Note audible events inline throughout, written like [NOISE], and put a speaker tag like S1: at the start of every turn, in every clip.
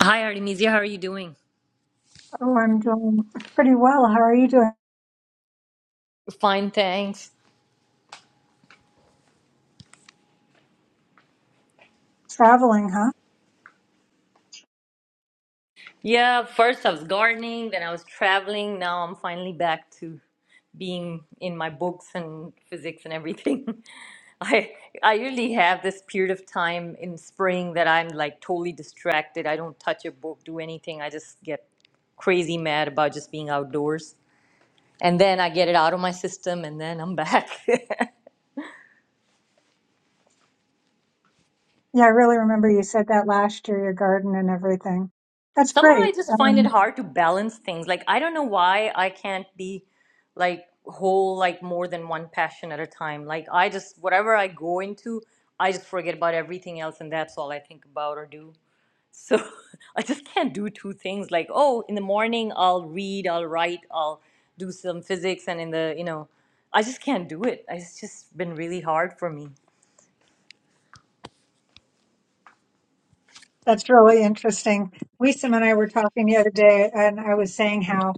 S1: Hi, Artemisia. How are you doing?
S2: Oh, I'm doing pretty well. How are you doing?
S1: Fine, thanks.
S2: Traveling, huh?
S1: Yeah, first I was gardening, then I was traveling. Now I'm finally back to being in my books and physics and everything. [LAUGHS] I I usually have this period of time in spring that I'm like totally distracted. I don't touch a book, do anything. I just get crazy mad about just being outdoors. And then I get it out of my system and then I'm back. [LAUGHS]
S2: Yeah, I really remember you said that last year, your garden and everything. That's
S1: somehow
S2: great.
S1: I just find it
S2: Um,
S1: hard to balance things. Like I don't know why I can't be like whole like more than one passion at a time. Like I just whatever I go into, I just forget about everything else and that's all I think about or do. So [LAUGHS] I just can't do two things like oh in the morning I'll read, I'll write, I'll do some physics and in the you know I just can't do it. It's just been really hard for me.
S2: that's really interesting. Wisam and I were talking the other day, and I was saying how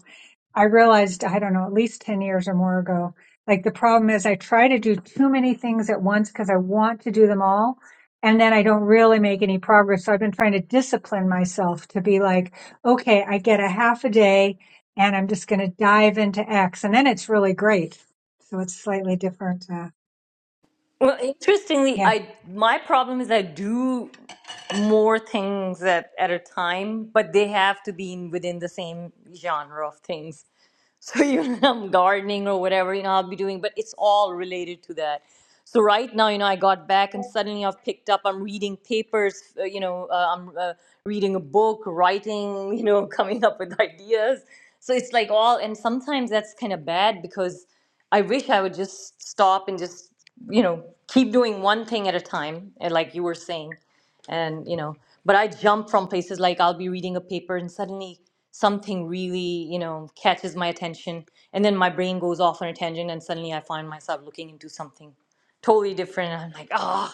S2: I realized, I don't know, at least 10 years or more ago, like the problem is I try to do too many things at once because I want to do them all. And then I don't really make any progress. So I've been trying to discipline myself to be like, okay, I get a half a day and I'm just going to dive into X. And then it's really great. So it's slightly different. Uh,
S1: Well, interestingly,
S2: yeah.
S1: I my problem is I do more things at at a time, but they have to be in, within the same genre of things. [LAUGHS] So you know, [LAUGHS] I'm gardening or whatever, you know, I'll be doing, but it's all related to that. So right now, you know, I got back and suddenly I've picked up. I'm reading papers, uh, you know, uh, I'm uh, reading a book, writing, you know, [LAUGHS] coming up with [LAUGHS] ideas. So it's like all, and sometimes that's kind of bad because I wish I would just stop and just, you know, keep doing one thing at a time, and like you were saying and you know but i jump from places like i'll be reading a paper and suddenly something really you know catches my attention and then my brain goes off on a tangent and suddenly i find myself looking into something totally different and i'm like ah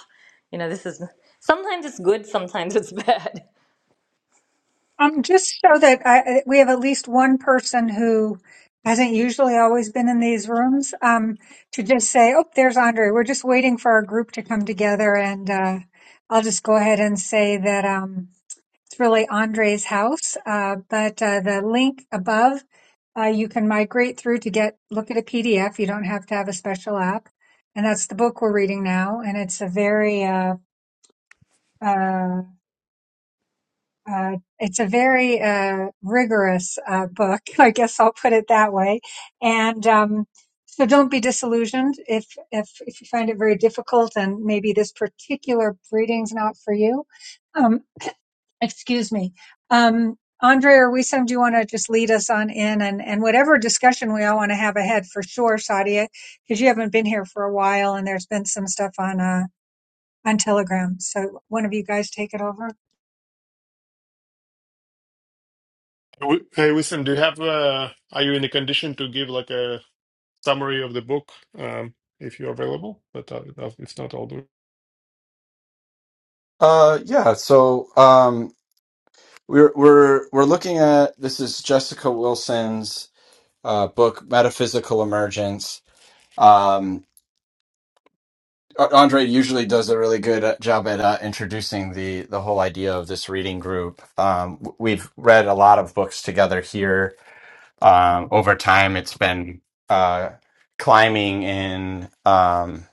S1: you know this is sometimes it's good sometimes it's bad
S2: Um, just so that I, we have at least one person who hasn't usually always been in these rooms, um, to just say, oh, there's Andre. We're just waiting for our group to come together. And, uh, I'll just go ahead and say that, um, it's really Andre's house. Uh, but, uh, the link above, uh, you can migrate through to get, look at a PDF. You don't have to have a special app. And that's the book we're reading now. And it's a very, uh, uh, Uh, it's a very uh, rigorous uh, book, [LAUGHS] I guess I'll put it that way. And um, so don't be disillusioned if, if, if you find it very difficult and maybe this particular breeding's not for you. Um, excuse me. Um, Andre or Wisam, do you want to just lead us on in and, and whatever discussion we all want to have ahead for sure, Sadia, because you haven't been here for a while and there's been some stuff on, uh, on Telegram. So one of you guys take it over.
S3: Hey, Wi- Hey, Wisdom, do you have uh are you in a condition to give like a summary of the book um if you're available? But uh, if not, I'll do it.
S4: Uh, yeah. So, um, we're we're we're looking at this is Jessica Wilson's uh, book, Metaphysical Emergence. Um, A- Andre usually does a really good uh, job at uh, introducing the the whole idea of this reading group. Um, w- we've read a lot of books together here. Um, over time, it's been uh, climbing in um,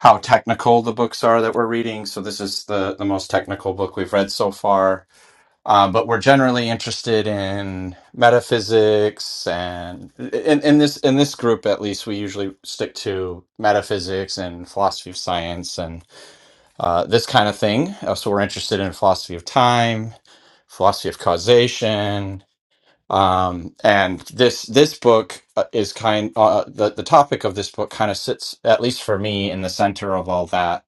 S4: how technical the books are that we're reading. So this is the the most technical book we've read so far um, but we're generally interested in metaphysics and in, in this in this group at least we usually stick to metaphysics and philosophy of science and uh, this kind of thing Uh, so we're interested in philosophy of time philosophy of causation um, and this this book uh, is kind uh, the, the topic of this book kind of sits at least for me in the center of all that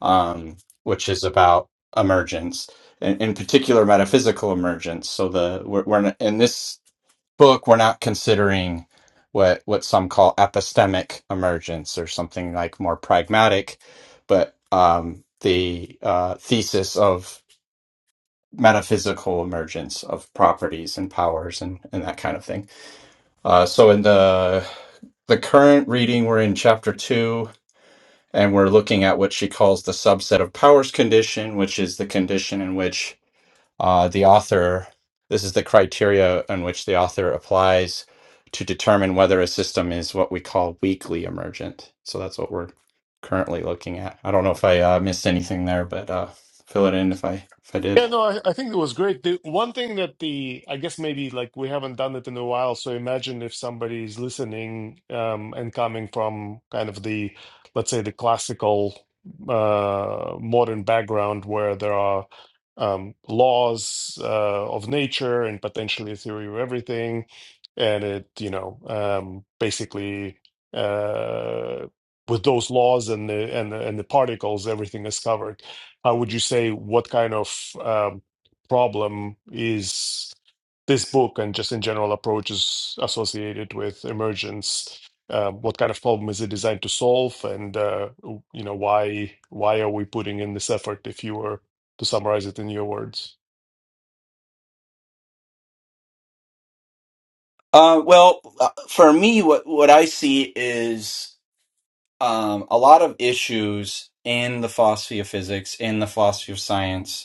S4: um, which is about emergence, in, in particular metaphysical emergence. So the we're, we're n- in this book, we're not considering what what some call epistemic emergence or something like more pragmatic, but um, the uh, thesis of metaphysical emergence of properties and powers and, and that kind of thing. Uh, so in the the current reading, we're in chapter two and we're looking at what she calls the subset of powers condition, which is the condition in which uh, the author, this is the criteria in which the author applies to determine whether a system is what we call weakly emergent. So that's what we're currently looking at. I don't know if I uh, missed anything there, but uh, fill it in if I if I did.
S3: Yeah, no, I, I think it was great. The one thing that the I guess maybe like we haven't done it in a while, so imagine if somebody is listening um, and coming from kind of the let's say the classical uh, modern background where there are um, laws uh, of nature and potentially a theory of everything, and it you know um, basically uh, with those laws and the and the, and the particles, everything is covered how would you say what kind of um, problem is this book and just in general approaches associated with emergence? Uh, what kind of problem is it designed to solve, and uh, you know why why are we putting in this effort? If you were to summarize it in your words.
S4: Uh, well, uh, for me, what what I see is um, a lot of issues in the philosophy of physics, in the philosophy of science,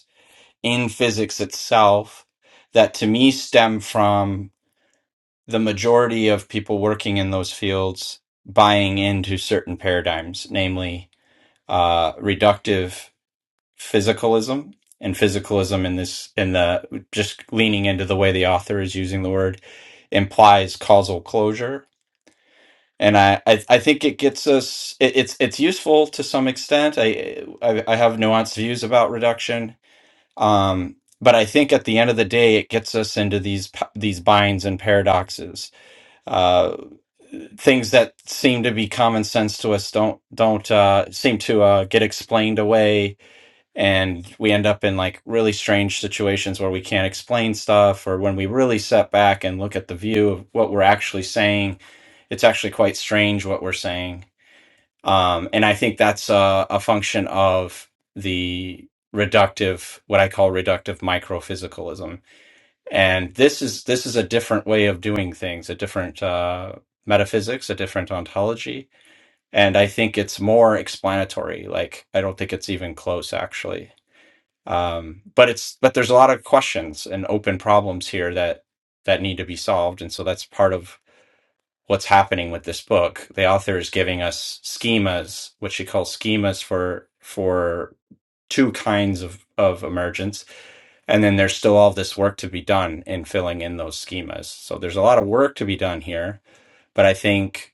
S4: in physics itself that to me stem from the majority of people working in those fields buying into certain paradigms, namely uh, reductive physicalism and physicalism in this in the just leaning into the way the author is using the word implies causal closure and I, I, I think it gets us it, it's it's useful to some extent I, I I have nuanced views about reduction um, but I think at the end of the day, it gets us into these p- these binds and paradoxes. Uh, things that seem to be common sense to us don't don't uh, seem to uh, get explained away, and we end up in like really strange situations where we can't explain stuff, or when we really step back and look at the view of what we're actually saying, it's actually quite strange what we're saying um, and I think that's a, a function of the reductive, what I call reductive microphysicalism. And this is this is a different way of doing things, a different uh, metaphysics, a different ontology, and I think it's more explanatory. Like I don't think it's even close, actually. Um, but it's but there's a lot of questions and open problems here that that need to be solved, and so that's part of what's happening with this book. The author is giving us schemas, what she calls schemas for for two kinds of, of emergence. And then there's still all this work to be done in filling in those schemas. So there's a lot of work to be done here, but I think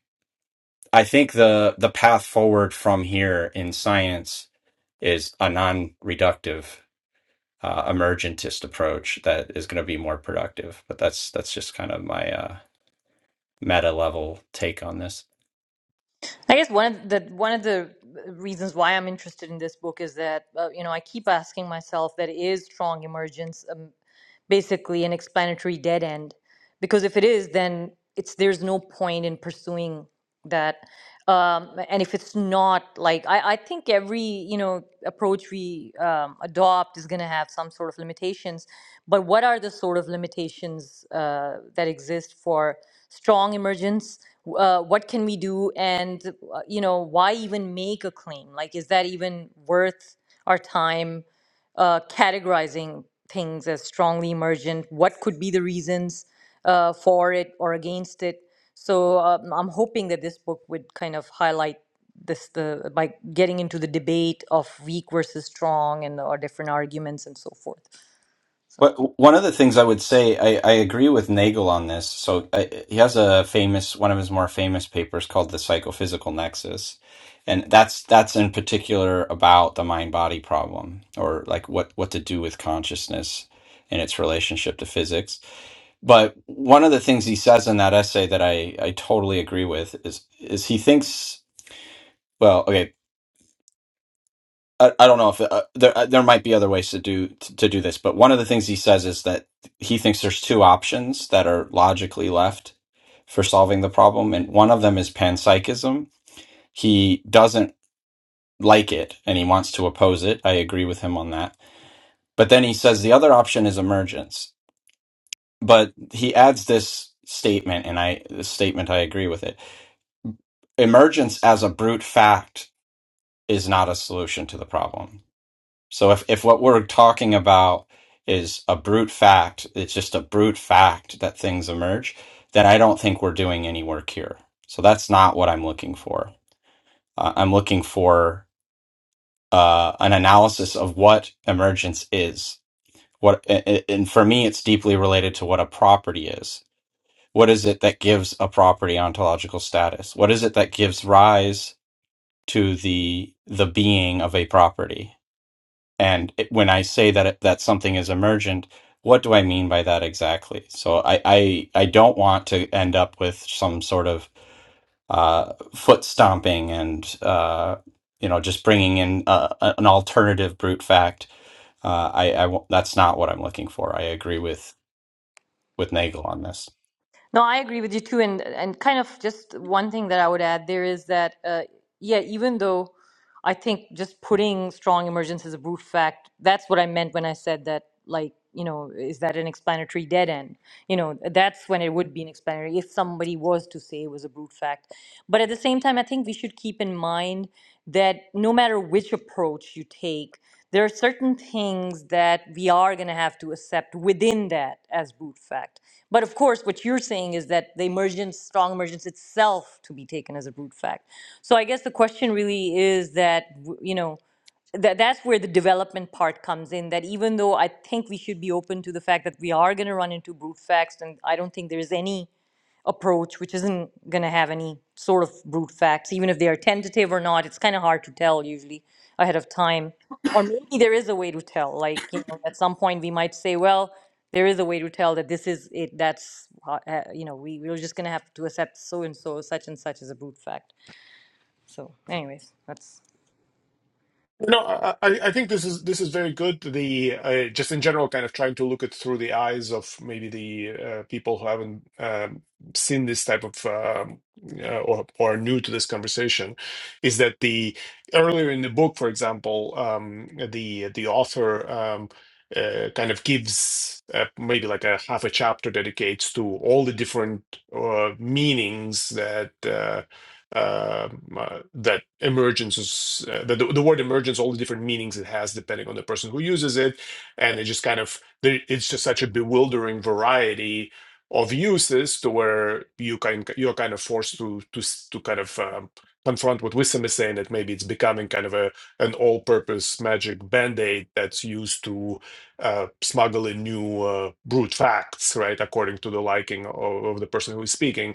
S4: I think the the path forward from here in science is a non-reductive uh, emergentist approach that is going to be more productive. But that's that's just kind of my uh, meta level take on this.
S1: [LAUGHS] i guess one of the one of the uh, reasons why i'm interested in this book is that uh, you know i keep asking myself that is strong emergence um, basically an explanatory dead end because if it is then it's there's no point in pursuing that um, and if it's not like I, I think every you know approach we um, adopt is going to have some sort of limitations but what are the sort of limitations uh, that exist for strong emergence uh, what can we do and uh, you know why even make a claim like is that even worth our time uh, categorizing things as strongly emergent, what could be the reasons uh, for it or against it. So um, I'm hoping that this book would kind of highlight this the by getting into the debate of weak versus strong and or different arguments and so forth. So
S4: But one of the things I would say, I, I agree with Nagel on this. So I, he has a famous, one of his more famous papers called "The Psychophysical Nexus," and that's that's in particular about the mind-body problem, or like what what to do with consciousness and its relationship to physics. But one of the things he says in that essay that I I totally agree with is is he thinks well, okay. I, I don't know if uh, there uh, there might be other ways to do to, to do this, but one of the things he says is that he thinks there's two options that are logically left for solving the problem, and one of them is panpsychism. He doesn't like it and he wants to oppose it. I agree with him on that. But then he says the other option is emergence. But he adds this statement, and I this statement I agree with it. Emergence as a brute fact is not a solution to the problem So if, if what we're talking about is a brute fact, it's just a brute fact that things emerge, then I don't think we're doing any work here. So that's not what I'm looking for. Uh, I'm looking for uh, an analysis of what emergence is. What a- a- and for me, it's deeply related to what a property is. What is it that gives a property ontological status? What is it that gives rise to the the being of a property? And it, when I say that it- that something is emergent, what do I mean by that exactly? So I I, I don't want to end up with some sort of uh, foot stomping and uh, you know just bringing in uh, a- an alternative brute fact. Uh, I, I won't- that's not what I'm looking for. I agree with with Nagel on this.
S1: No, I agree with you too, and and kind of just one thing that I would add there is that uh, yeah, even though I think just putting strong emergence as a brute fact, that's what I meant when I said that. Like, you know, is that an explanatory dead end? you know that's when it would be an explanatory if somebody was to say it was a brute fact but at the same time i think we should keep in mind that no matter which approach you take there are certain things that we are going to have to accept within that as brute fact but of course what you're saying is that the emergence strong emergence itself to be taken as a brute fact so i guess the question really is that w- you know that that's where the development part comes in that even though i think we should be open to the fact that we are going to run into brute facts and i don't think there's any approach which isn't going to have any sort of brute facts even if they are tentative or not it's kind of hard to tell usually ahead of time or maybe there is a way to tell like you know at some point we might say well there is a way to tell that this is it that's ho- uh, you know we, we're just going to have to accept so and so such and such as a brute fact so anyways that's
S3: No, I, I I think this is this is very good. The uh, just in general, kind of trying to look at through the eyes of maybe the uh, people who haven't um, seen this type of um, uh, or or are new to this conversation, is that the earlier in the book, for example, um, the the author um, uh, kind of gives uh, maybe like a half a chapter dedicates to all the different uh, meanings that. uh, um, uh, that emergence uh, that the, the word emergence all the different meanings it has depending on the person who uses it and it just kind of there- it's just such a bewildering variety of uses to where you kind you're kind of forced to to s- to kind of um, confront what Wissam is saying that maybe it's becoming kind of a an all-purpose magic band-aid that's used to uh, smuggle in new uh, brute facts right according to the liking of, of the person who is speaking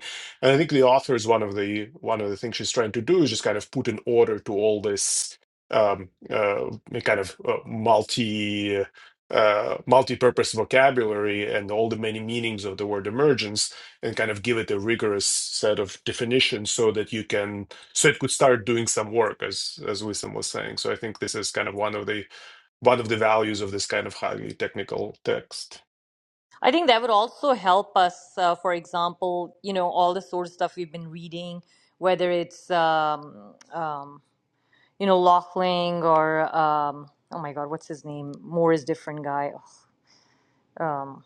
S3: and I think the author is one of the one of the things she's trying to do is just kind of put an order to all this um, uh, kind of uh, multi uh, multi-purpose vocabulary and all the many meanings of the word emergence, and kind of give it a rigorous set of definitions so that you can so it could start doing some work, as as Wisdom was saying. So I think this is kind of one of the one of the values of this kind of highly technical text.
S1: I think that would also help us, uh, for example, you know, all the sort of stuff we've been reading, whether it's, um, um, you know, Lochling or, um, oh my God, what's his name? Moore is different guy um,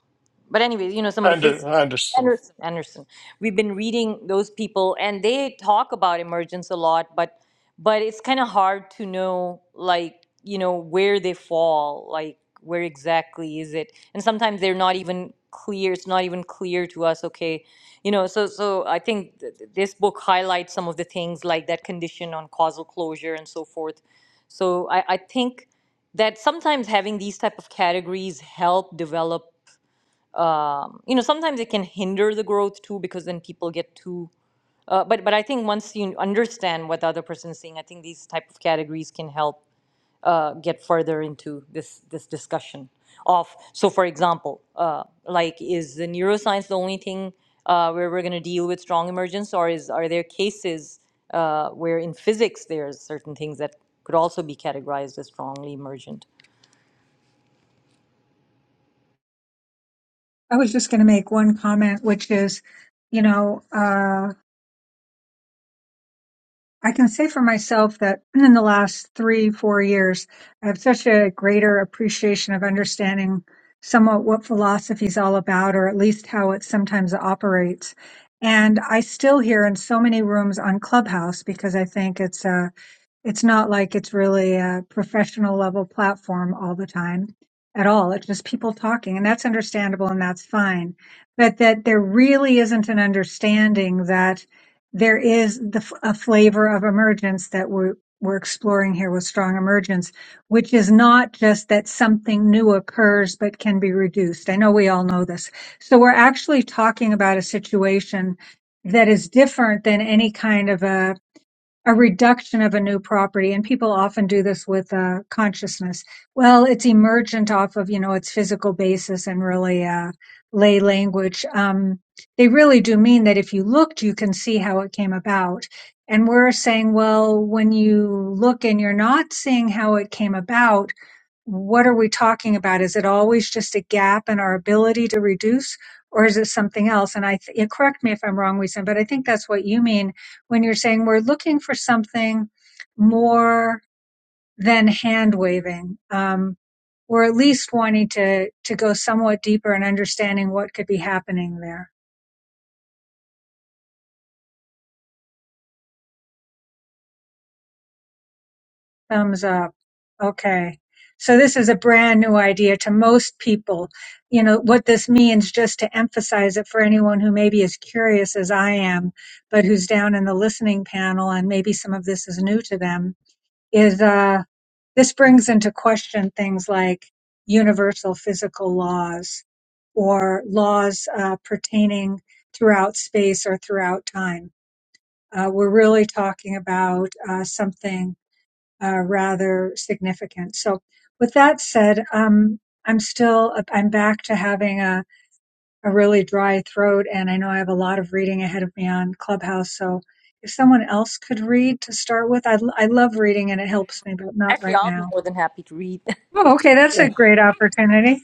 S1: but anyways, you know, some of the
S3: Ander,
S1: physicists,
S3: Anderson,
S1: Anderson, Anderson, we've been reading those people, and they talk about emergence a lot, but but it's kind of hard to know, like you know, where they fall, like where exactly is it, and sometimes they're not even clear. It's not even clear to us. Okay, you know, so so I think th- th- this book highlights some of the things like that condition on causal closure and so forth. So I, I think that sometimes having these type of categories help develop um, you know sometimes it can hinder the growth too because then people get too uh, but but i think once you understand what the other person is saying i think these type of categories can help uh, get further into this this discussion of so for example uh, like is the neuroscience the only thing uh, where we're going to deal with strong emergence or is are there cases uh, where in physics there's certain things that could also be categorized as strongly emergent
S2: I was just going to make one comment, which is, you know, uh, I can say for myself that [CLEARS THROAT] in the last three, four years, I have such a greater appreciation of understanding somewhat what philosophy is all about, or at least how it sometimes operates. And I still hear in so many rooms on Clubhouse because I think it's a it's not like it's really a professional level platform all the time at all. It's just people talking, and that's understandable and that's fine. But that there really isn't an understanding that there is the, f- a flavor of emergence that we're we're exploring here with strong emergence, which is not just that something new occurs but can be reduced. I know we all know this. So we're actually talking about a situation that is different than any kind of a a reduction of a new property and people often do this with uh, consciousness well it's emergent off of you know its physical basis and really uh, lay language um, they really do mean that if you looked you can see how it came about and we're saying well when you look and you're not seeing how it came about what are we talking about is it always just a gap in our ability to reduce or is it something else and i th- yeah, correct me if i'm wrong we but i think that's what you mean when you're saying we're looking for something more than hand waving. Um, we're at least wanting to, to go somewhat deeper in understanding what could be happening there. Thumbs up. Okay. So this is a brand new idea to most people. You know, what this means, just to emphasize it for anyone who maybe is curious as I am, but who's down in the listening panel and maybe some of this is new to them, is, uh, This brings into question things like universal physical laws or laws uh, pertaining throughout space or throughout time. Uh, we're really talking about uh, something uh, rather significant. So, with that said, um, I'm still I'm back to having a, a really dry throat, and I know I have a lot of reading ahead of me on Clubhouse. So, if someone else could read to start with, I I love reading and it helps me, but not
S1: actually
S2: right
S1: i will
S2: now.
S1: be more than happy to read
S2: Oh, okay, that's a
S3: yeah,
S2: great opportunity.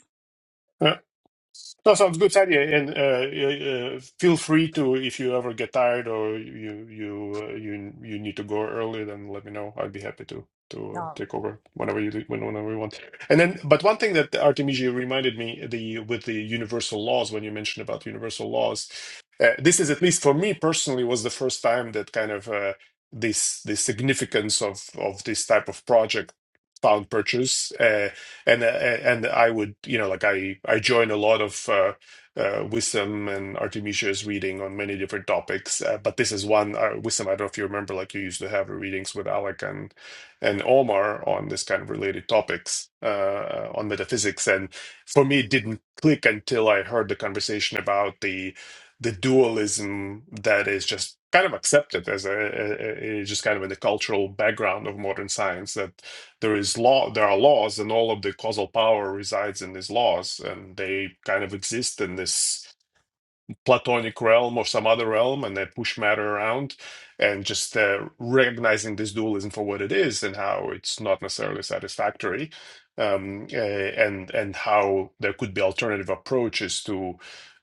S3: That sounds good idea, and uh, uh, uh, feel free to if you ever get tired or you you uh, you you need to go early, then let me know. I'd be happy to to uh,
S1: [LAUGHS]
S3: take over whenever you do- whenever you want. And then, but one thing that Artemisia reminded me the with the universal laws when you mentioned about universal laws, uh, this is at least for me personally was the first time that kind of uh, this the significance of of this type of project found purchase. Uh, and uh, and I would you know like I I join a lot of uh, uh, Wisdom and Artemisia's reading on many different topics, uh, but this is one uh, Wisdom. I don't know if you remember, like you used to have readings with Alec and and Omar on this kind of related topics uh, uh, on metaphysics, and for me it didn't click until I heard the conversation about the the dualism that is just kind of accepted as a, a, a a- just kind of in the cultural background of modern science that there is law there are laws and all of the causal power resides in these laws and they kind of exist in this platonic realm or some other realm and they push matter around and just uh, recognizing this dualism for what it is and how it's not necessarily satisfactory um, uh, and and how there could be alternative approaches to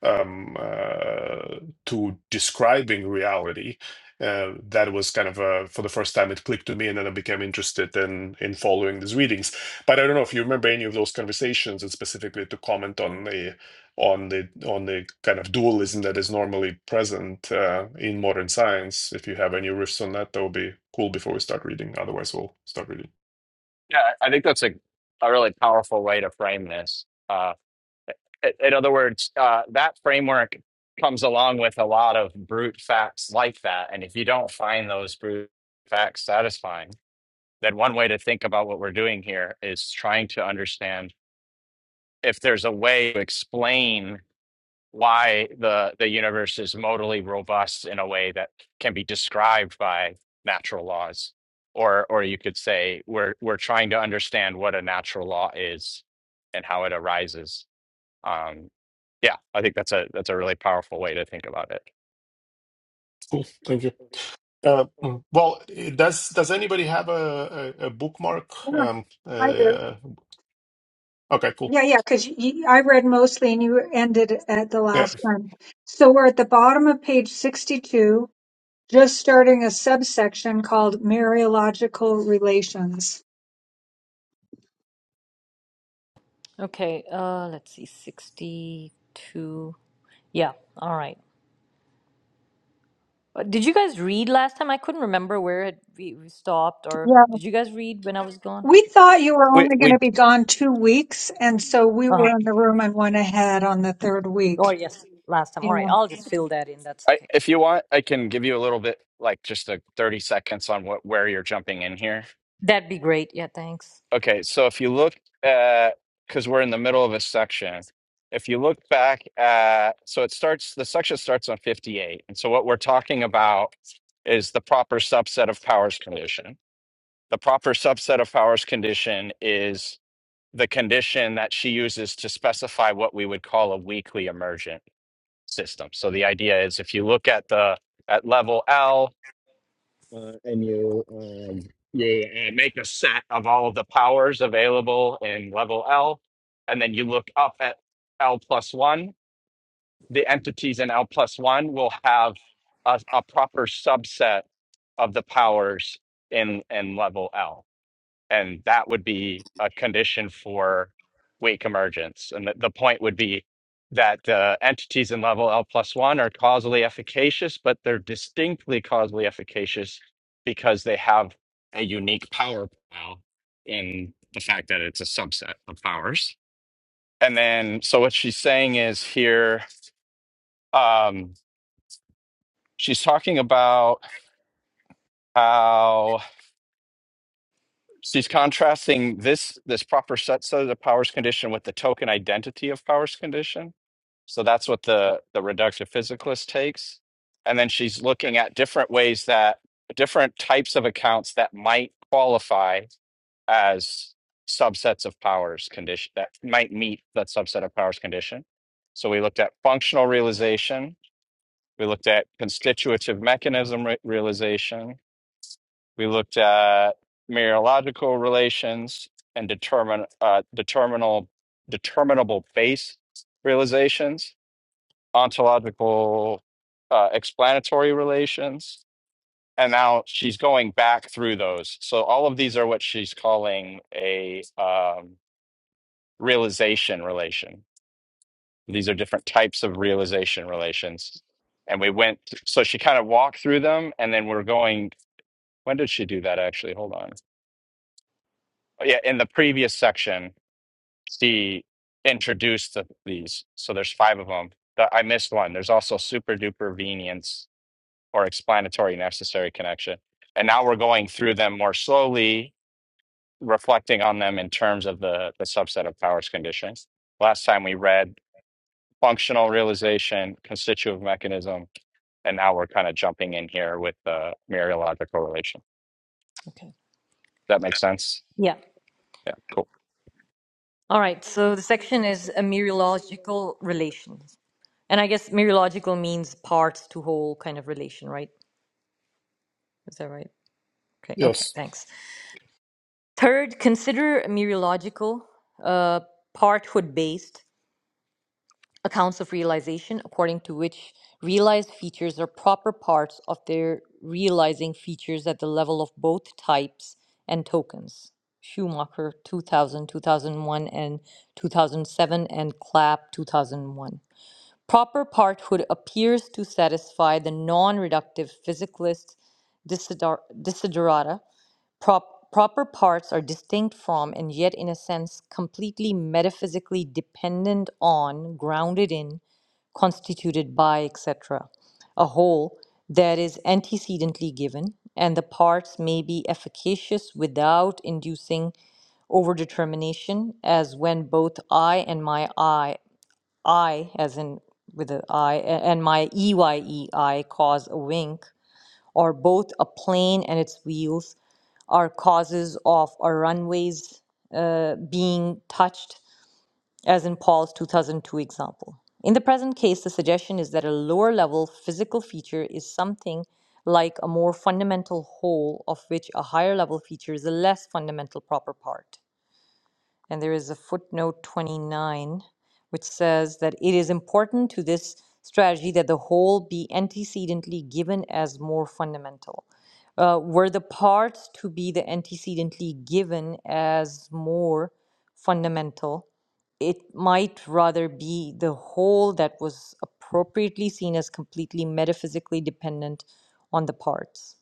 S3: um, uh, to describing reality uh, that was kind of uh for the first time it clicked to me and then I became interested in in following these readings but I don't know if you remember any of those conversations and specifically to comment on the on the on the kind of dualism that is normally present uh, in modern science. If you have any riffs on that, that would be cool before we start reading. Otherwise, we'll start reading.
S4: Yeah, I think that's a, a really powerful way to frame this. In other words, uh, that framework comes along with a lot of brute facts like that. And if you don't find those brute facts satisfying, then one way to think about what we're doing here is trying to understand if there's a way to explain why the, the universe is modally robust in a way that can be described by natural laws. Or, or you could say we're, we're trying to understand what a natural law is and how it arises um, yeah, I think that's a that's a really powerful way to think about it.
S3: Cool. Thank you. Uh, mm, well, eh, does does anybody have a, a, a bookmark?
S2: Yeah,
S3: Um,
S2: I do.
S3: uh, okay, cool.
S2: Yeah, yeah, because I read mostly and you ended at the
S3: Yeah.
S2: last one. So we're at the bottom of page 62, just starting a subsection called Mariological Relations.
S1: Okay, uh, let's see, 62. Yeah, all right. Uh, Did you guys read last time? I couldn't remember where it, we, we stopped, or
S2: Yeah.
S1: did you guys read when I was gone?
S2: We thought you were
S4: We
S2: only going to
S4: we
S2: be gone two weeks, and so we
S1: Uh-huh.
S2: were in the room and went ahead on the third
S1: Oh,
S2: week.
S1: yes, last time. All right,
S2: Yeah.
S1: I'll just fill that in. That's
S4: I,
S1: okay.
S4: if you want, I can give you a little bit like just a thirty seconds on what where you're jumping in here.
S1: That'd be great. Yeah, thanks.
S4: Okay, so if you look at because we're in the middle of a section, if you look back at so it starts the section starts on fifty eight, and so what we're talking about is the proper subset of powers condition. The proper subset of powers condition is the condition that she uses to specify what we would call a weakly emergent. systems. Uh, at Lowell, uh, and you um, you uh, make a set of all of the powers available in level L, and then you look up at L plus one. The entities in L plus one will have a, a proper subset of the powers in in level L. and that would be a condition for weak emergence. And the, the point would be that uh, entities in level L plus one are causally efficacious, but they're distinctly causally efficacious because they have a unique power pile in the fact that it's a subset of powers. And then, so what she's saying is here, um, she's talking about how. she's contrasting this this proper set set of the powers condition with the token identity of powers condition so that's what the the reductive physicalist takes and then she's looking at different ways that different types of accounts that might qualify as subsets of powers condition that might meet that subset of powers condition so we looked at functional realization we looked at constitutive mechanism re- realization we looked at mereological relations and determin, uh, determinal, determinable base realizations, ontological uh, explanatory relations. And now she's going back through those. So all of these are what she's calling a um, realization relation. These are different types of realization relations. And we went, so she kind of walked through them and then we're going, when did she do that actually? Hold on. yeah, in the previous section, she introduced the, these. So there's five of them. But I missed one. There's also super duper venience or explanatory necessary connection. And now we're going through them more slowly, reflecting on them in terms of the, the subset of powers conditions. Last time we read functional realization, constitutive mechanism, and now we're kind of jumping in here with the mereological relation.
S1: Okay.
S4: That makes sense?
S1: Yeah.
S4: Yeah, cool.
S1: All right, so the section is a mereological relations. And I guess mereological means parts to whole kind of relation, right? Is that right? Okay, okay,
S3: Yes.
S1: thanks. Third, consider mereological, uh, parthood based accounts of realization, according to which realized features are proper parts of their realizing features at the level of both types and tokens. Schumacher 2000, 2001, and 2007, and Clapp 2001. Proper parthood appears to satisfy the non reductive physicalist desider- desiderata Prop- proper parts are distinct from, and yet in a sense completely metaphysically dependent on, grounded in, constituted by, etc. A whole that is antecedently given, and the parts may be efficacious without inducing overdetermination, as when both I and my I, I as in with the I, a- and my EYEI cause a wink, or both a plane and its wheels are causes of our runways uh, being touched, as in Paul's 2002 example. In the present case, the suggestion is that a lower level physical feature is something like a more fundamental whole, of which a higher level feature is a less fundamental proper part. And there is a footnote 29 which says that it is important to this strategy that the whole be antecedently given as more fundamental uh, were the parts to be the antecedently given as more fundamental, it might rather be the whole that was appropriately seen as completely metaphysically dependent on the parts.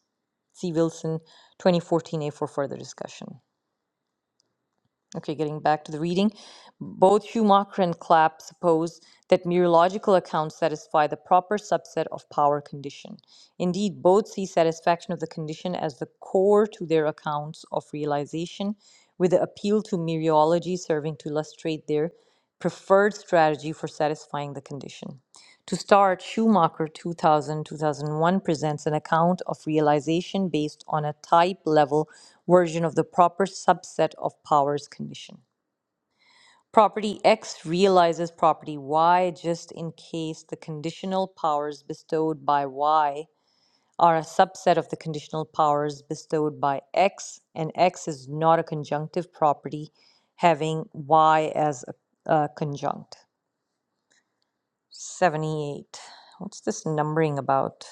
S1: See Wilson, 2014a for further discussion. Okay, getting back to the reading. Both Schumacher and Clapp suppose that mere accounts satisfy the proper subset of power condition. Indeed, both see satisfaction of the condition as the core to their accounts of realization, with the appeal to mereology serving to illustrate their preferred strategy for satisfying the condition. To start, Schumacher 2000 2001 presents an account of realization based on a type level version of the proper subset of powers condition. Property X realizes property Y just in case the conditional powers bestowed by Y are a subset of the conditional powers bestowed by X, and X is not a conjunctive property having Y as a, a conjunct. 78. What's this numbering about?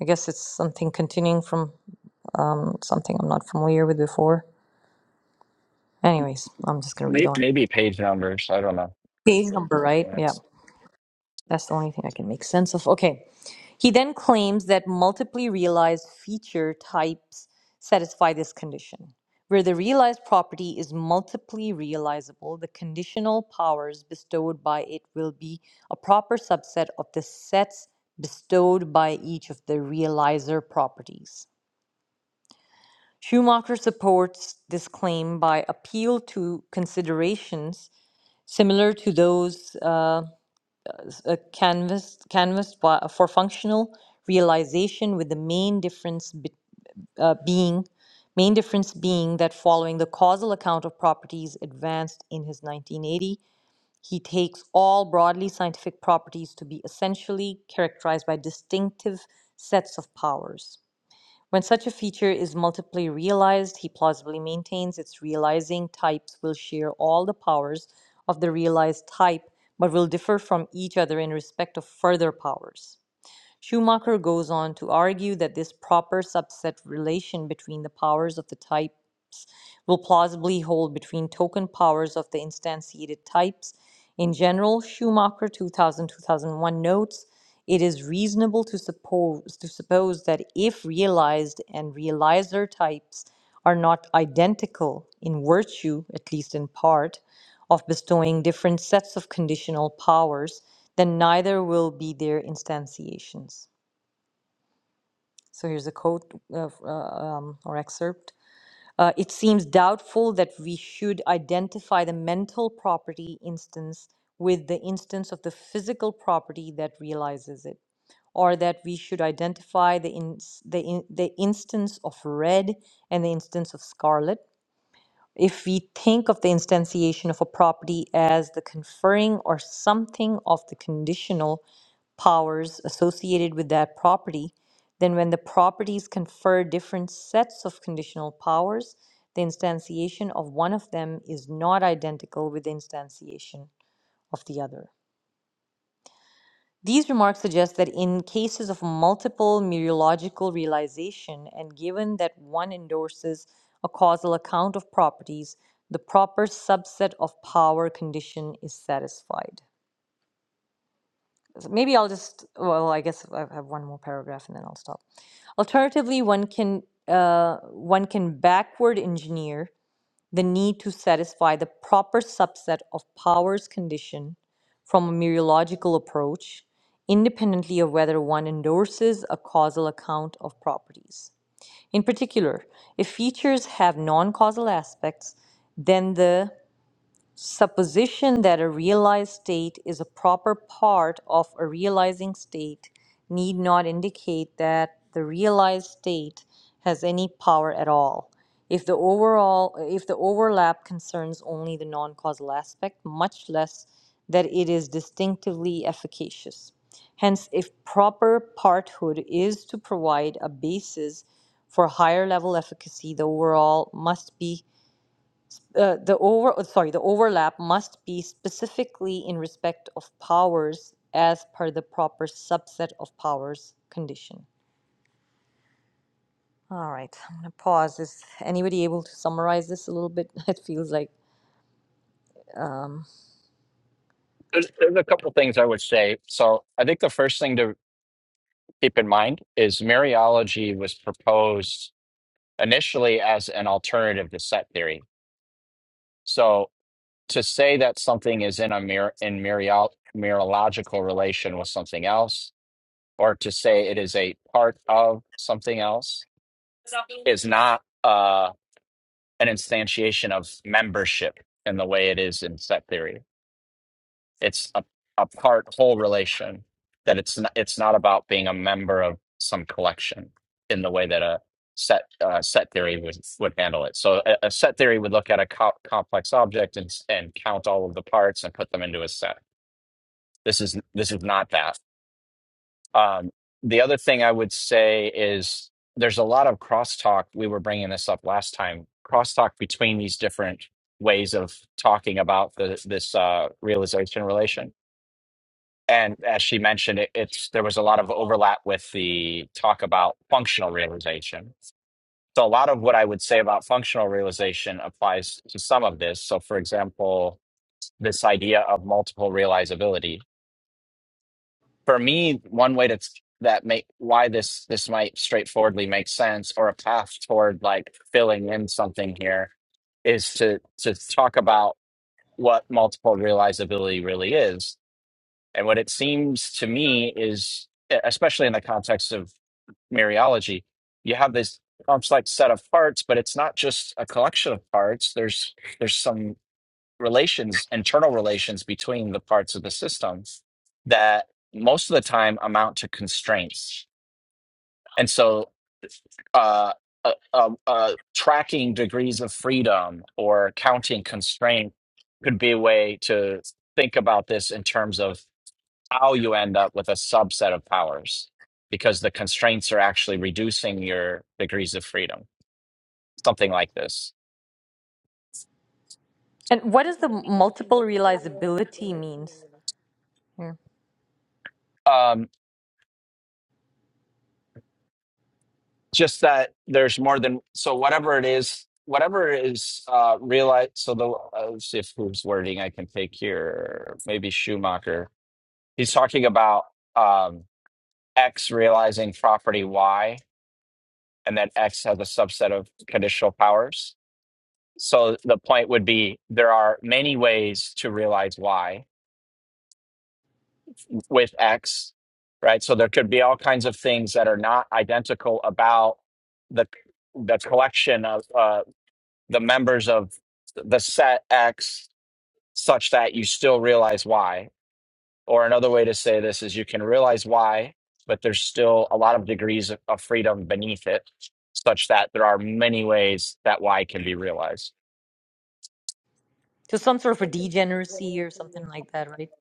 S1: I guess it's something continuing from um, something I'm not familiar with before. Anyways, I'm just going to read
S4: Maybe,
S1: on.
S4: maybe page numbers. I don't know.
S1: Page number, right?
S4: Yeah.
S1: Yeah, that's the only thing I can make sense of. Okay. He then claims that multiply realized feature types satisfy this condition. Where the realized property is multiply realizable, the conditional powers bestowed by it will be a proper subset of the sets bestowed by each of the realizer properties. Schumacher supports this claim by appeal to considerations similar to those uh, s- uh, canvassed, canvassed by, for functional realization, with the main difference be, uh, being main difference being that following the causal account of properties advanced in his 1980, he takes all broadly scientific properties to be essentially characterized by distinctive sets of powers. When such a feature is multiply realized, he plausibly maintains its realizing types will share all the powers of the realized type, but will differ from each other in respect of further powers. Schumacher goes on to argue that this proper subset relation between the powers of the type will plausibly hold between token powers of the instantiated types. In general, Schumacher 2000 2001 notes it is reasonable to suppose, to suppose that if realized and realizer types are not identical in virtue, at least in part, of bestowing different sets of conditional powers, then neither will be their instantiations. So here's a quote of, uh, um, or excerpt. Uh, it seems doubtful that we should identify the mental property instance with the instance of the physical property that realizes it, or that we should identify the, ins the, in- the instance of red and the instance of scarlet. If we think of the instantiation of a property as the conferring or something of the conditional powers associated with that property, then when the properties confer different sets of conditional powers, the instantiation of one of them is not identical with the instantiation of the other. These remarks suggest that in cases of multiple mereological realization, and given that one endorses a causal account of properties, the proper subset of power condition is satisfied. So, maybe I'll just, well, I guess I have one more paragraph and then I'll stop. Alternatively, one can uh, one can backward engineer the need to satisfy the proper subset of powers condition from a mereological approach, independently of whether one endorses a causal account of properties. In particular, if features have non-causal aspects, then the supposition that a realized state is a proper part of a realizing state need not indicate that the realized state has any power at all. If the overall if the overlap concerns only the non-causal aspect, much less that it is distinctively efficacious. Hence, if proper parthood is to provide a basis for higher level efficacy, the overall must be uh, the over uh, sorry the overlap must be specifically in respect of powers as per the proper subset of powers condition all right i'm going to pause is anybody able to summarize this a little bit [LAUGHS] it feels like
S4: There's, there's a couple things I would say. So I think the first thing to keep in mind is Mariology was proposed initially as an alternative to set theory. So to say that something is in a mir- in Mariol- Mariological relation with something else, or to say it is a part of something else, is not uh, an instantiation of membership in the way it is in set theory. It's a, a part whole relation that it's not, it's not about being a member of some collection in the way that a set uh, set theory would would handle it. So a, a set theory would look at a co- complex object and s- and count all of the parts and put them into a set. This is this is not that. Um, the other thing I would say is there's a lot of crosstalk. We were bringing this up last time. Crosstalk between these different ways of talking about the, this uh, realization relation and as she mentioned, it, it's there was a lot of overlap with the talk about functional realization. So a lot of what I would say about functional realization applies to some of this. So for example, this idea of multiple realizability. For me, one way to that make why this this might straightforwardly make sense or a path toward like filling in something here is to to talk about what multiple realizability really is And what it seems to me is, e, especially in the context of Mariology, you have this complex set of parts, but it's not just a collection of parts. There's there's some relations, internal relations between the parts of the system that most of the time amount to constraints. And so, uh, uh, uh, uh, tracking degrees of freedom or counting constraint could be a way to think about this in terms of how you end up with a subset of powers because the constraints are actually reducing your degrees of freedom something like this
S1: and what does the multiple realizability means here
S4: um, just that there's more than so whatever it is whatever is uh realized so the uh, let's see if whose wording i can take here maybe schumacher he's talking about um x realizing property y and that x has a subset of conditional powers so the point would be there are many ways to realize y with X, right? So there could be all kinds of things that are not identical about the the collection of uh, the members of the set X, such that you still realize Y. Or another way to say this is you can realize Y, but there's still a lot of degrees of of freedom beneath it, such that there are many ways that Y can be realized.
S1: so some sort of a degeneracy or something like that right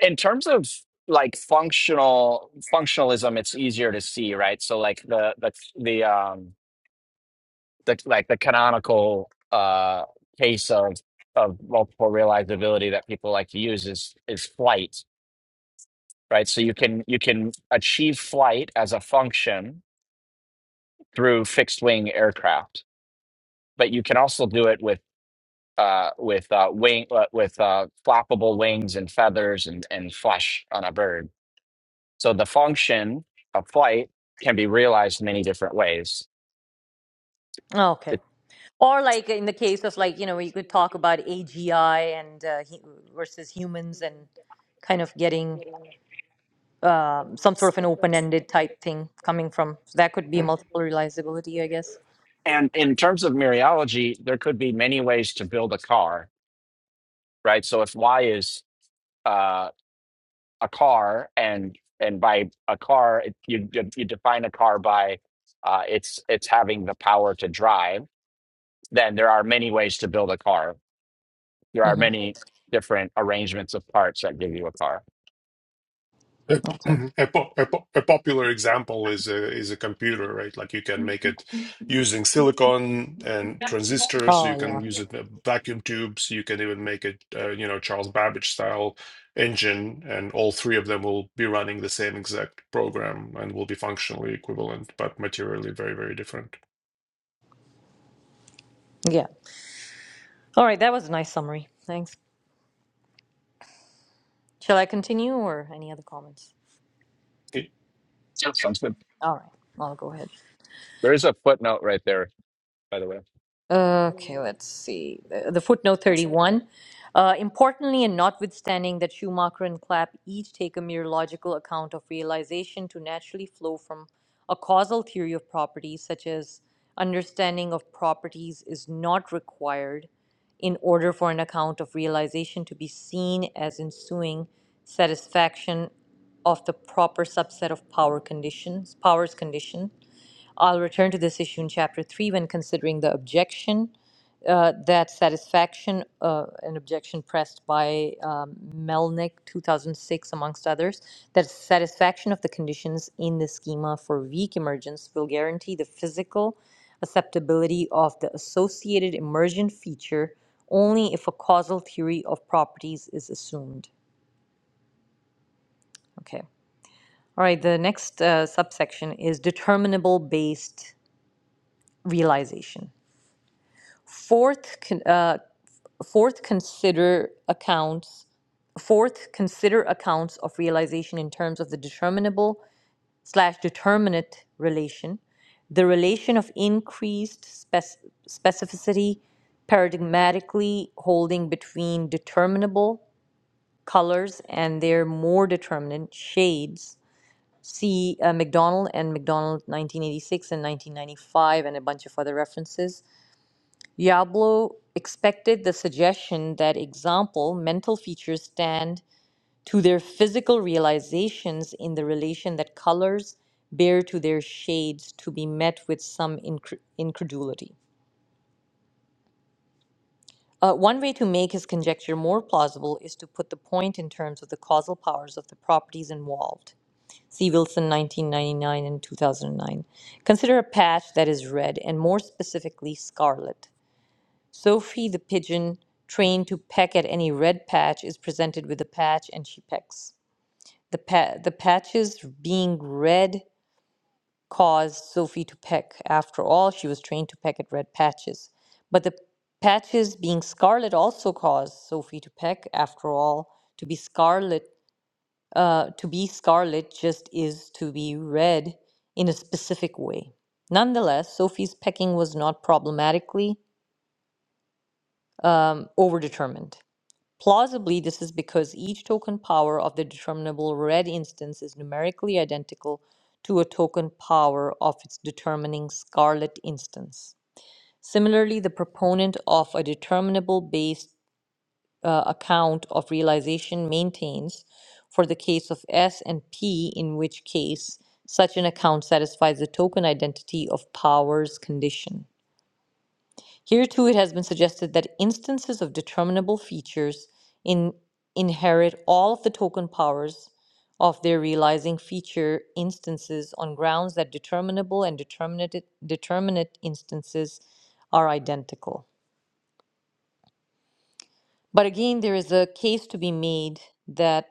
S4: In terms of like functional functionalism, it's easier to see, right? So like the the the um the like the canonical uh case of of multiple realizability that people like to use is is flight right so you can you can achieve flight as a function through fixed wing aircraft but you can also do it with uh with uh wing uh, with uh flappable wings and feathers and and flesh on a bird so the function of flight can be realized many different ways
S1: oh, okay
S4: It-
S1: or like in the case of like you know you could talk about agi and uh, hu- versus humans and kind of getting um, some sort of an open-ended type thing coming from. So that could be multiple realizability, I guess.
S4: and in terms of mereology there could be many ways to build a car right? So if Y is uh, a car, and and by a car, it, you you define a car by uh, it's it's having the power to drive. Then there are many ways to build a car. There are
S1: hmm
S4: many different arrangements of parts that give you a car.
S3: A, [CLEARS THROAT]
S1: Okay.
S3: a, po- a, po- a popular example is a is a computer, right? Like you can make it using silicon and transistors. You
S1: Oh
S3: can
S1: yeah.
S3: use it in vacuum tubes. You can even make it, uh, you know, Charles Babbage style engine, and all three of them will be running the same exact program and will be functionally equivalent, but materially very, very different.
S1: Yeah. All right. That was a nice summary. Thanks. Shall I continue or any other comments?
S3: Okay.
S4: So I'm sim-
S1: All right. I'll go ahead.
S4: there is a footnote right there, by the way.
S1: Okay, let's see. The, the footnote 31. Uh, importantly, and notwithstanding that Schumacher and Clapp each take a mere logical account of realization to naturally flow from a causal theory of properties, such as understanding of properties is not required in order for an account of realization to be seen as ensuing satisfaction of the proper subset of power conditions, powers condition. I'll return to this issue in chapter 3 when considering the objection uh, that satisfaction, uh, an objection pressed by um, Melnick, 2006, amongst others, that satisfaction of the conditions in the schema for weak emergence will guarantee the physical acceptability of the associated emergent feature only if a causal theory of properties is assumed. Okay. All right, the next uh, subsection is determinable based realization. Fourth, con- uh, fourth, consider accounts Fourth, consider accounts of realization in terms of the determinable slash determinate relation, the relation of increased spec- specificity paradigmatically holding between determinable colors and their more determinant shades. See uh, McDonald and McDonald 1986 and 1995 and a bunch of other references. Diablo expected the suggestion that example mental features stand to their physical realizations in the relation that colors bear to their shades to be met with some incre- incredulity. Uh, one way to make his conjecture more plausible is to put the point in terms of the causal powers of the properties involved. See Wilson, 1999 and 2009. Consider a patch that is red, and more specifically, scarlet. Sophie the pigeon, trained to peck at any red patch, is presented with a patch and she pecks. The, pa- the patches being red caused Sophie to peck. After all, she was trained to peck at red patches. But the patches being scarlet also caused Sophie to peck. After all, to be scarlet, uh, to be scarlet just is to be red in a specific way. Nonetheless, Sophie's pecking was not problematically um, overdetermined. Plausibly, this is because each token power of the determinable red instance is numerically identical to a token power of its determining scarlet instance. Similarly, the proponent of a determinable based uh, account of realization maintains, for the case of S and P, in which case such an account satisfies the token identity of power's condition. Here too, it has been suggested that instances of determinable features in, inherit all of the token powers of their realizing feature instances on grounds that determinable and determinate, determinate instances are identical. But again, there is a case to be made that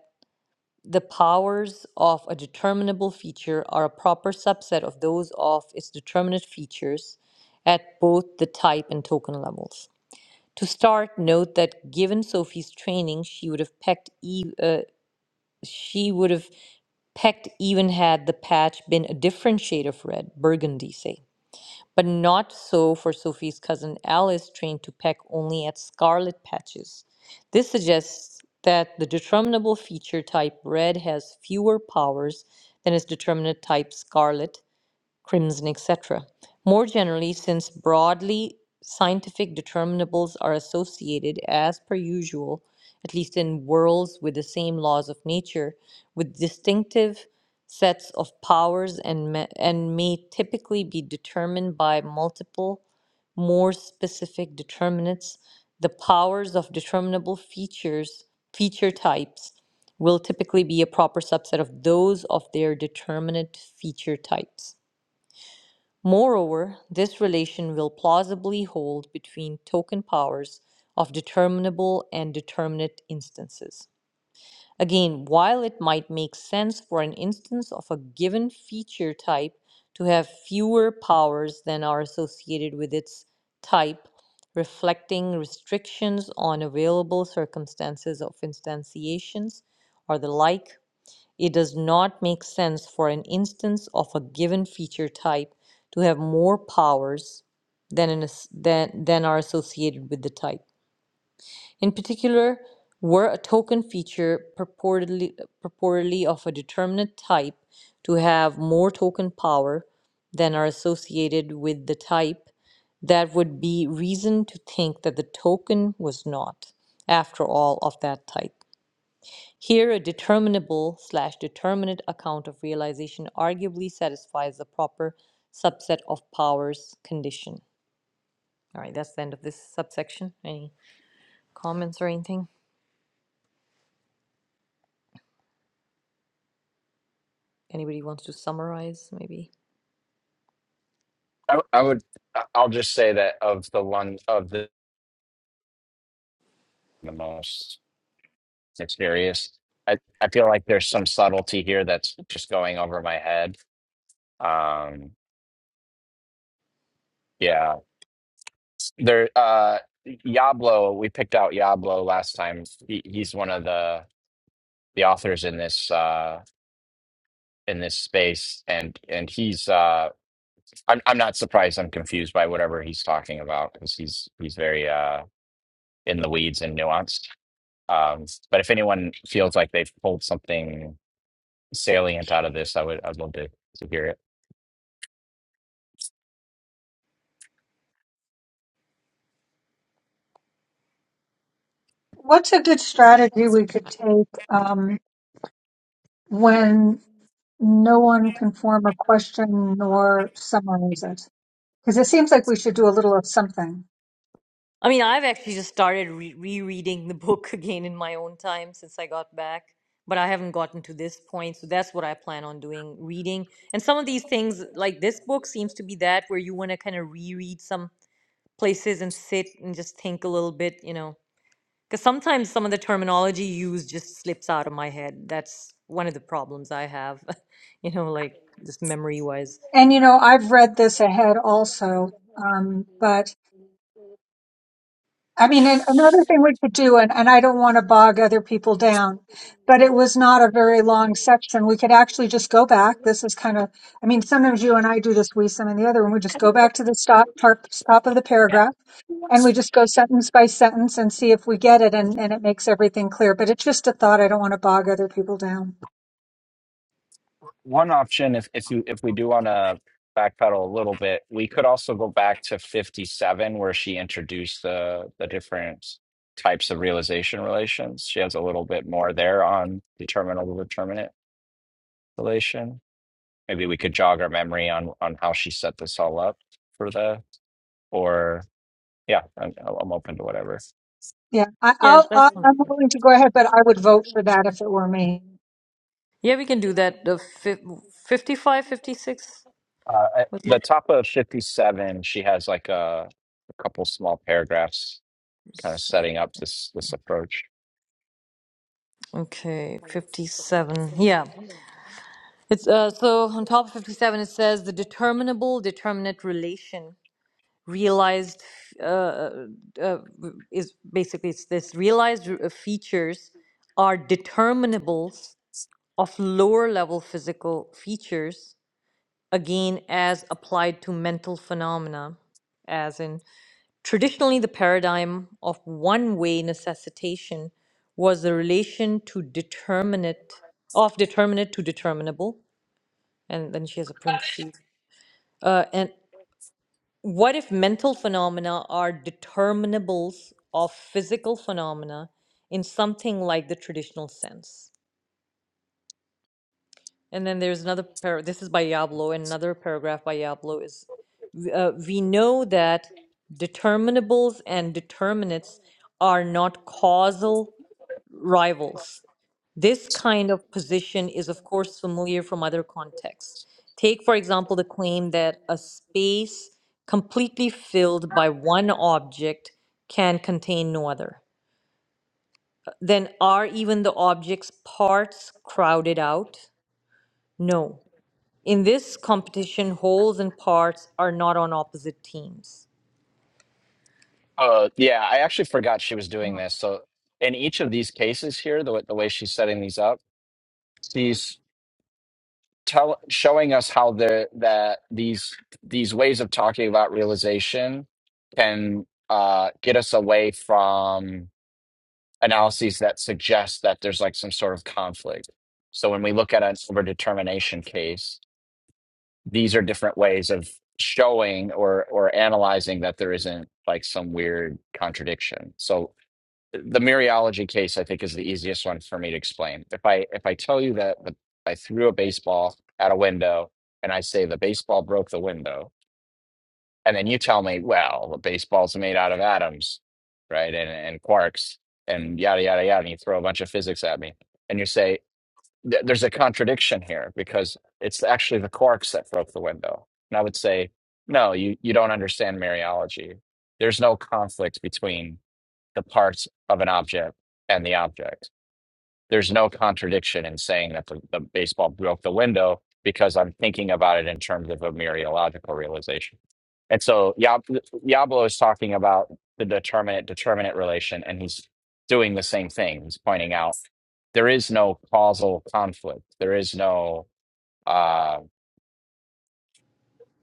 S1: the powers of a determinable feature are a proper subset of those of its determinate features at both the type and token levels. To start, note that given Sophie's training, she would have pecked. E- uh, she would have pecked even had the patch been a different shade of red, burgundy, say. But not so for Sophie's cousin Alice, trained to peck only at scarlet patches. This suggests that the determinable feature type red has fewer powers than its determinant type scarlet, crimson, etc. More generally, since broadly scientific determinables are associated, as per usual, at least in worlds with the same laws of nature, with distinctive sets of powers and, ma- and may typically be determined by multiple, more specific determinants, the powers of determinable features, feature types, will typically be a proper subset of those of their determinate feature types. Moreover, this relation will plausibly hold between token powers of determinable and determinate instances. Again, while it might make sense for an instance of a given feature type to have fewer powers than are associated with its type, reflecting restrictions on available circumstances of instantiations or the like, it does not make sense for an instance of a given feature type to have more powers than, an, as- than, than are associated with the type. In particular, were a token feature purportedly, purportedly of a determinate type to have more token power than are associated with the type, that would be reason to think that the token was not, after all, of that type. Here, a determinable slash determinate account of realization arguably satisfies the proper subset of powers condition. All right, that's the end of this subsection. Any comments or anything? Anybody wants to summarize, maybe?
S4: I, I would I- I'll just say that of the one of the the most mysterious. I, I feel like there's some subtlety here that's just going over my head. Um, yeah, There, uh, Yablo, we picked out Yablo last time. He, he's one of the the authors in this uh in this space, and and he's uh, I'm I'm not surprised. I'm confused by whatever he's talking about because he's he's very uh in the weeds and nuanced. Um, but if anyone feels like they've pulled something salient out of this, I would I'd love to to hear it.
S2: What's a good strategy we could take um, when? no one can form a question nor summarize it. Because it seems like we should do a little of something.
S1: I mean, I've actually just started re- rereading the [LAUGHS] book again in my own time since I got back, but I haven't gotten to this point, so that's what I plan on doing reading. And some of these things, like this book, seems to be that where you want to kind of reread some places and sit and just think a little bit, you know, because sometimes some of the terminology used just slips out of my head. That's one of the problems I have, [LAUGHS] you know, like just memory wise.
S2: And you know, I've read this ahead also, um, but I mean, and another thing we could do, and, and I don't want to bog other people down, but it was not a very long section. We could actually just go back. This is kind of, I mean, sometimes you and I do this, we, some, and the other, and we just go back to the stop, part, stop of the paragraph, and we just go sentence by sentence and see if we get it, and, and it makes everything clear. But it's just a thought. I don't want to bog other people down.
S4: one option if if you if we do want to backpedal a little bit we could also go back to 57 where she introduced the the different types of realization relations she has a little bit more there on determinable determinate relation maybe we could jog our memory on on how she set this all up for the or yeah i'm, I'm open to whatever
S2: Yeah, I,
S1: Yeah,
S2: I'll,
S1: that's
S2: I'll,
S1: Mhm.
S2: I'm
S1: something.
S2: willing to go ahead, but I would vote for that if it were me.
S1: Yeah, we can do that. The fif- 55, 56
S4: uh, at
S1: was
S4: the
S1: it?
S4: top of 57 she has like a, a couple small paragraphs kind of setting up this this approach
S1: Okay, 57. Yeah. It's uh so on top of 57 it says the determinable determinate relation realized uh, is basically it's this realized r- uh, features are determinables of lower level physical features again as applied to mental phenomena as in traditionally the paradigm of one way necessitation was the relation to determinate of determinate to determinable and then she has a parenthesis uh, and. What if mental phenomena are determinables of physical phenomena in something like the traditional sense? And then there's another par- this is by Yablo, and another paragraph by Yablo is uh, we know that determinables and determinants are not causal rivals. This kind of position is, of course, familiar from other contexts. Take, for example, the claim that a space completely filled by one object can contain no other. Uh, Then, are even the object's parts crowded out? No. In this competition, wholes and parts are not on opposite teams.
S4: Uh, yeah, I actually forgot she was doing this. So in each of these cases here, the, w- the way she's setting these up, she's tell, showing us how the that these these ways of talking about realization can uh, get us away from analyses that suggest that there's like some sort of conflict. So when we look at an overdetermination case, these are different ways of showing or or analyzing that there isn't like some weird contradiction. So the Mariology case, I think, is the easiest one for me to explain. If I if I tell you that the, I threw a baseball at a window and I say the baseball broke the window, and then you tell me, well, the baseball's made out of atoms, right, and and quarks, and yada yada yada, and you throw a bunch of physics at me, and you say "Th- there's a contradiction here because it's actually the quarks that broke the window, and I would say, no, you you don't understand Mariology. There's no conflict between the parts of an object and the object. There's no contradiction in saying that the, the baseball broke the window because I'm thinking about it in terms of a mereological realization. And so Yab- Yablo is talking about the determinant determinant relation, and he's doing the same thing. He's pointing out there is no causal conflict, there is no uh,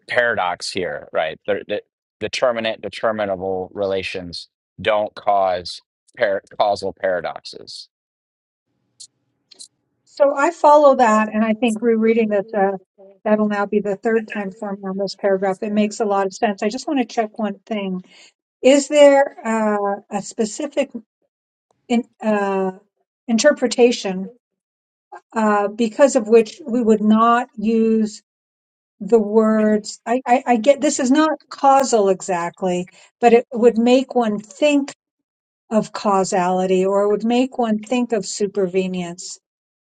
S4: paradox here, right? There, the determinant determinable relations don't cause par- causal paradoxes
S2: So I follow that, and I think rereading this, uh, that'll now be the third time for me on this paragraph. It makes a lot of sense. I just want to check one thing. Is there uh, a specific in, uh, interpretation uh, because of which we would not use the words? I, I, I get this is not causal exactly, but it would make one think of causality or it would make one think of supervenience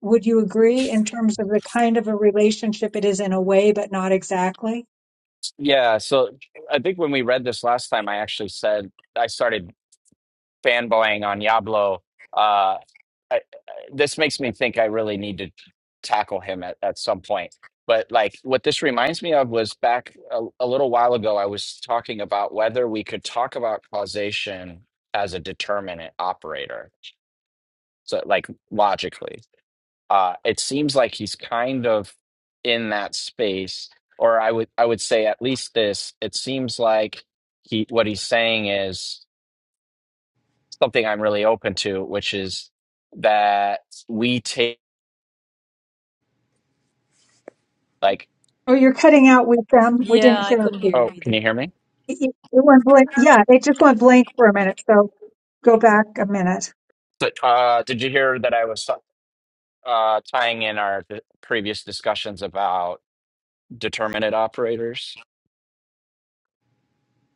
S2: Would you agree in terms of the kind of a relationship it is in a way, but not exactly?
S4: Yeah, so I think when we read this last time, I actually said I started fanboying on Diablo. Uh, I, I- this makes me think I really need to tackle him at, at some point. But like what this reminds me of was back a, a little while ago, I was talking about whether we could talk about causation as a determinant operator. So like logically uh, it seems like he's kind of in that space, or I would I would say at least this. It seems like he what he's saying is something I'm really open to, which is that we take like.
S2: Oh, you're cutting out with them. We didn't
S1: Yeah, I
S2: hear.
S1: couldn't hear
S2: It,
S1: you
S4: Oh, can you
S1: either.
S4: hear me?
S2: it, it went blank. Yeah, it just went blank for a minute. So go back a minute.
S4: But, Uh, did you hear that I was uh, tying in our d- previous discussions about determinate operators?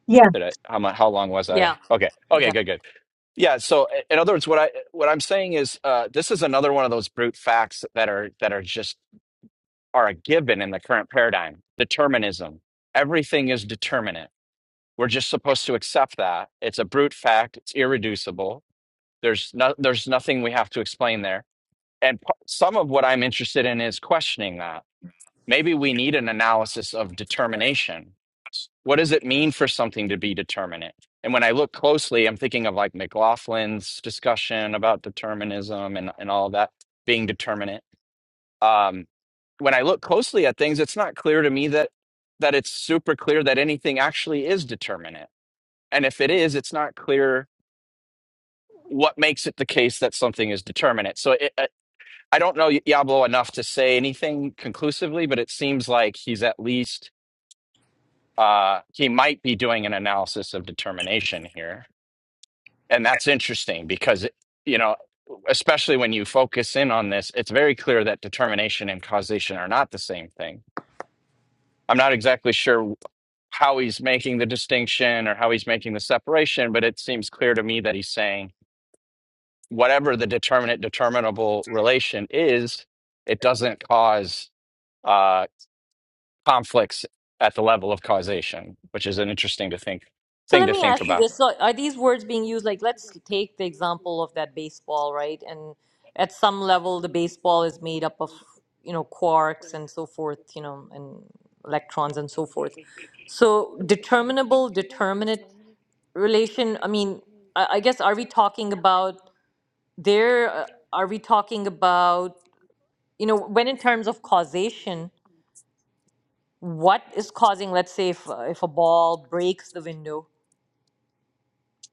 S2: Yeah.
S4: Did I, how mu how long was I?
S1: Yeah.
S4: Okay, okay, good, good Yeah. So, i- in other words, what I what I'm saying is, uh, this is another one of those brute facts that are that are just are a given in the current paradigm. Determinism. Everything is determinate. We're just supposed to accept that. It's a brute fact. It's irreducible. There's no, there's nothing we have to explain there. And p- some of what I'm interested in is questioning that Maybe we need an analysis of determination. What does it mean for something to be determinate? And when I look closely, I'm thinking of like McLaughlin's discussion about determinism and, and all that being determinate. Um, when I look closely at things, it's not clear to me that that it's super clear that anything actually is determinate. And if it is, it's not clear what makes it the case that something is determinate. So it, I I don't know Yablo enough to say anything conclusively, but it seems like he's at least uh, he might be doing an analysis of determination here. And that's interesting because, you know, especially when you focus in on this, it's very clear that determination and causation are not the same thing. I'm not exactly sure how he's making the distinction or how he's making the separation, but it seems clear to me that he's saying whatever the determinate determinable relation is, it doesn't cause uh, conflicts at the level of causation, which is an interesting to think
S1: So
S4: thing
S1: let
S4: to
S1: me
S4: think
S1: ask you
S4: about.
S1: this. So are these words being used like let's take the example of that baseball, right? And at some level the baseball is made up of, you know, quarks and so forth, you know, and electrons and so forth. So determinable, determinate relation, I mean, I, I guess are we talking about there uh, are we talking about, you know, when in terms of causation, what is causing let's say if uh, if a ball breaks the window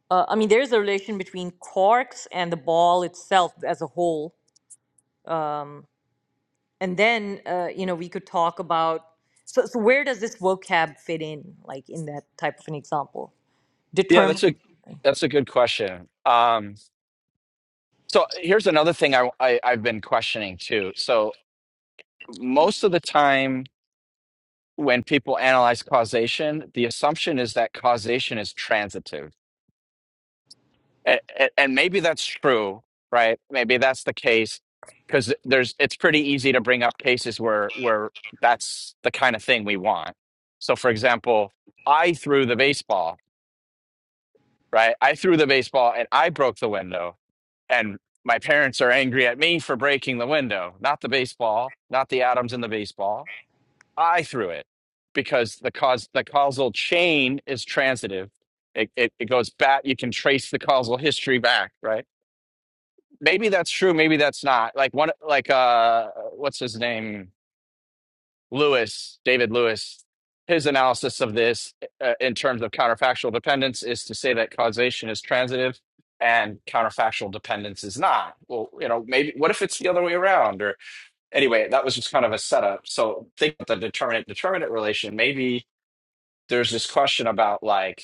S1: Uh, I mean, there's a relation between quarks and the ball itself as a whole. Um, and then, uh, you know, we could talk about so, so where does this vocab fit in, like in that type of an example?
S4: Yeah,
S1: Determine.
S4: that's a that's a good question. Um, so here's another thing I, I I've been questioning too. So most of the time when people analyze causation, the assumption is that causation is transitive, and, and maybe that's true, right? Maybe that's the case because there's it's pretty easy to bring up cases where where that's the kind of thing we want. So for example, I threw the baseball, right? I threw the baseball and I broke the window and my parents are angry at me for breaking the window not the baseball not the atoms in the baseball i threw it because the cause the causal chain is transitive it, it, it goes back you can trace the causal history back right maybe that's true maybe that's not like one like uh what's his name Lewis, David Lewis, his analysis of this uh, in terms of counterfactual dependence is to say that causation is transitive and counterfactual dependence is not. Well, you know, maybe what if it's the other way around? Or anyway, that was just kind of a setup. So think about the determinant determinant relation. Maybe there's this question about like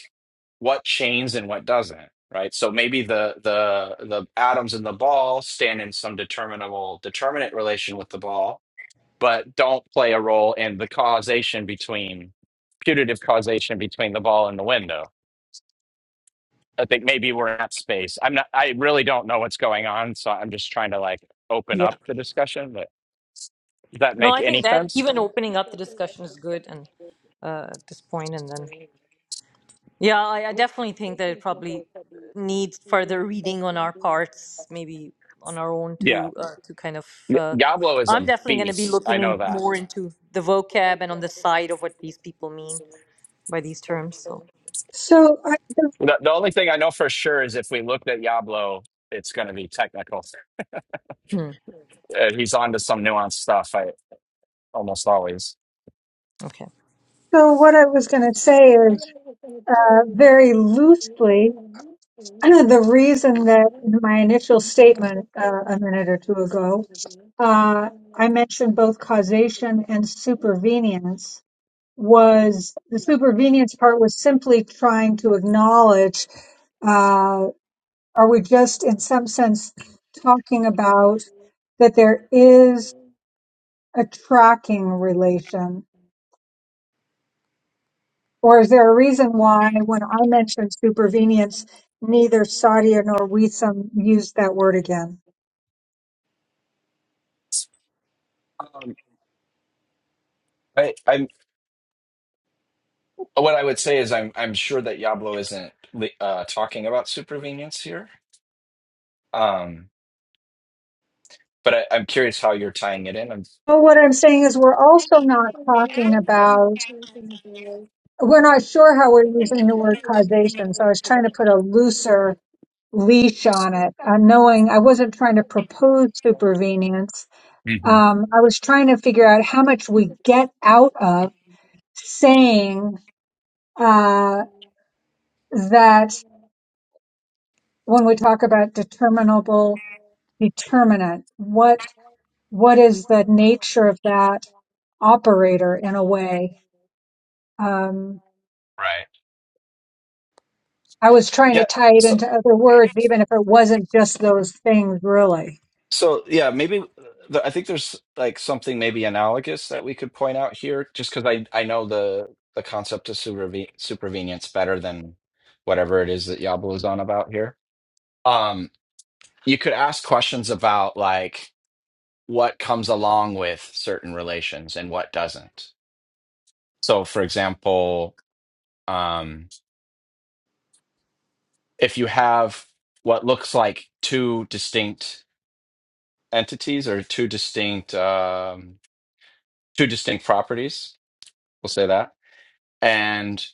S4: what chains and what doesn't. Right. So maybe the the the atoms in the ball stand in some determinable determinant relation with the ball but don't play a role in the causation between putative causation between the ball and the window. I think maybe we're in that space. I'm not. I really don't know what's going on, so I'm just trying to like open up
S1: Yeah.
S4: the discussion. But does that
S1: No,
S4: make
S1: I think
S4: any
S1: that
S4: sense?
S1: even opening up the discussion is good and uh, at this point, and then. Yeah, I, I definitely think that it probably needs further reading on our parts, maybe on our own
S4: Yeah.
S1: to uh, to kind of.
S4: Y-
S1: Uh,
S4: Yablo is
S1: I'm
S4: a
S1: definitely going to be
S4: beast. I
S1: looking in
S4: know that.
S1: more into the vocab and on the side of what these people mean by these terms. So,
S2: So, I,
S4: The, the only thing I know for sure is if we looked at Yablo, it's going to be technical.
S1: hmm,
S4: Uh, he's on to some nuanced stuff. I almost always.
S1: okay,
S2: so what I was going to say is uh, very loosely [CLEARS THROAT] the reason that in my initial statement uh, a minute or two ago, uh, I mentioned both causation and supervenience was the supervenience part was simply trying to acknowledge uh, are we just in some sense talking about that there is a tracking relation or is there a reason why when i mentioned supervenience neither sadia nor Wissam used that word again
S4: Um, I, I What I would say is I'm I'm sure that Yablo isn't li- uh, talking about supervenience here, um, but I, I'm curious how you're tying it in. I'm,
S2: but what i'm saying is we're also not talking about we're not sure how we're using the word causation so i was trying to put a looser leash on it, uh, knowing I wasn't trying to propose supervenience.
S4: Mhm.
S2: Um, I was trying to figure out how much we get out of saying uh, that when we talk about determinable determinant, what what is the nature of that operator in a way? Um,
S4: Right.
S2: I was trying to
S4: Yeah.
S2: tie it
S4: So
S2: into other words, even if it wasn't just those things, really.
S4: so yeah, maybe uh, the, I think there's like something maybe analogous that we could point out here, just because I I know the the concept of superve- supervenience better than whatever it is that Yablo is on about here. Um, you could ask questions about like what comes along with certain relations and what doesn't So, for example, um, if you have what looks like two distinct entities or two distinct um, two distinct properties, we'll say that. And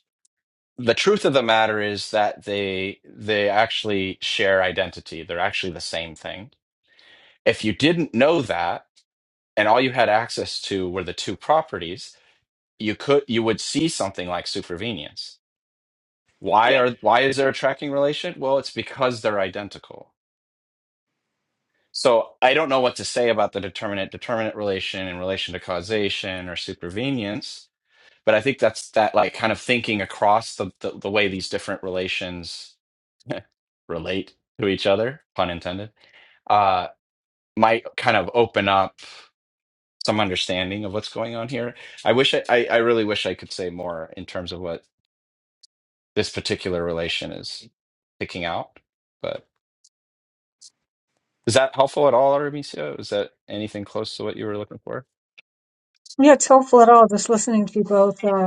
S4: the truth of the matter is that they they actually share identity. They're actually the same thing. If you didn't know that, and all you had access to were the two properties, you could you would see something like supervenience. Why are why is there a tracking relation? Well, it's because they're identical So I don't know what to say about the determinant determinant relation in relation to causation or supervenience, but I think that's that like kind of thinking across the the, the way these different relations [LAUGHS] relate to each other, pun intended, uh, might kind of open up some understanding of what's going on here. I wish I, I, I really wish I could say more in terms of what this particular relation is picking out. But is that helpful at all, Artemisia? Was that anything close to what you were looking for?
S2: Yeah, it's helpful at all. Just listening to you both. Uh,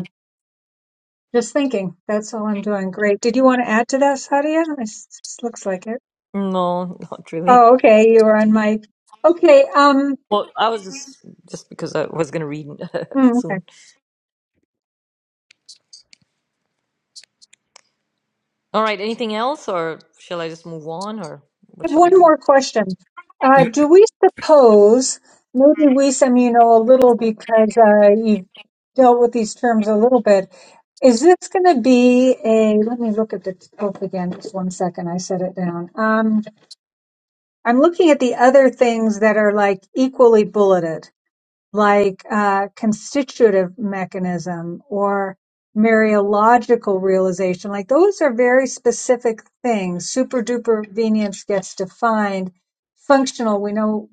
S2: Just thinking. That's all I'm doing. Great. Did you want to add to that, Sadia? This, this looks like it.
S1: no, not really.
S2: Oh, okay. You were on mic. Okay. Um.
S1: Well, I was just just because I was going to read [LAUGHS]
S2: mm, okay.
S1: soon. All right, anything else, or shall I just move on, or
S2: I
S1: what
S2: have
S1: shall we
S2: one
S1: do?
S2: more question. Uh,
S3: [CLEARS THROAT]
S2: do we suppose maybe we, some you know, a little because uh, you dealt with these terms a little bit. Is this going to be a? Let me look at the scope again. Just one second. I set it down. Um, I'm looking at the other things that are like equally bulleted. like uh, constitutive mechanism or Mariological realization, like those are very specific things. Super duper venience gets defined. Functional, we know.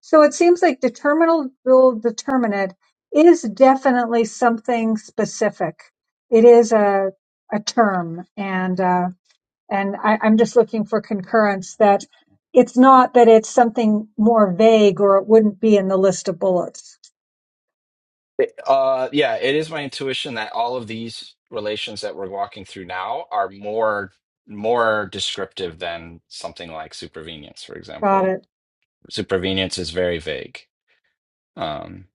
S2: So it seems like determinal dual determinate is definitely something specific. It is a a term, and uh, and I, I'm just looking for concurrence that it's not that it's something more vague, or it wouldn't be in the list of bullets.
S4: It- uh, yeah, it is my intuition that all of these relations that we're walking through now are more more descriptive than something like supervenience, for
S2: Got
S4: example.
S2: it.
S4: Supervenience is very vague. Um,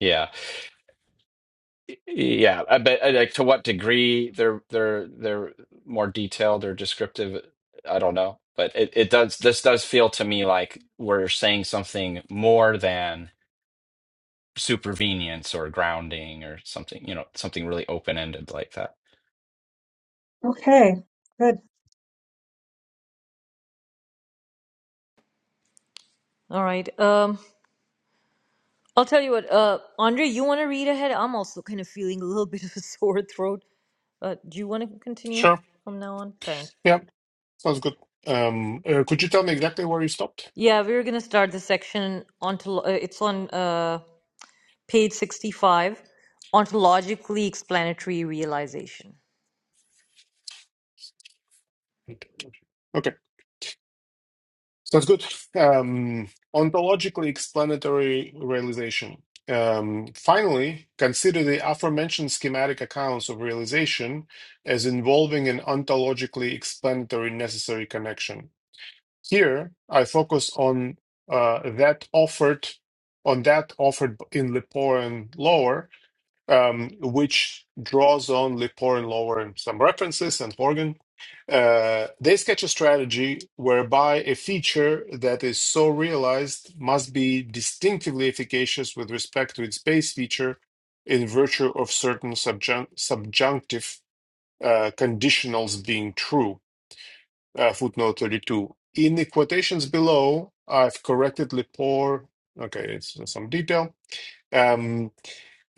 S4: yeah, yeah, uh, but uh, like to what degree they're they're they're more detailed or descriptive, I don't know. But it, it does this does feel to me like we're saying something more than supervenience or grounding or something, you know, something really open ended like that.
S2: Okay, good.
S1: All right. Um, I'll tell you what, uh, Andre, you want to read ahead? I'm also kind of feeling a little [LAUGHS] bit of a [LAUGHS] sore throat. Uh, do you want to continue
S3: Sure.
S1: from now on? Thanks.
S3: Yeah. Sounds good. Um, uh, could you tell me exactly where you stopped?
S1: Yeah, we are going to start the section. Ontolo- uh, it's on uh, page 65, ontologically explanatory realization.
S3: Okay. Sounds good. Um, ontologically explanatory realization. Um, finally, consider the aforementioned schematic accounts of realization as involving an ontologically explanatory necessary connection. Here, I focus on uh, that offered on that offered in Lipporan lore um, which draws on Lepore and Lower and some references and Horgan. Uh, they sketch a strategy whereby a feature that is so realized must be distinctively efficacious with respect to its base feature in virtue of certain subjun- subjunctive uh, conditionals being true. Uh, footnote 32. In the quotations below, I've corrected Lepore. Okay, it's some detail um,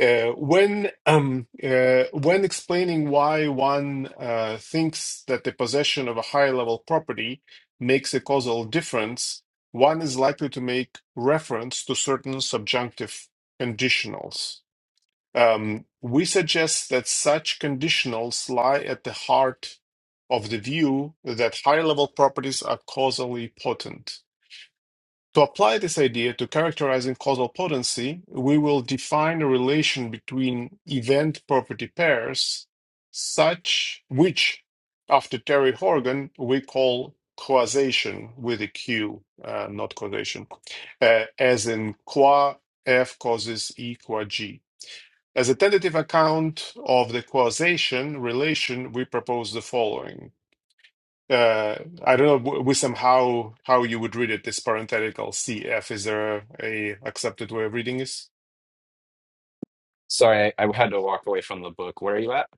S3: uh, when um, uh, when explaining why one uh, thinks that the possession of a higher level property makes a causal difference, one is likely to make reference to certain subjunctive conditionals. Um, we suggest that such conditionals lie at the heart of the view that higher level properties are causally potent. To apply this idea to characterizing causal potency, we will define a relation between event property pairs, such which, after Terry Horgan, we call causation with a Q, uh, not causation, uh, as in qua F causes E qua G. As a tentative account of the causation relation, we propose the following. Uh, I don't know, Wisdom, how how you would read it, this parenthetical CF. Is there a accepted way of reading this?
S4: Sorry, I, I had to walk away from the book. Where are you at?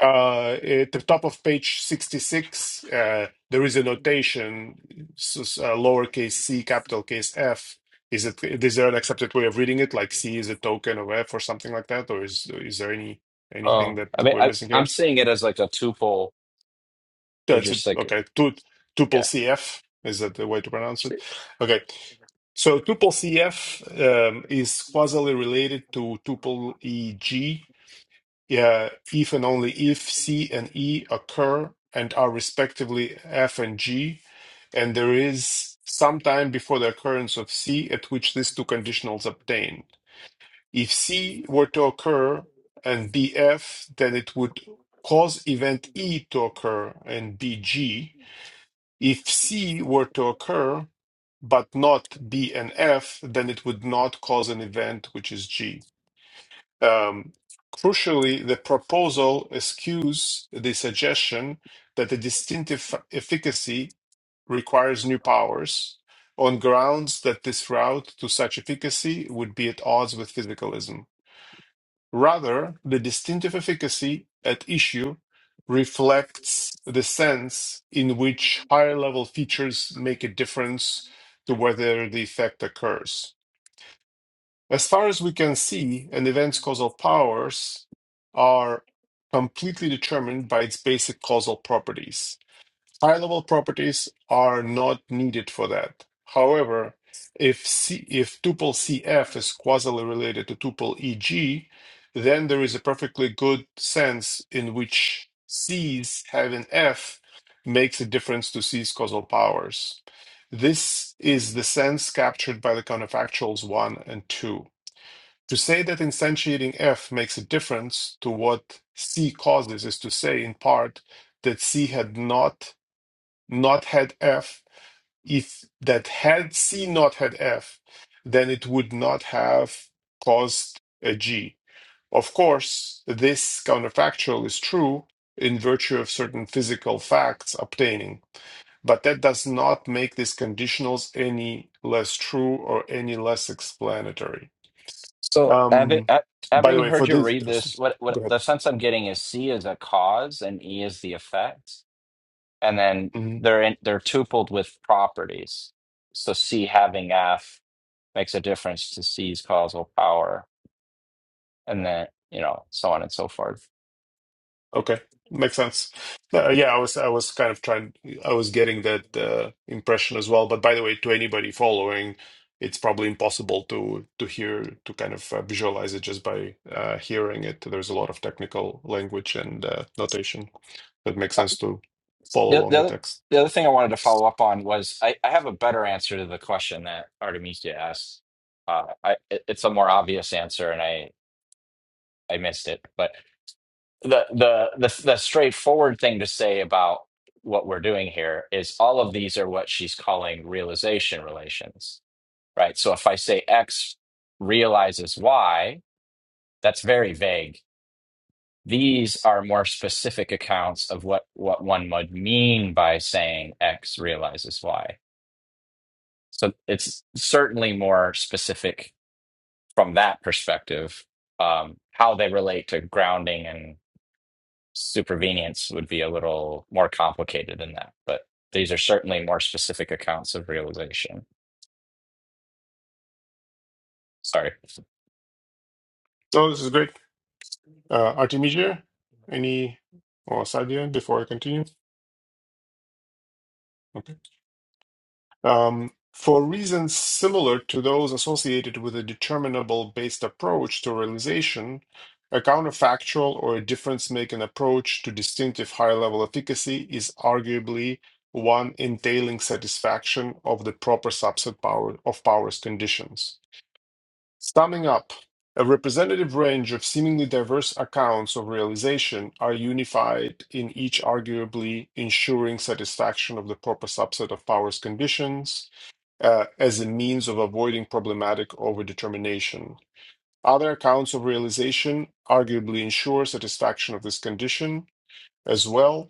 S3: Uh, at the top of page 66, uh, there is a notation, s- s- uh, lowercase c, capital case F. Is it, is there an accepted way of reading it, like C is a token of F or something like that, or is is there any anything
S4: Oh,
S3: that
S4: I mean,
S3: we're
S4: I,
S3: missing
S4: I'm
S3: here?
S4: seeing it as like a tuple. They're
S3: That's it.
S4: just like,
S3: Okay. Tu- Tuple
S4: yeah.
S3: CF. Is that the way to pronounce it? Okay. So tuple CF um, is causally related to tuple EG uh, if and only if C and E occur and are respectively F and G, and there is some time before the occurrence of C at which these two conditionals obtain. If C were to occur and BF, then it would cause event E to occur and BG, if C were to occur, but not B and F, then it would not cause an event which is G. Um, crucially, the proposal eschews the suggestion that the distinctive efficacy requires new powers on grounds that this route to such efficacy would be at odds with physicalism. Rather, the distinctive efficacy at issue reflects the sense in which higher level features make a difference to whether the effect occurs. As far as we can see, an event's causal powers are completely determined by its basic causal properties. High-level properties are not needed for that. However, if C, if tuple CF is causally related to tuple EG, then there is a perfectly good sense in which C's having F makes a difference to C's causal powers. This is the sense captured by the counterfactuals 1 and 2. To say that instantiating F makes a difference to what C causes is to say, in part, that C had not not had f. If that had C not had f, then it would not have caused a g. Of course, this counterfactual is true in virtue of certain physical facts obtaining, but that does not make these conditionals any less true or any less explanatory.
S4: So having
S3: Um,
S4: ha-
S3: by the
S4: having
S3: way,
S4: heard
S3: for
S4: you
S3: this,
S4: read this, what what
S3: go ahead.
S4: the sense I'm getting is C is a cause and E is the effect, and then
S3: Mhm.
S4: they're in, they're tupled with properties. So C having F makes a difference to C's causal power, and then you know so on and so forth.
S3: Okay, makes sense. Uh, yeah, I was I was kind of trying. I was getting that uh, impression as well. But by the way, to anybody following, it's probably impossible to to hear to kind of uh, visualize it just by uh, hearing it. There's a lot of technical language and uh, notation that makes sense to follow
S4: The,
S3: along
S4: the
S3: the
S4: other
S3: text.
S4: the other thing I wanted to follow up on was I, I have a better answer to the question that Artemisia asked. Uh, I it- it's a more obvious answer, and I I missed it. But the the the the straightforward thing to say about what we're doing here is all of these are what she's calling realization relations, right? So if I say X realizes Y, that's very vague. These are more specific accounts of what what one would mean by saying X realizes Y So it's certainly more specific from that perspective. Um, how they relate to grounding and supervenience would be a little more complicated than that, but these are certainly more specific accounts of realization. Sorry.
S3: So this is great. Uh, Artemisia, any or Sadia before I continue? Okay. Um, for reasons similar to those associated with a determinable-based approach to realization, a counterfactual or a difference-making approach to distinctive higher-level efficacy is arguably one entailing satisfaction of the proper subset power of powers conditions. Summing up, a representative range of seemingly diverse accounts of realization are unified in each arguably ensuring satisfaction of the proper subset of powers conditions uh, as a means of avoiding problematic overdetermination. Other accounts of realization arguably ensure satisfaction of this condition as well.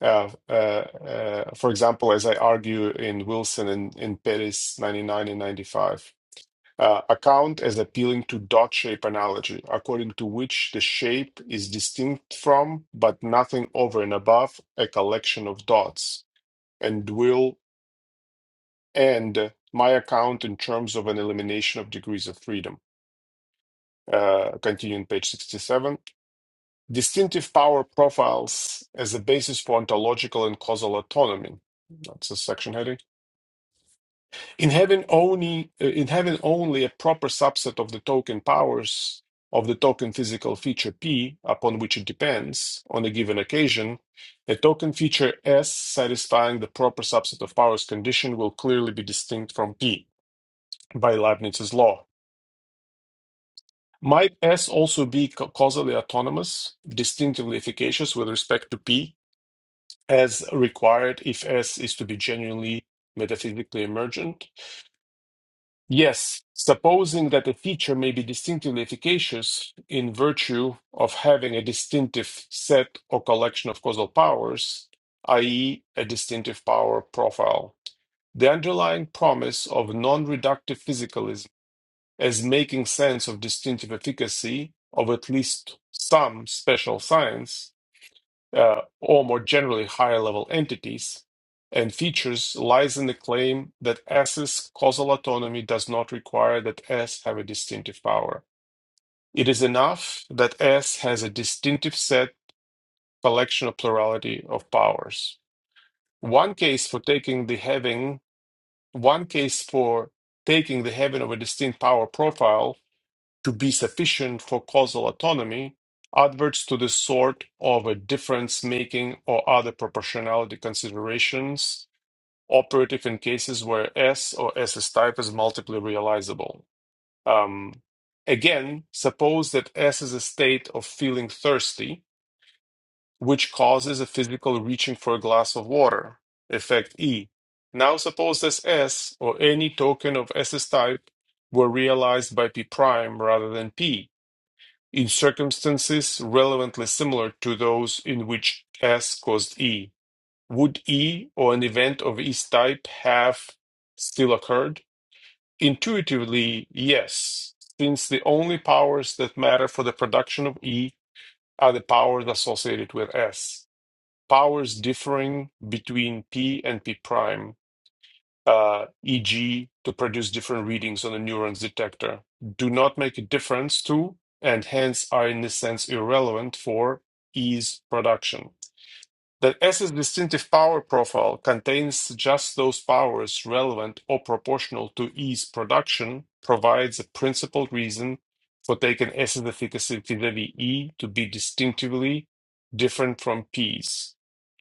S3: Uh, uh, uh, for example, as I argue in Wilson and in Perez 99 and 95, uh, account as appealing to dot shape analogy, according to which the shape is distinct from, but nothing over and above, a collection of dots, and will and my account in terms of an elimination of degrees of freedom. Uh, continuing page 67. Distinctive power profiles as a basis for ontological and causal autonomy. That's a section heading. In having only uh, in having only a proper subset of the token powers of the token physical feature P upon which it depends on a given occasion, a token feature S satisfying the proper subset of powers condition will clearly be distinct from P by Leibniz's law. Might S also be ca- causally autonomous, distinctively efficacious with respect to P, as required if S is to be genuinely metaphysically emergent? Yes, supposing that a feature may be distinctively efficacious in virtue of having a distinctive set or collection of causal powers, i.e., a distinctive power profile. The underlying promise of non reductive physicalism as making sense of distinctive efficacy of at least some special science uh, or more generally higher level entities and features lies in the claim that S's causal autonomy does not require that S have a distinctive power. It is enough that S has a distinctive set collection of plurality of powers. One case for taking the having, one case for taking the having of a distinct power profile to be sufficient for causal autonomy adverts to the sort of a difference making or other proportionality considerations operative in cases where S or S's type is multiply realizable. Um, again, suppose that S is a state of feeling thirsty, which causes a physical reaching for a glass of water, effect E. Now suppose this S or any token of S's type were realized by P prime rather than P in circumstances relevantly similar to those in which S caused E. Would E or an event of S type have still occurred? Intuitively, yes, since the only powers that matter for the production of E are the powers associated with S, powers differing between P and P prime uh, EG to produce different readings on the neuron's detector do not make a difference to, and hence are in this sense irrelevant for E's production. That S's distinctive power profile contains just those powers relevant or proportional to E's production provides a principled reason for taking S's efficacy vis-a-vis E to be distinctively different from P's,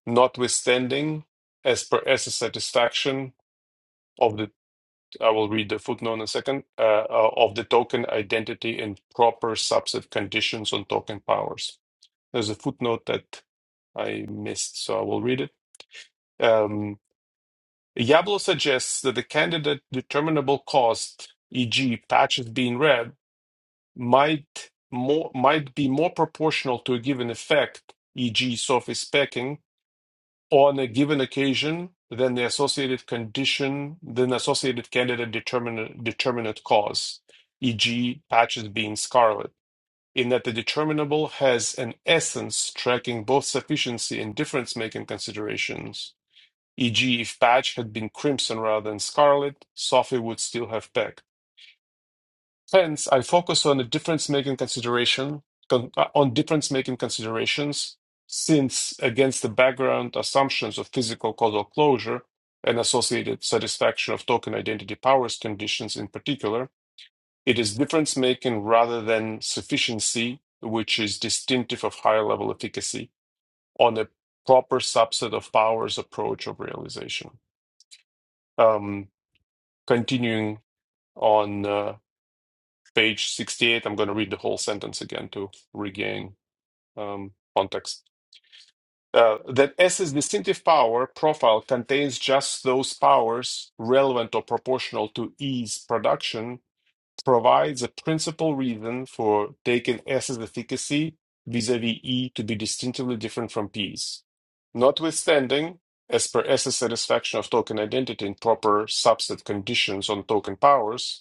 S3: notwithstanding, as per S's satisfaction, of the I will read the footnote in a second, uh, uh, of the token identity and proper subset conditions on token powers. There's a footnote that I missed, so I will read it. Um, Yablo suggests that the candidate determinable cost, e.g., patches being read, might more might be more proportional to a given effect, e.g., surface specking, on a given occasion then the associated condition, then associated candidate determinant, determinate cause, e.g., patches being scarlet, in that the determinable has an essence tracking both sufficiency and difference making considerations. E.g., if patch had been crimson rather than scarlet, Sophie would still have peck. Hence, I focus on the difference-making consideration, con- uh, on difference-making considerations, since against the background assumptions of physical causal closure and associated satisfaction of token identity powers conditions in particular, it is difference-making rather than sufficiency, which is distinctive of higher level efficacy on a proper subset of powers approach of realization. Um, continuing on. uh, page 68, I'm going to read the whole sentence again to regain um, context. Uh, that S's distinctive power profile contains just those powers relevant or proportional to E's production provides a principal reason for taking S's efficacy vis-a-vis E to be distinctively different from P's. Notwithstanding, as per S's satisfaction of token identity in proper subset conditions on token powers,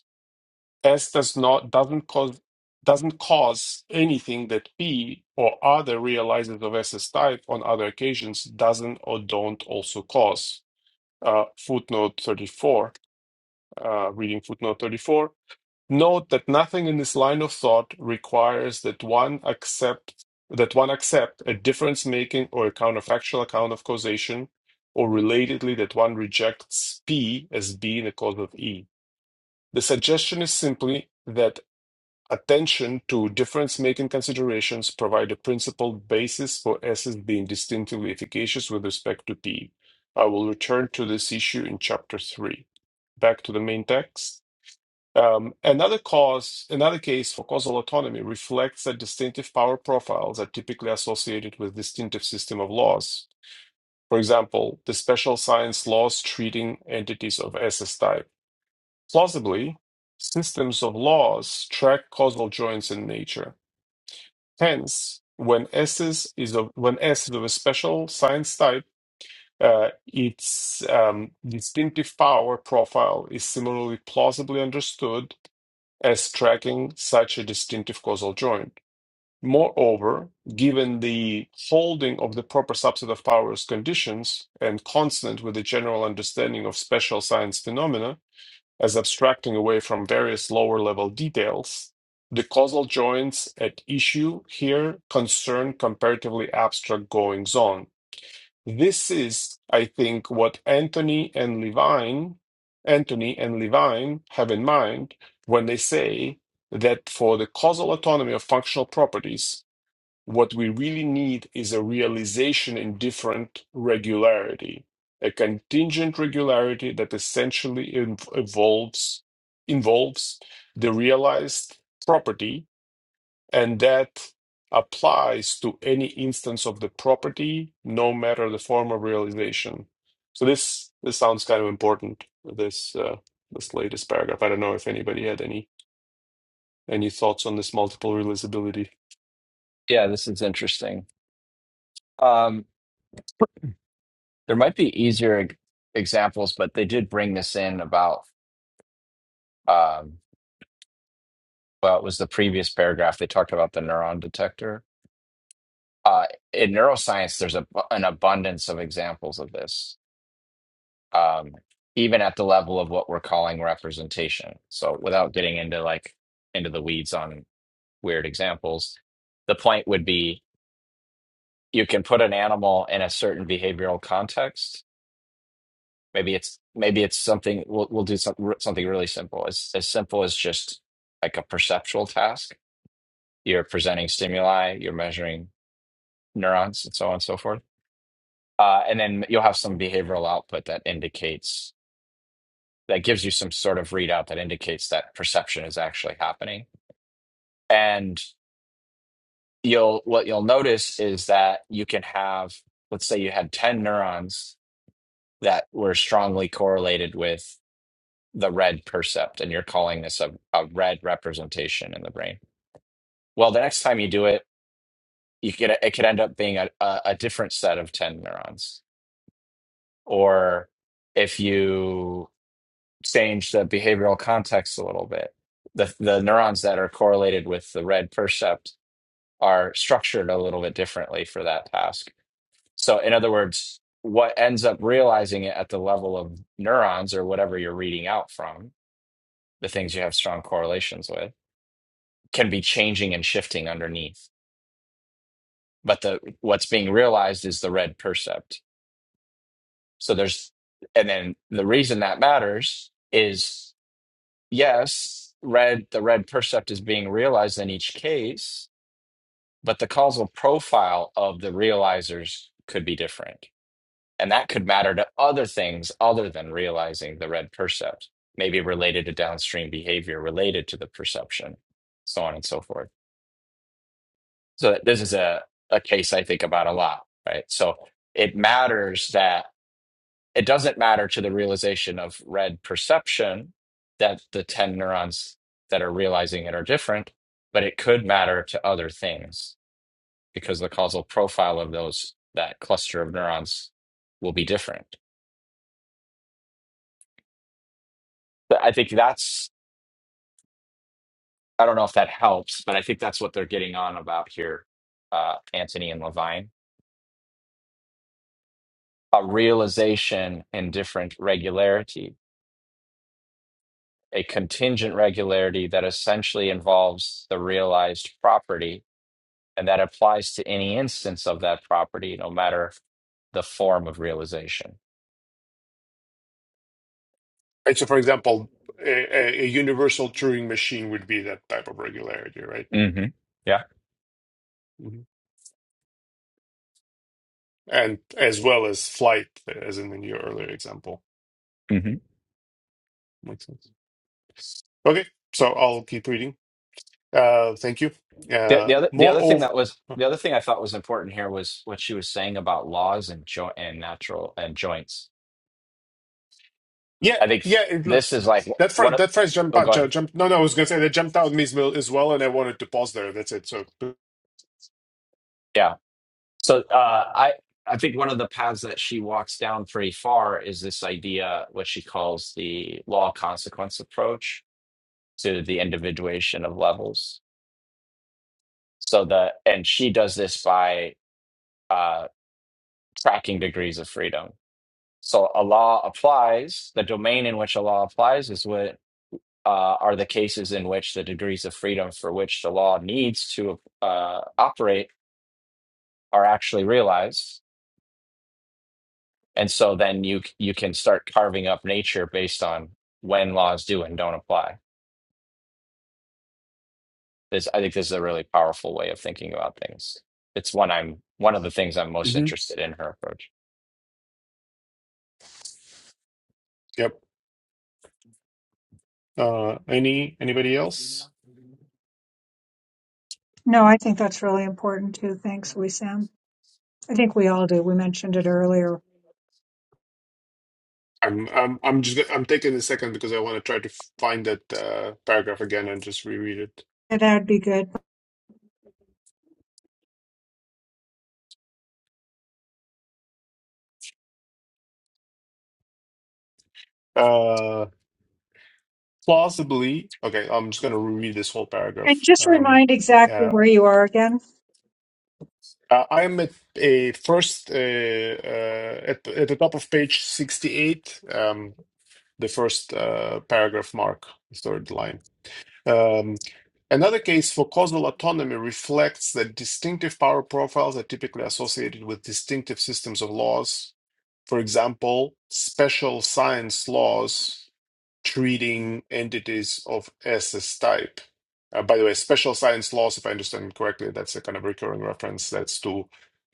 S3: S does not doesn't cause doesn't cause anything that P or other realizers of S's type on other occasions doesn't or don't also cause. Uh, footnote 34, uh, reading footnote 34. Note that nothing in this line of thought requires that one accept that one accept a difference making or a counterfactual account of causation, or relatedly that one rejects P as being a cause of E. The suggestion is simply that Attention to difference-making considerations provide a principled basis for S's being distinctively efficacious with respect to P. I will return to this issue in chapter three. Back to the main text. Um, another cause, another case for causal autonomy reflects that distinctive power profiles are typically associated with distinctive system of laws. For example, the special science laws treating entities of SS type. Plausibly, systems of laws track causal joints in nature Hence, when S is, is of, when S is of a special science type, uh, its um, distinctive power profile is similarly plausibly understood as tracking such a distinctive causal joint. Moreover, given the holding of the proper subset of powers conditions and consonant with the general understanding of special science phenomena, as abstracting away from various lower level details, the causal joints at issue here concern comparatively abstract goings on. This is, I think, what Anthony and Levine, Anthony and Levine have in mind when they say that for the causal autonomy of functional properties, what we really need is a realization in different regularity, a contingent regularity that essentially inv- evolves, involves the realized property, and that applies to any instance of the property, no matter the form of realization. So this this sounds kind of important. This uh, this latest paragraph. I don't know if anybody had any any thoughts on this multiple realizability.
S4: Yeah, this is interesting. Um, there might be easier e- examples, but they did bring this in about, um, well, it was the previous paragraph. They talked about the neuron detector. Uh, in neuroscience, there's a, an abundance of examples of this um, even at the level of what we're calling representation. So without getting into like into the weeds on weird examples, the point would be you can put an animal in a certain behavioral context. Maybe it's maybe it's something we'll we'll do some, something really simple. As as simple as just like a perceptual task. You're presenting stimuli, you're measuring neurons, and so on and so forth. Uh, and then you'll have some behavioral output that indicates that gives you some sort of readout that indicates that perception is actually happening. And you'll what you'll notice is that you can have, let's say you had 10 neurons that were strongly correlated with the red percept, and you're calling this a, a red representation in the brain. Well, the next time you do it, you could it could end up being a, a, a different set of 10 neurons. Or if you change the behavioral context a little bit. The the neurons that are correlated with the red percept are structured a little bit differently for that task. So in other words, what ends up realizing it at the level of neurons or whatever you're reading out from, the things you have strong correlations with, can be changing and shifting underneath. But the what's being realized is the red percept. So there's and then the reason that matters is. yes, red the red percept is being realized in each case, but the causal profile of the realizers could be different. And that could matter to other things other than realizing the red percept, maybe related to downstream behavior related to the perception, so on and so forth. So this is a, a case I think about a lot, right? So it matters that it doesn't matter to the realization of red perception that the 10 neurons that are realizing it are different, but it could matter to other things because the causal profile of those, that cluster of neurons will be different. But I think that's, I don't know if that helps, but I think that's what they're getting on about here, uh, Anthony and Levine. A realization in different regularity, a contingent regularity that essentially involves the realized property And that applies to any instance of that property, no matter the form of realization.
S3: Right. So, for example, a, a a universal Turing machine would be that type of regularity, right?
S4: hmm Yeah.
S3: hmm And as well as flight, as in your earlier example.
S4: hmm
S3: Makes sense. Okay. So I'll keep reading. Uh, thank you.
S4: The,
S3: Uh,
S4: the other the other thing
S3: moreover,
S4: that was the other thing I thought was important here was what she was saying about laws and jo- and natural and joints.
S3: yeah,
S4: I think
S3: yeah. It, look,
S4: this is like
S3: that
S4: one
S3: first,
S4: of
S3: that phrase jump
S4: oh
S3: out,
S4: go
S3: ju-
S4: ahead
S3: jump. No, no. I was gonna say that jumped out at me as well, as well, and I wanted to pause there. That's it. So,
S4: yeah. So uh, I I think one of the paths that she walks down pretty far is this idea what she calls the law consequence approach to the individuation of levels So the and she does this by uh, tracking degrees of freedom. So a law applies. The domain in which a law applies is what uh, are the cases in which the degrees of freedom for which the law needs to uh, operate are actually realized. And so then you you can start carving up nature based on when laws do and don't apply. This I think this is a really powerful way of thinking about things. It's one I'm one of the things I'm most
S3: Mhm.
S4: interested in her approach.
S3: yep. Uh, any anybody else?
S2: No, I think that's really important too. Thanks, Sam. I think we all do. We mentioned it earlier.
S3: I'm I'm I'm just I'm taking a second because I want to try to find that uh, paragraph again and just reread it.
S2: Yeah, That'd be good.
S3: Uh, plausibly, okay. I'm just going to reread this whole
S2: And
S3: paragraph.
S2: just
S3: Um,
S2: remind exactly
S3: yeah,
S2: where you are again.
S3: uh, I'm at a first uh, uh, at the- at the top of page sixty eight. Um, the first uh, paragraph mark, the third line. Um, another case for causal autonomy reflects that distinctive power profiles are typically associated with distinctive systems of laws. For example, special science laws treating entities of SS type. Uh, by the way, special science laws, if I understand correctly, that's a kind of recurring reference. That's to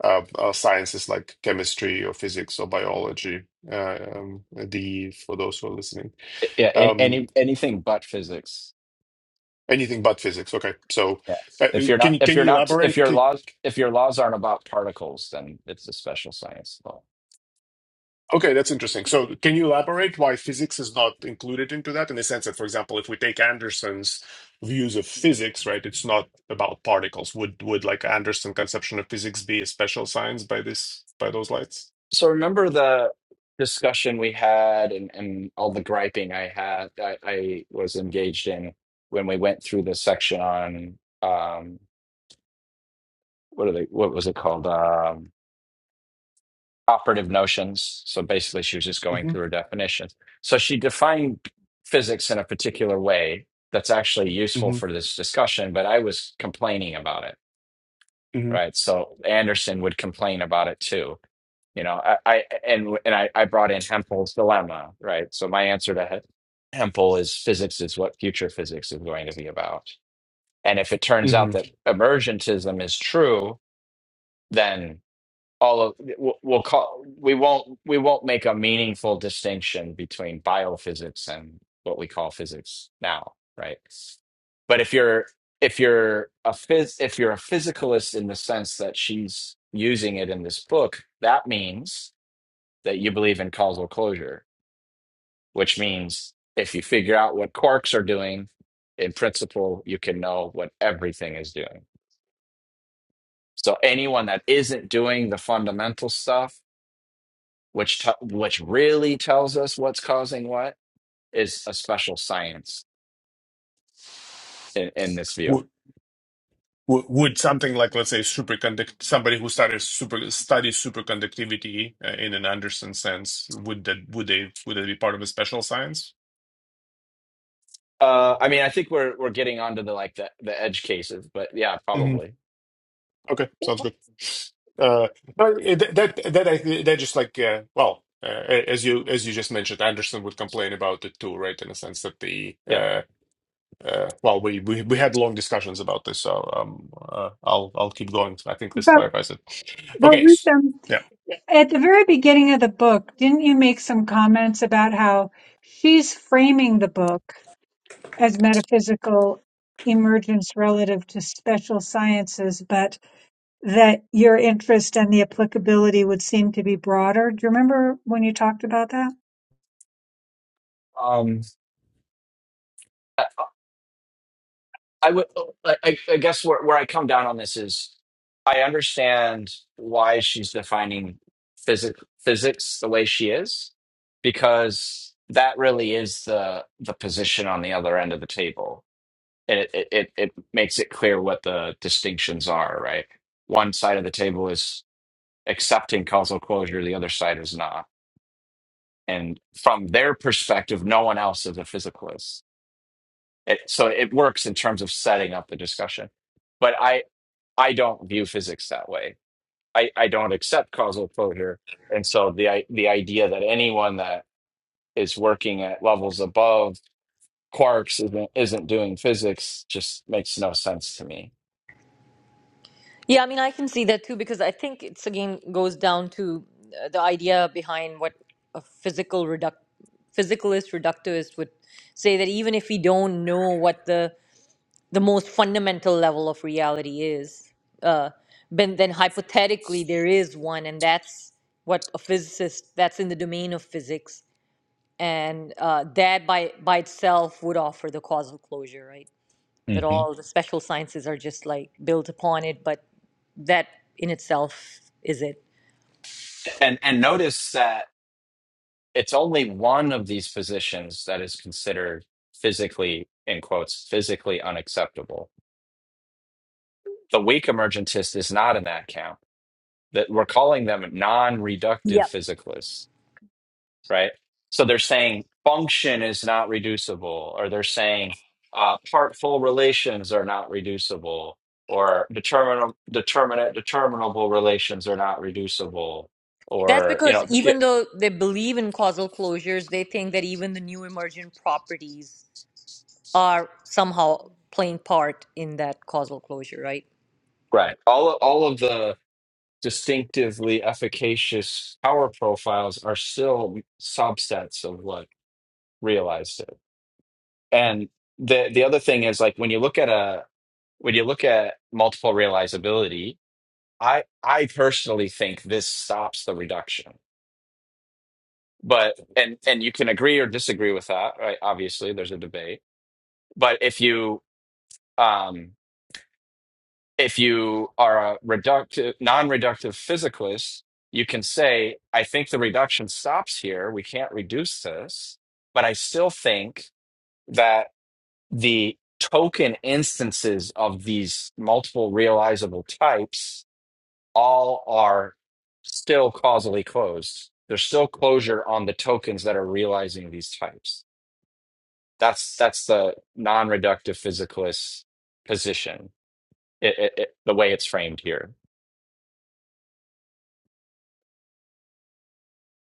S3: uh, uh, sciences like chemistry or physics or biology. Uh, um, the for those who are listening.
S4: yeah any,
S3: Um,
S4: any anything but physics
S3: Anything but physics. Okay. So,
S4: yes
S3: uh,
S4: if you're
S3: can
S4: not
S3: you
S4: if
S3: can
S4: you're
S3: you
S4: not if
S3: elaborate?
S4: your
S3: Can,
S4: laws if your laws aren't about particles then it's a special science law
S3: Okay, that's interesting. So, can you elaborate why physics is not included into that in the sense that, for example, if we take Anderson's views of physics, right, it's not about particles. Would would like Anderson conception of physics be a special science by this by those lights?
S4: so remember the discussion we had and, and all the griping i had I, I was engaged in when we went through the section on um what are they what was it called Um, operative notions. So basically, she was just going
S3: hmm
S4: through her definitions. So she defined physics in a particular way that's actually useful
S3: hmm
S4: for this discussion, but I was complaining about it,
S3: hmm
S4: right? So Anderson would complain about it too. You know, I, I and and I, I brought in Hempel's dilemma, right? So my answer to He- Hempel is physics is what future physics is going to be about. And if it turns out
S3: hmm
S4: that emergentism is true, all of we'll, we'll call we won't we won't make a meaningful distinction between biophysics and what we call physics now right but if you're if you're a phys if you're a physicalist in the sense that she's using it in this book that means that you believe in causal closure which means if you figure out what quarks are doing in principle you can know what everything is doing so anyone that isn't doing the fundamental stuff which t- which really tells us what's causing what is a special science in, in this view.
S3: Would, would would something like, let's say, superconduct somebody who started super studies superconductivity uh, in an Anderson sense, would that would they would that be part of a special science?
S4: Uh, I mean, I think we're we're getting onto the like the, the edge cases, but yeah,
S3: hmm
S4: probably,
S3: Okay, sounds good. Uh, no, that that that I, that just like uh, well, uh, as you as you just mentioned, Anderson would complain about it too, right? In the sense that the
S4: yeah.
S3: uh, uh, well, we, we we had long discussions about this, so um, uh, I'll I'll keep going. I think this
S2: But
S3: clarifies it.
S2: but
S3: Okay, s-
S2: Wissam,
S3: yeah,
S2: at the very beginning of the book, didn't you make some comments about how she's framing the book as metaphysical emergence relative to special sciences, but that your interest and the applicability would seem to be broader? Do you remember when you talked about that?
S4: Um, I, I would, oh, I, I I guess where where I come down on this is, I understand why she's defining physics physics the way she is, because that really is the the position on the other end of the table and it, it it it makes it clear what the distinctions are, right? One side of the table is accepting causal closure, the other side is not. And from their perspective, no one else is a physicalist. It, so it works in terms of setting up the discussion. But I I don't view physics that way. I, I don't accept causal closure. And so the i- the idea that anyone that is working at levels above quarks isn't, isn't doing physics just makes no sense to me.
S1: Yeah, I mean, I can see that too because I think it's again goes down to uh, the idea behind what a physical reduct physicalist reductivist would say that even if we don't know what the the most fundamental level of reality is. Uh, but then hypothetically, there is one, and that's what a physicist, that's in the domain of physics. And uh, that by, by itself would offer the causal closure, right? That
S4: hmm
S1: all the special sciences are just like built upon it, but that in itself is it.
S4: And and notice that it's only one of these positions that is considered physically, in quotes, physically unacceptable. The weak emergentist is not in that camp. That we're calling them non-reductive
S1: Yep.
S4: physicalists, right? So they're saying function is not reducible, or they're saying uh, partful relations are not reducible, or determin determinate determinable relations are not reducible,
S1: That's
S4: or you
S1: because
S4: know, yeah,
S1: even though they believe in causal closures, they think that even the new emergent properties are somehow playing part in that causal closure, right?
S4: right? All all of the distinctively efficacious power profiles are still subsets of what realized it. And the the other thing is like when you look at a when you look at multiple realizability, I I personally think this stops the reduction. But and and you can agree or disagree with that, right? Obviously, there's a debate. But if you um if you are a reductive non-reductive physicalist you can say i think the reduction stops here we can't reduce this but i still think that the token instances of these multiple realizable types all are still causally closed there's still closure on the tokens that are realizing these types that's that's the non-reductive physicalist position it, it, it the way it's framed here.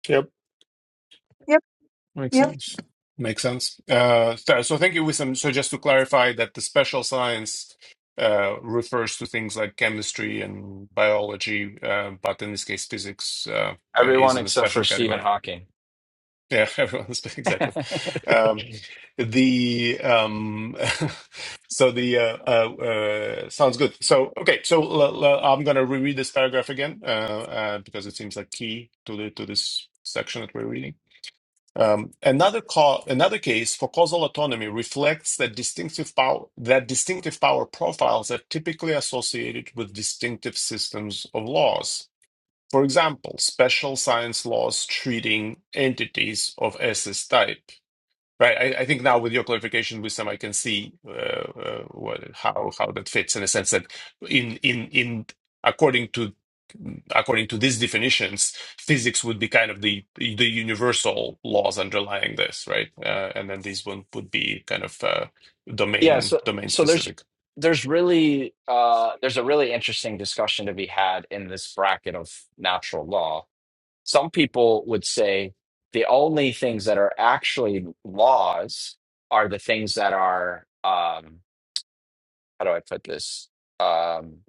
S3: yep. Makes
S2: Yep.
S3: sense. Makes sense. Uh, th- so thank you, Wissam. So just to clarify that the special science uh, refers to things like chemistry and biology, uh, but in this case, physics uh, is
S4: Everyone
S3: in a
S4: except for
S3: special
S4: Stephen
S3: category.
S4: Hawking.
S3: Yeah, [LAUGHS] everyone's exactly. Um, the um, [LAUGHS] so the uh, uh, uh, sounds good. So okay, so l- l- I'm gonna reread this paragraph again uh, uh, because it seems like key to the to this section that we're reading. Um, another, ca- another case for causal autonomy reflects that distinctive power that distinctive power profiles are typically associated with distinctive systems of laws. For example, special science laws treating entities of SS type. Right. I, I think now with your clarification, Wisdom, I can see uh, uh, what, how how that fits in a sense that in in in according to according to these definitions, physics would be kind of the the universal laws underlying this, right? Uh, and then these one would be kind of uh,
S4: Yeah,
S3: domain
S4: so
S3: domain
S4: so there's
S3: specific.
S4: there's really uh there's a really interesting discussion to be had in this bracket of natural law. Some people would say the only things that are actually laws are the things that are um how do I put this? Um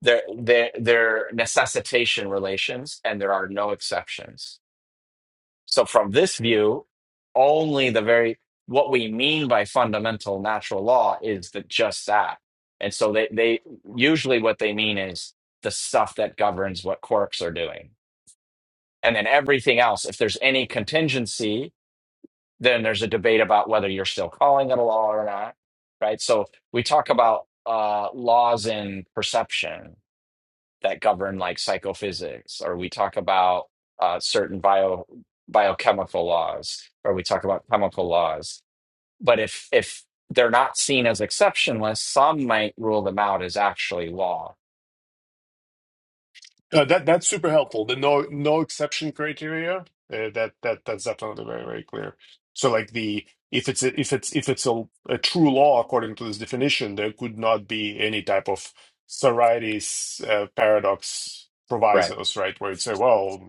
S4: They're, they're, they're necessitation relations, and there are no exceptions. So, from this view, only the very what we mean by fundamental natural law is that just that. And so, they, they usually what they mean is the stuff that governs what quarks are doing. And then everything else, if there's any contingency, then there's a debate about whether you're still calling it a law or not. Right. So, we talk about uh, laws in perception that govern like psychophysics, or we talk about uh, certain bio biochemical laws, or we talk about chemical laws. But if if they're not seen as exceptionless, some might rule them out as actually law.
S3: Uh, that that's super helpful. The no no exception criteria, uh, that that that's definitely very very clear. So like the if it's a, if it's if it's a, a true law according to this definition, there could not be any type of Sorites uh, paradox
S4: Right.
S3: provisos, right? Where you'd say, well,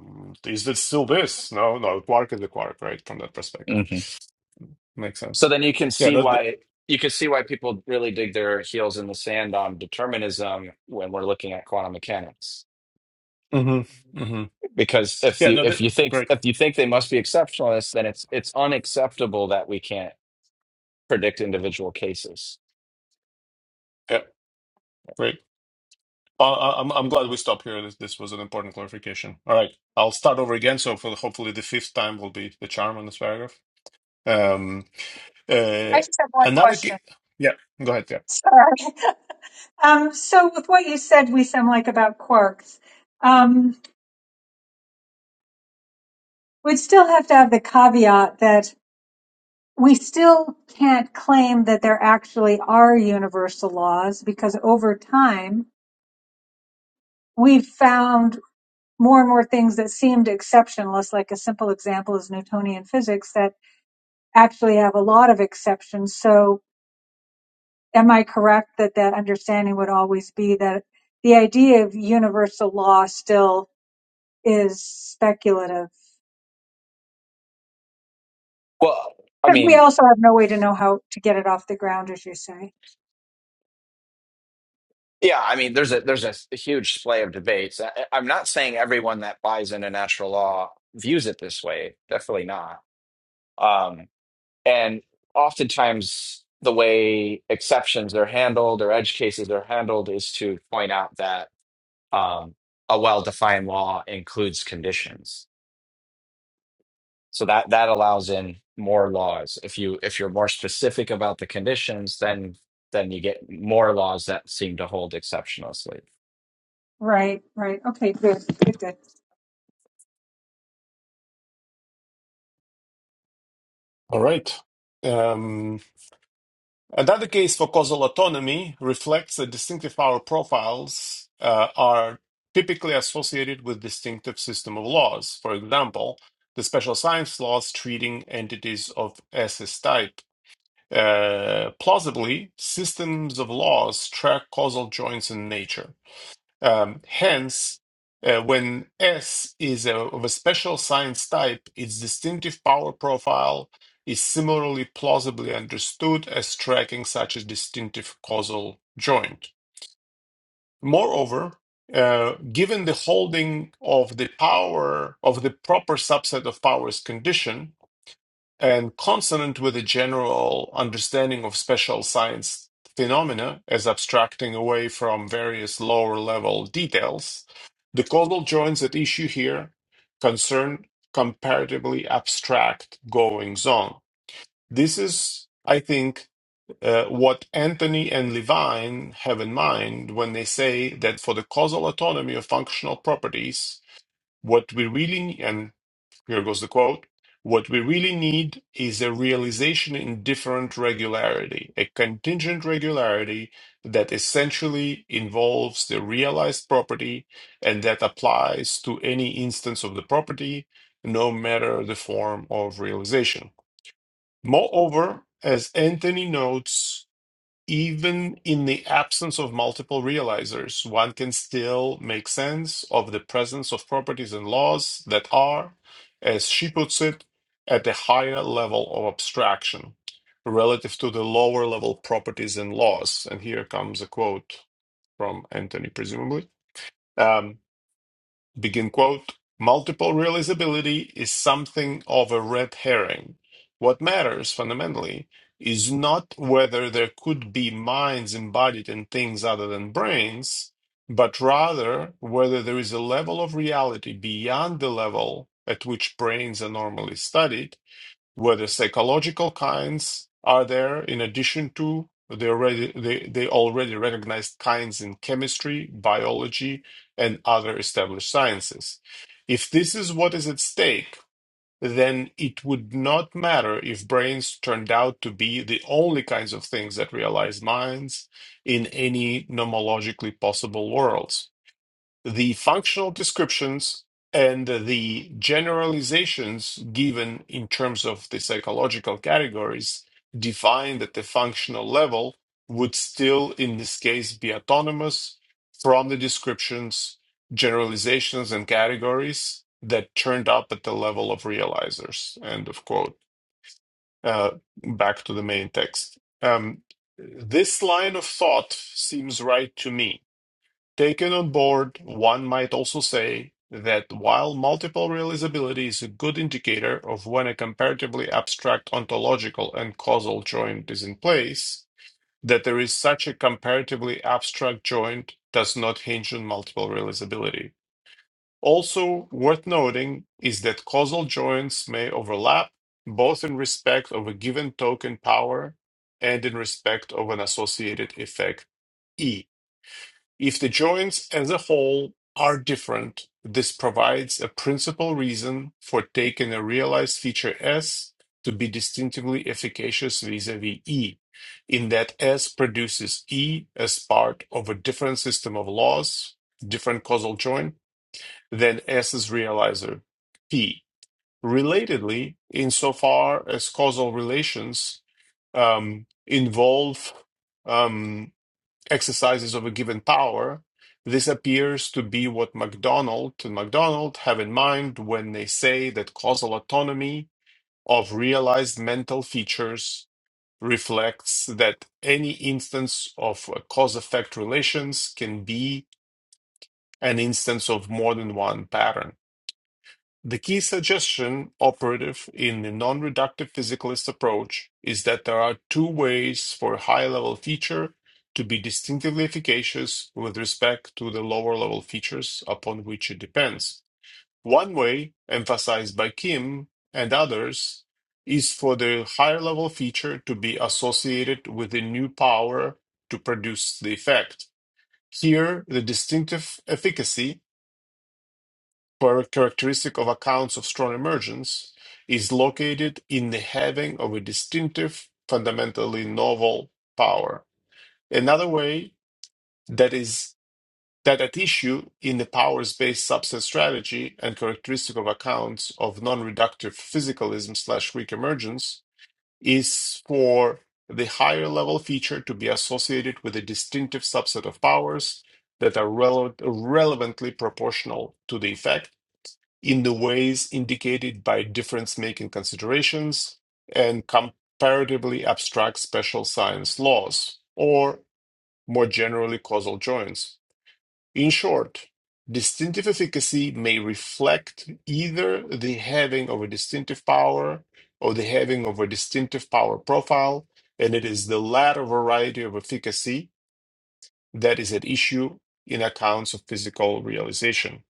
S3: is this still this? No, no, quark is the quark, right? From that perspective,
S4: hmm
S3: makes
S4: So
S3: sense.
S4: then you can
S3: Yeah.
S4: see
S3: No, the,
S4: why you can see why people really dig their heels in the sand on determinism when we're looking at quantum mechanics.
S3: mm-hmm, mm-hmm.
S4: Because if
S3: Yeah.
S4: you
S3: No. That,
S4: if you think
S3: great.
S4: if you think they must be exceptionalists, then it's it's unacceptable that we can't predict individual cases.
S3: Yeah. Great. Uh, I- I'm I'm glad we stopped here. This this was an important clarification. All right, I'll start over again. So for hopefully the fifth time will be the charm on this paragraph. Um, uh,
S2: I just have one
S3: another
S2: question.
S3: ca- yeah, go ahead. Yeah,
S2: Sorry. Um, so with what you said, we sound like about quarks. Um, we'd still have to have the caveat that we still can't claim that there actually are universal laws because over time we've found more and more things that seemed exceptionless, like a simple example is Newtonian physics that actually have a lot of exceptions. So am I correct that that understanding would always be that the idea of universal law still is speculative.
S4: Well, I
S2: Because we
S4: mean,
S2: also have no way to know how to get it off the ground, as you say.
S4: yeah, I mean, there's a there's a, huge splay of debates. I, I'm not saying everyone that buys into natural law views it this way. Definitely not. Um, and oftentimes, the way exceptions are handled or edge cases are handled is to point out that um, a well-defined law includes conditions. So that that allows in more laws. If you if you're more specific about the conditions, then then you get more laws that seem to hold exceptional sleep.
S2: Right, right. Okay, good, good, good.
S3: all right. Um, another case for causal autonomy reflects that distinctive power profiles uh, are typically associated with distinctive system of laws. For example, the special science laws treating entities of SS type Uh, plausibly, systems of laws track causal joints in nature. Um, hence, uh, when S is a, of a special science type, its distinctive power profile is similarly plausibly understood as tracking such a distinctive causal joint. Moreover, uh, given the holding of the power of the proper subset of powers condition, and consonant with a general understanding of special science phenomena as abstracting away from various lower level details, the causal joints at issue here concern comparatively abstract goings on. This is, I think, uh, what Anthony and Levine have in mind when they say that for the causal autonomy of functional properties, what we really need, here goes the quote. What we really need is a realization in different regularity, a contingent regularity that essentially involves the realized property and that applies to any instance of the property, no matter the form of realization. Moreover, as Anthony notes, even in the absence of multiple realizers, one can still make sense of the presence of properties and laws that are, as she puts it, at a higher level of abstraction relative to the lower level properties and laws. And here comes a quote from Anthony, presumably. Um, Begin quote, multiple realizability is something of a red herring. What matters fundamentally is not whether there could be minds embodied in things other than brains, but rather whether there is a level of reality beyond the level at which brains are normally studied where the psychological kinds are there in addition to the already they, they already recognized kinds in chemistry, biology, and other established sciences. If this is what is at stake, then it would not matter if brains turned out to be the only kinds of things that realize minds in any nomologically possible worlds the functional descriptions and the generalizations given in terms of the psychological categories defined at the functional level would still, in this case, be autonomous from the descriptions, generalizations, and categories that turned up at the level of realizers. End of quote. Uh, back to the main text. Um, this line of thought seems right to me Taken on board, one might also say that while multiple realizability is a good indicator of when a comparatively abstract ontological and causal joint is in place, that there is such a comparatively abstract joint does not hinge on multiple realizability. Also worth noting is that causal joints may overlap both in respect of a given token power and in respect of an associated effect E. If the joints as a whole are different, this provides a principal reason for taking a realized feature S to be distinctively efficacious vis-a-vis E, in that S produces E as part of a different system of laws, different causal joint, than S's realizer, P. Relatedly, insofar as causal relations um, involve um, exercises of a given power, this appears to be what MacDonald and MacDonald have in mind when they say that causal autonomy of realized mental features reflects that any instance of cause effect relations can be an instance of more than one pattern. The key suggestion operative in the non-reductive physicalist approach is that there are two ways for a high-level feature to be distinctively efficacious with respect to the lower-level features upon which it depends. One way, emphasized by Kim and others, is for the higher-level feature to be associated with a new power to produce the effect. Here, the distinctive efficacy characteristic of accounts of strong emergence is located in the having of a distinctive, fundamentally novel power. Another way that is that at issue in the powers-based subset strategy and characteristic of accounts of non-reductive physicalism slash Greek emergence is for the higher level feature to be associated with a distinctive subset of powers that are rele- relevantly proportional to the effect in the ways indicated by difference making considerations and comparatively abstract special science laws, or more generally, causal joints. In short, distinctive efficacy may reflect either the having of a distinctive power or the having of a distinctive power profile, and it is the latter variety of efficacy that is at issue in accounts of physical realization.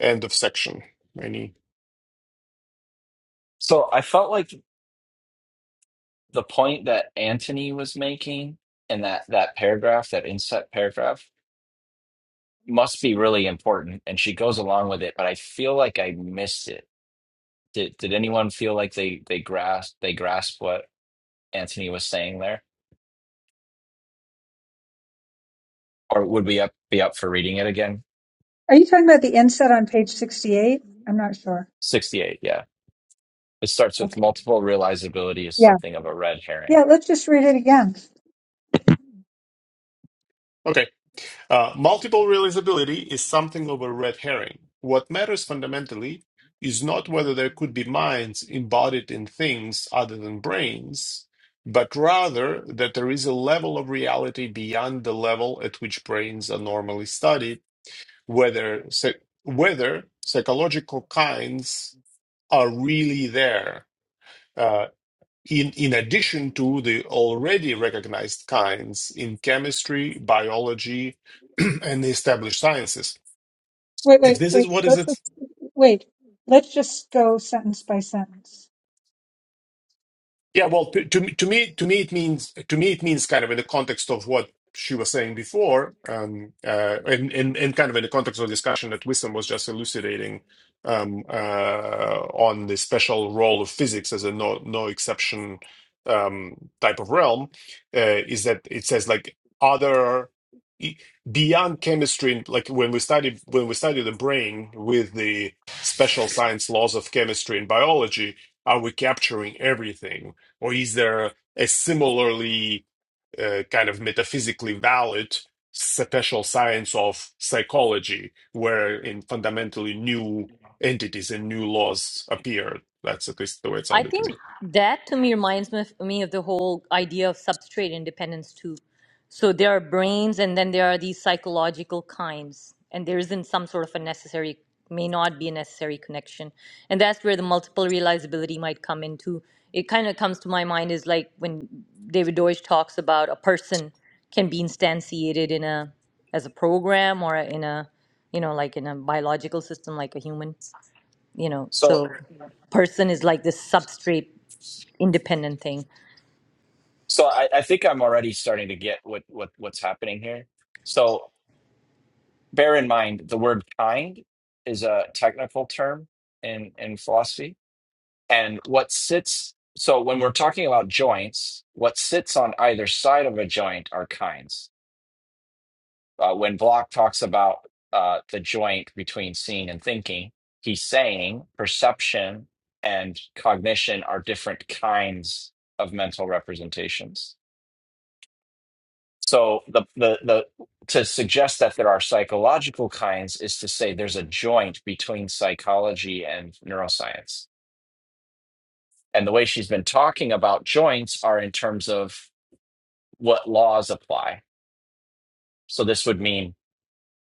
S3: End of section. Any?
S4: So I felt like the point that Antony was making in that that paragraph, that inset paragraph, must be really important, and she goes along with it. But I feel like I missed it. Did did anyone feel like they they grasped they grasped what Antony was saying there, or would we up be up for reading it again?
S2: Are you talking about the inset on page 68? I'm not sure.
S4: Sixty eight, yeah. It starts with
S2: Okay.
S4: multiple realizability is
S2: Yeah.
S4: something of a red herring.
S2: Yeah, let's just read it again.
S3: Okay. Uh, multiple realizability is something of a red herring. What matters fundamentally is not whether there could be minds embodied in things other than brains, but rather that there is a level of reality beyond the level at which brains are normally studied, whether, psy- whether psychological kinds are really there. Uh, in, in addition to the already recognized kinds in chemistry, biology, [CLEARS THROAT] and the established sciences.
S2: Wait,
S3: If
S2: wait,
S3: this is
S2: wait.
S3: what is
S2: Let's
S3: at
S2: just, wait. Let's just go sentence by sentence.
S3: Yeah, well, to to me, to me, to me, it means to me, it means kind of in the context of what she was saying before, um, uh, and and and kind of in the context of the discussion that Wisdom was just elucidating um, uh, on the special role of physics as a no no exception um, type of realm, uh, is that it says like other e- beyond chemistry, and like when we study when we study the brain with the special science laws of chemistry and biology, are we capturing everything? Or is there a similarly uh, kind of metaphysically valid special science of psychology where in fundamentally new entities and new laws appear? That's at least the way it
S1: I
S3: sounded to
S1: think
S3: me.
S1: that to me reminds me of, me of the whole idea of substrate independence too. So there are brains, and then there are these psychological kinds, and there isn't some sort of a necessary, may not be a necessary connection, and that's where the multiple realizability might come into. It kind of comes to my mind is like when David Deutsch talks about a person can be instantiated in a as a program or in a you know like in a biological system like a human you know so
S4: So,
S1: Sure. person is like this substrate independent thing
S4: so I, I think I'm already starting to get what, what what's happening here. So, bear in mind the word kind is a technical term in in philosophy, and what sits. So, when we're talking about joints, what sits on either side of a joint are kinds. Uh, when Block talks about uh, the joint between seeing and thinking, he's saying perception and cognition are different kinds of mental representations. So the, the the to suggest that there are psychological kinds is to say there's a joint between psychology and neuroscience. And the way she's been talking about joints are in terms of what laws apply. So this would mean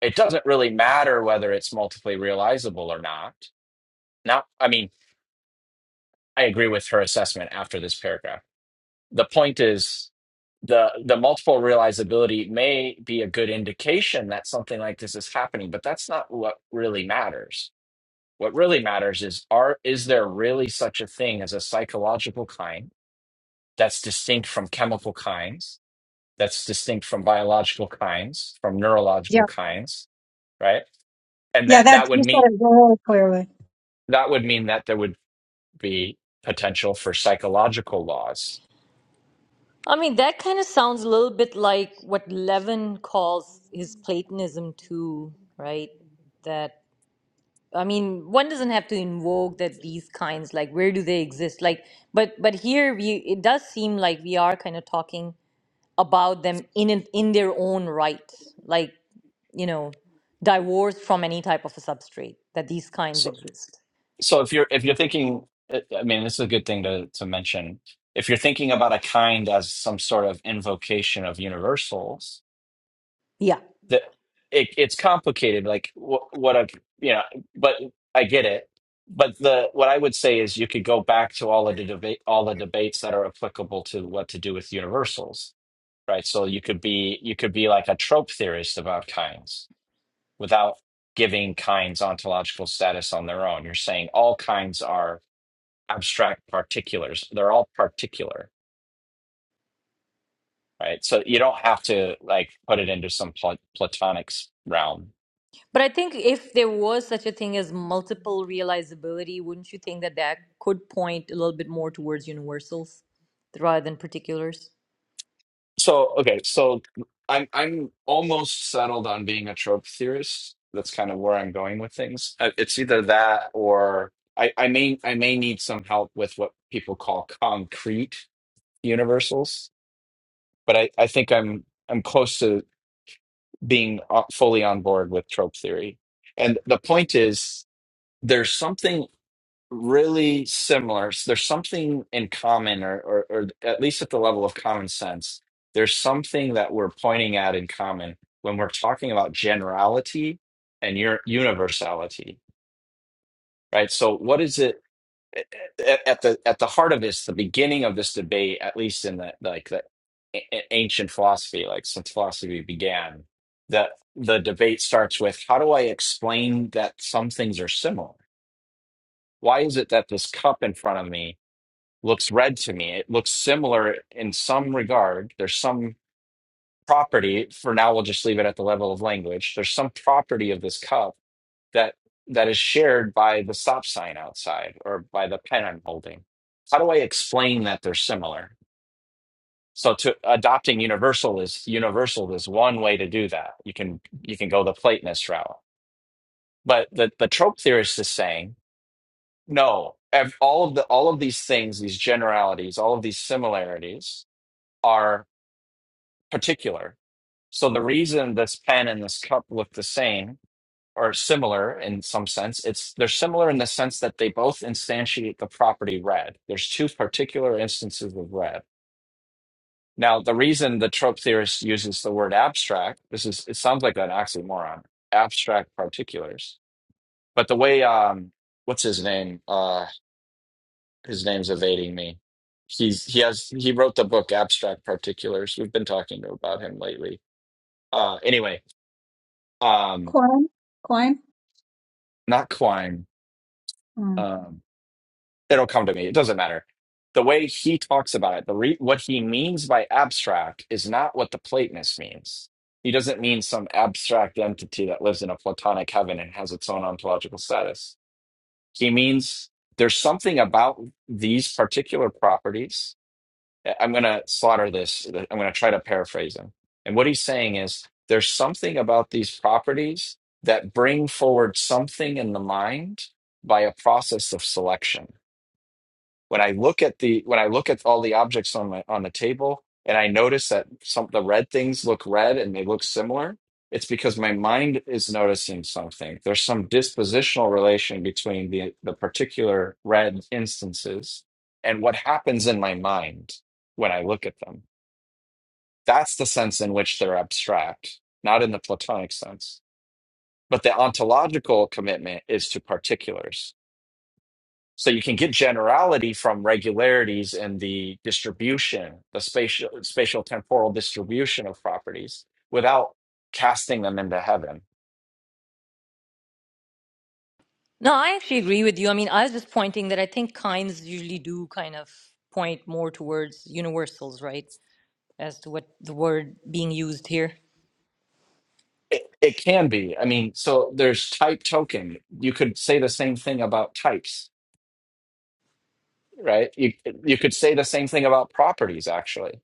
S4: it doesn't really matter whether it's multiply realizable or not Now, I mean, I agree with her assessment after this paragraph. The point is the the multiple realizability may be a good indication that something like this is happening, but that's not what really matters. What really matters is are is there really such a thing as a psychological kind that's distinct from chemical kinds, that's distinct from biological kinds, from neurological
S2: Yeah.
S4: kinds, right? And
S2: Yeah,
S4: that that
S2: that
S4: would
S2: you said
S4: mean
S2: it really clearly.
S4: that would mean that there would be potential for psychological laws
S1: i mean that kind of sounds a little bit like what levin calls his platonism too right that i mean one doesn't have to invoke that these kinds like where do they exist like but but here we it does seem like we are kind of talking about them in an- in their own right like you know divorced from any type of a substrate that these kinds
S4: so.
S1: exist
S4: So if you're if you're thinking, I I mean, this is a good thing to to mention. If you're thinking about a kind as some sort of invocation of universals,
S1: Yeah.
S4: that it, it's complicated. Like what what a you know, but I get it. But the what I would say is you could go back to all of the debate, all the debates that are applicable to what to do with universals, right? So you could be you could be like a trope theorist about kinds without giving kinds ontological status on their own. You're saying all kinds are abstract particulars. They're all particular, right? So you don't have to like put it into some pla- platonic s- realm.
S1: But I think if there was such a thing as multiple realizability, wouldn't you think that that could point a little bit more towards universals rather than particulars?
S4: So okay, so I'm I'm almost settled on being a trope theorist. That's kind of where I'm going with things. Uh, It's either that or I, I may I may need some help with what people call concrete universals, but I, I think I'm I'm close to being uh, fully on board with trope theory. And the point is, there's something really similar. So there's something in common, or, or, or at least at the level of common sense, there's something that we're pointing at in common when we're talking about generality and your universality, right? So what is it at, at the at the heart of this, the beginning of this debate, at least in the like the a- a- ancient philosophy, like since philosophy began, that the debate starts with how do I explain that some things are similar? Why is it that this cup in front of me? looks red to me. It looks similar in some regard. There's some property, for now we'll just leave it at the level of language. There's some property of this cup that that is shared by the stop sign outside or by the pen I'm holding. How do I explain that they're similar? So to adopting universal is universal is one way to do that. You can you can go the Platonist route. But the, the trope theorist is saying, no, ev- all of the all of these things, these generalities, all of these similarities are particular. So the reason this pen and this cup look the same or similar in some sense, it's they're similar in the sense that they both instantiate the property red. There's two particular instances of red. Now, the reason the trope theorist uses the word abstract, this is it sounds like an oxymoron, abstract particulars. But the way um what's his name? Uh his name's evading me. He's he has he wrote the book Abstract Particulars. We've been talking about him lately. Uh anyway, um
S2: Quine? Quine?
S4: not Quine.
S2: Hmm.
S4: Um, it'll come to me. It doesn't matter. The way he talks about it, the re- what he means by abstract is not what the Platonist means. He doesn't mean some abstract entity that lives in a Platonic heaven and has its own ontological status. He means there's something about these particular properties I'm going to slaughter this. I'm going to try to paraphrase him. And what he's saying is there's something about these properties that bring forward something in the mind by a process of selection when I look at the when I look at all the objects on my on the table and I notice that some the red things look red and they look similar, it's because my mind is noticing something. There's some dispositional relation between the the particular red instances and what happens in my mind when I look at them. That's the sense in which they're abstract, not in the Platonic sense. But the ontological commitment is to particulars so you can get generality from regularities in the distribution, the spatial spatial temporal distribution of properties without casting them into heaven.
S1: No, I actually agree with you. I mean, I was just pointing that I think kinds usually do kind of point more towards universals, right? As to what the word being used here.
S4: It, it can be. I mean, so there's type token. You could say the same thing about types, right? You you could say the same thing about properties actually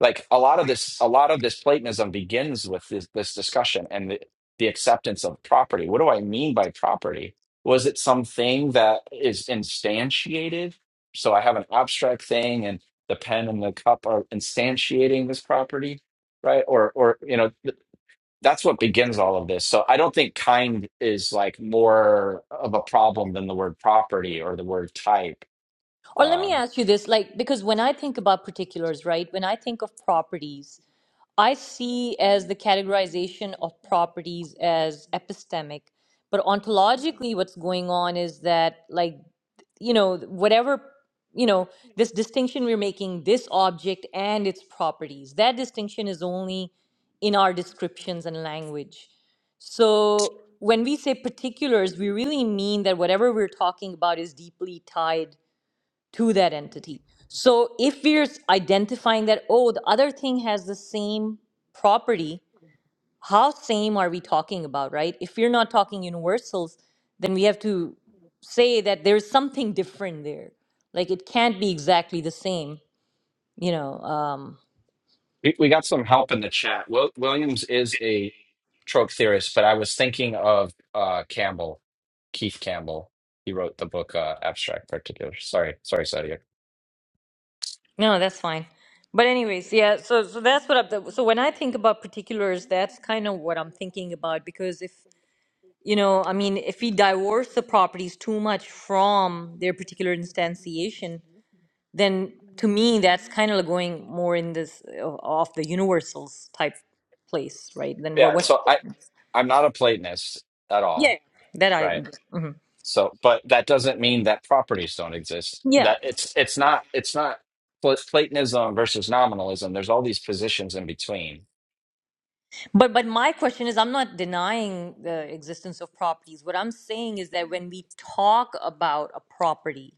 S4: like a lot of this a lot of this platonism begins with this, this discussion and the, the acceptance of property what do i mean by property was it something that is instantiated so i have an abstract thing and the pen and the cup are instantiating this property right or or you know th- that's what begins all of this so i don't think kind is like more of a problem than the word property or the word type
S1: Or let me
S4: um,
S1: ask you this like, because when I think about particulars, right, when I think of properties, I see as the categorization of properties as epistemic, but ontologically, what's going on is that, like, you know, whatever, you know, this distinction we're making, this object and its properties, that distinction is only in our descriptions and language. So when we say particulars, we really mean that whatever we're talking about is deeply tied to that entity. So if we're s- identifying that, oh, the other thing has the same property, how same are we talking about, right? If we're not talking universals, then we have to say that there's something different there. Like it can't be exactly the same, you know. Um,
S4: We we got some help in the chat. Wil- Williams is a trope theorist, but I was thinking of uh, Campbell, Keith Campbell. He wrote the book uh, Abstract Particulars. Sorry, sorry, Sadia.
S1: no, that's fine. But anyways, yeah. So so that's what I'm. So when I think about particulars, that's kind of what I'm thinking about because if you know, I mean, if we divorce the properties too much from their particular instantiation, then to me, that's kind of like going more in this uh, off the universals type place, right? Then what,
S4: Yeah,
S1: what's the
S4: so I
S1: difference?
S4: I'm not a Platonist at
S1: Yeah,
S4: all,
S1: that I,
S4: right?
S1: mhm.
S4: So, but that doesn't mean that properties don't exist.
S1: yeah.
S4: That it's it's not it's not Pla- Platonism versus nominalism. There's all these positions in between.
S1: But but my question is, I'm not denying the existence of properties. What I'm saying is that when we talk about a property,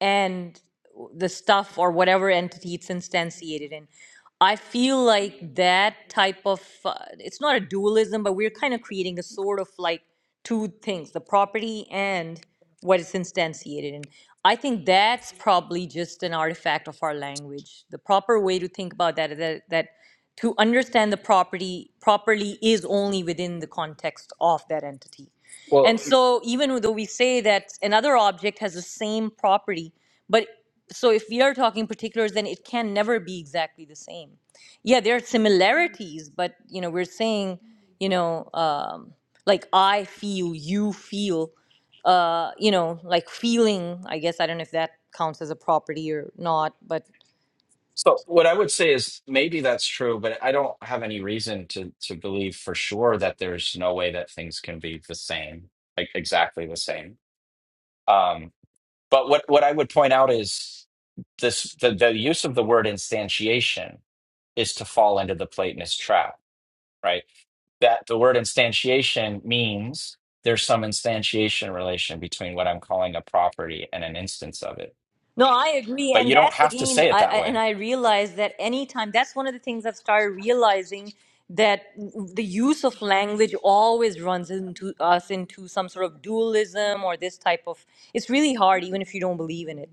S1: and the stuff or whatever entity it's instantiated in. I feel like that type of uh, it's not a dualism, but we're kind of creating a sort of like two things the property and what it's instantiated in. I think that's probably just an artifact of our language. The proper way to think about that is that, that to understand the property properly is only within the context of that entity
S4: Well.
S1: and so, even though we say that another object has the same property, but so if we are talking particulars, then it can never be exactly the same. Yeah, there are similarities, but you know, we're saying, you know, um, like I feel, you feel, uh, you know, like feeling. I guess I don't know if that counts as a property or not, but.
S4: So what I would say is maybe that's true, but I don't have any reason to to believe for sure that there's no way that things can be the same, like exactly the same. Um, but what what I would point out is this the, the use of the word instantiation is to fall into the Platonist trap, right? That the word instantiation means there's some instantiation relation between what I'm calling a property and an instance of it.
S1: No, I agree.
S4: But
S1: And
S4: you don't
S1: that's
S4: have to
S1: again,
S4: say it
S1: I,
S4: that
S1: I, and
S4: way.
S1: I realize that anytime, that's one of the things I've started realizing that the use of language always runs into us into some sort of dualism or this type of, it's really hard even if you don't believe in it.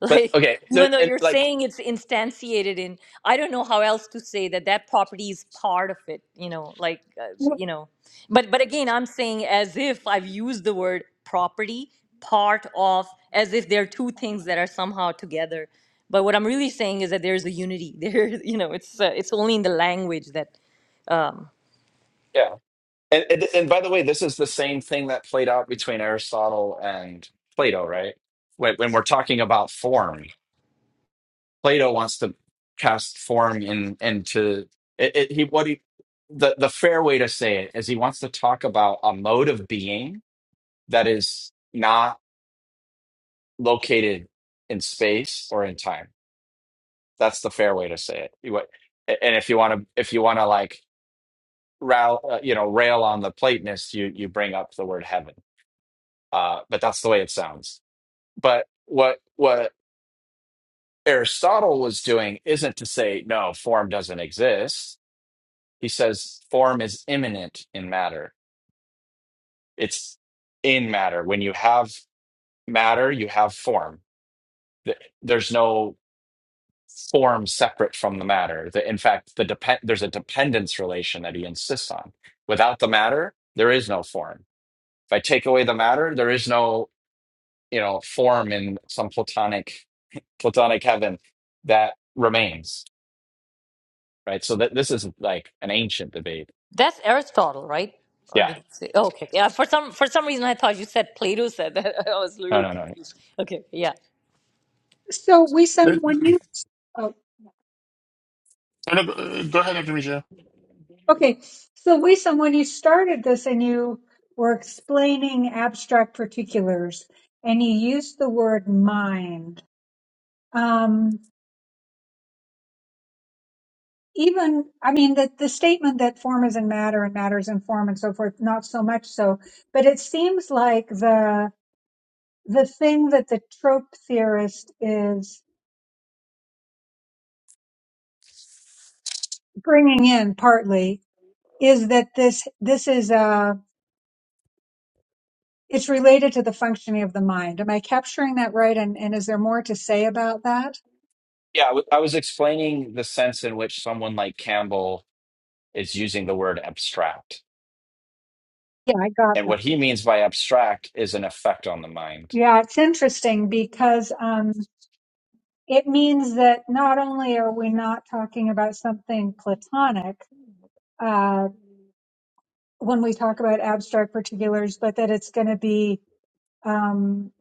S1: [LAUGHS]
S4: But
S1: Like,
S4: okay, there,
S1: even though
S4: and
S1: you're
S4: like
S1: saying it's instantiated in, I don't know how else to say that that property is part of it, you know, like, uh, you know. But, but again, I'm saying as if I've used the word property, part of, as if they're two things that are somehow together. But what I'm really saying is that there's a unity. [LAUGHS] There, you know, it's uh, it's only in the language that um,
S4: yeah. And, and and by the way, this is the same thing that played out between Aristotle and Plato, right? When, when we're talking about form, Plato wants to cast form in into it, it, he what he the the fair way to say it is he wants to talk about a mode of being that is not located in space or in time. That's the fair way to say it. You- what- And if you want to, if you want to like, rail, uh, you know, rail on the Platonist, you you bring up the word heaven uh, but that's the way it sounds. But what what Aristotle was doing isn't to say no form doesn't exist. He says form is immanent in matter. It's in matter. When you have matter, you have form. Th- There's no form separate from the matter. The- In fact, the depend there's a dependence relation that he insists on. Without the matter, there is no form. If I take away the matter, there is no you know form in some platonic platonic heaven that remains right so that this is like an ancient debate
S1: that's Aristotle, right? Or
S4: yeah
S1: did you say? Okay, yeah. For some for some reason, I thought you said Plato said that. [LAUGHS] I was
S4: no
S1: literally
S4: no no
S1: confused. Okay, yeah.
S2: So we send
S3: But-
S2: when you.
S3: no, no, uh, go ahead, Dr. Misha.
S2: Okay, so Wissam, when you started this and you were explaining abstract particulars and you used the word mind, um, even, I mean, the, the statement that form is in matter and matter is in form and so forth, not so much so, but it seems like the, the thing that the trope theorist is bringing in partly is that this, this is, uh, it's related to the functioning of the mind. Am I capturing that right? And, and is there more to say about that?
S4: yeah I w- I was explaining the sense in which someone like campbell is using the word abstract
S2: Yeah, I got
S4: and
S2: that.
S4: what he means by abstract is an effect on the mind
S2: Yeah, it's interesting because um, it means that not only are we not talking about something platonic uh, when we talk about abstract particulars, but that it's going to be, um,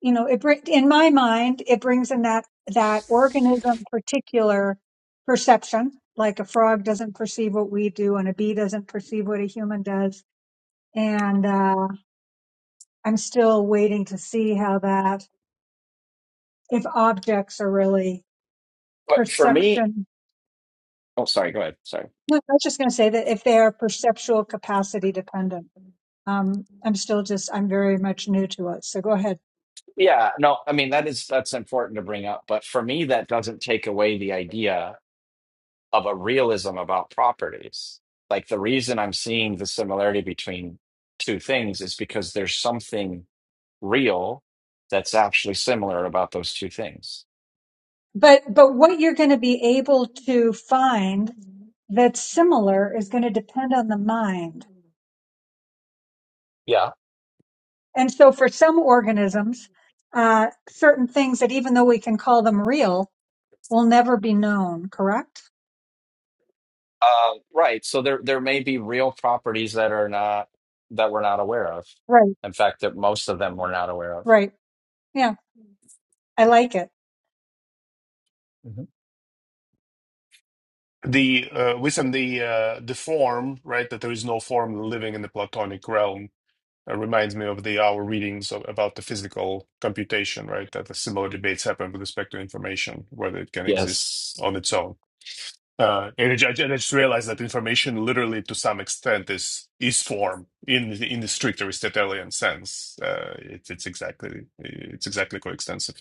S2: you know, it br- in my mind it brings in that that organism particular perception, like a frog doesn't perceive what we do, and a bee doesn't perceive what a human does, and uh, I'm still waiting to see how that if objects are really
S4: but for me
S2: perception.
S4: oh sorry go ahead sorry
S2: No, I was just going to say that if they are perceptual capacity dependent, um, I'm still just, I'm very much new to it. So go ahead.
S4: yeah no i mean that is that's important to bring up but for me that doesn't take away the idea of a realism about properties. Like the reason I'm seeing the similarity between two things is because there's something real that's actually similar about those two things.
S2: But, but what you're going to be able to find that's similar is going to depend on the mind.
S4: Yeah.
S2: And so for some organisms, uh, certain things that even though we can call them real will never be known, correct?
S4: Uh, right. So there there may be real properties that are not that we're not aware of.
S2: Right.
S4: In fact, that most of them we're not aware of.
S2: Right. Yeah. I like it.
S4: Mhm.
S3: The uh, wisdom, the uh, the form, right? That there is no form living in the Platonic realm uh, reminds me of the our readings of, about the physical computation, right? That the similar debates happen with respect to information, whether it can exist
S4: Yes.
S3: on its own. Uh, and I, ju- and I just realized that information literally to some extent is is form in the- in the strict Aristotelian sense. Uh, it's it's exactly it's exactly coextensive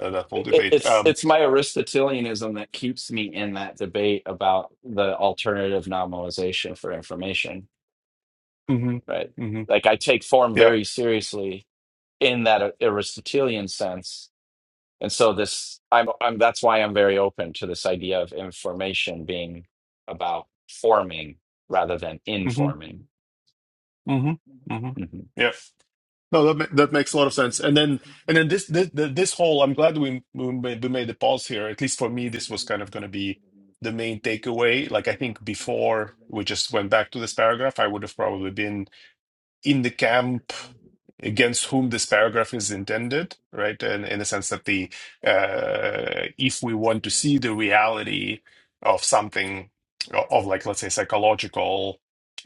S3: uh, that whole
S4: it-
S3: debate.
S4: it's
S3: Um,
S4: it's my Aristotelianism that keeps me in that debate about the alternative nominalization for information,
S3: mhm,
S4: right?
S3: mhm,
S4: Like I take form
S3: yeah,
S4: very seriously in that Aristotelian sense, and so this I'm I'm that's why I'm very open to this idea of information being about forming rather than
S3: hmm
S4: informing.
S3: hmm hmm
S4: Mhm.
S3: yeah. No, that ma- that makes a lot of sense. And then and then this this this whole I'm glad we we made, we made the pause here. At least for me, this was kind of going to be the main takeaway. Like I think before we just went back to this paragraph, I would have probably been in the camp against whom this paragraph is intended, right? And in the sense that the uh, if we want to see the reality of something of like let's say psychological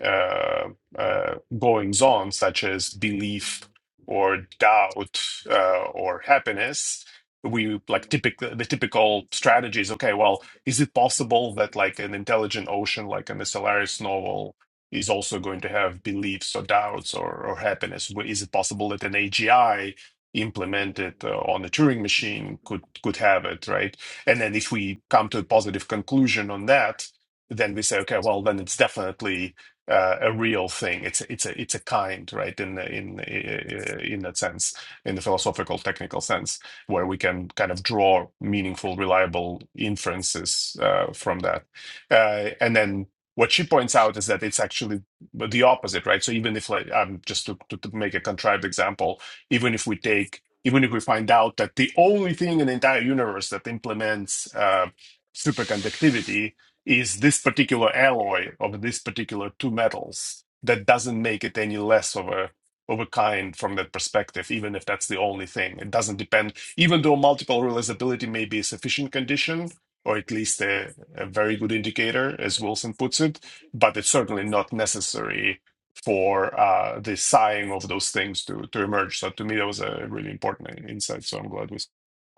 S3: uh, uh, goings on, such as belief or doubt uh, or happiness. We like typical the typical strategy is okay. Well, is it possible that like an intelligent ocean, like in the Solaris novel, is also going to have beliefs or doubts or, or happiness. Wh- Is it possible that an AGI implemented uh, on a Turing machine could could have it, right? And then if we come to a positive conclusion on that, then we say, okay, well, then it's definitely uh, a real thing. It's it's a it's a kind, right? In the- in uh, in that sense, in the philosophical technical sense, where we can kind of draw meaningful, reliable inferences uh, from that. Uh, and then what she points out is that it's actually the opposite, right? So even if, like, um, just to, to, to make a contrived example, even if we take, even if we find out that the only thing in the entire universe that implements uh, superconductivity is this particular alloy of these particular two metals, that doesn't make it any less of a of a kind from that perspective, even if that's the only thing. It doesn't depend, even though multiple realizability may be a sufficient condition, or at least a, a very good indicator, as Wilson puts it, but it's certainly not necessary for uh, the sighing of those things to, to emerge. So to me, that was a really important insight. So I'm glad we.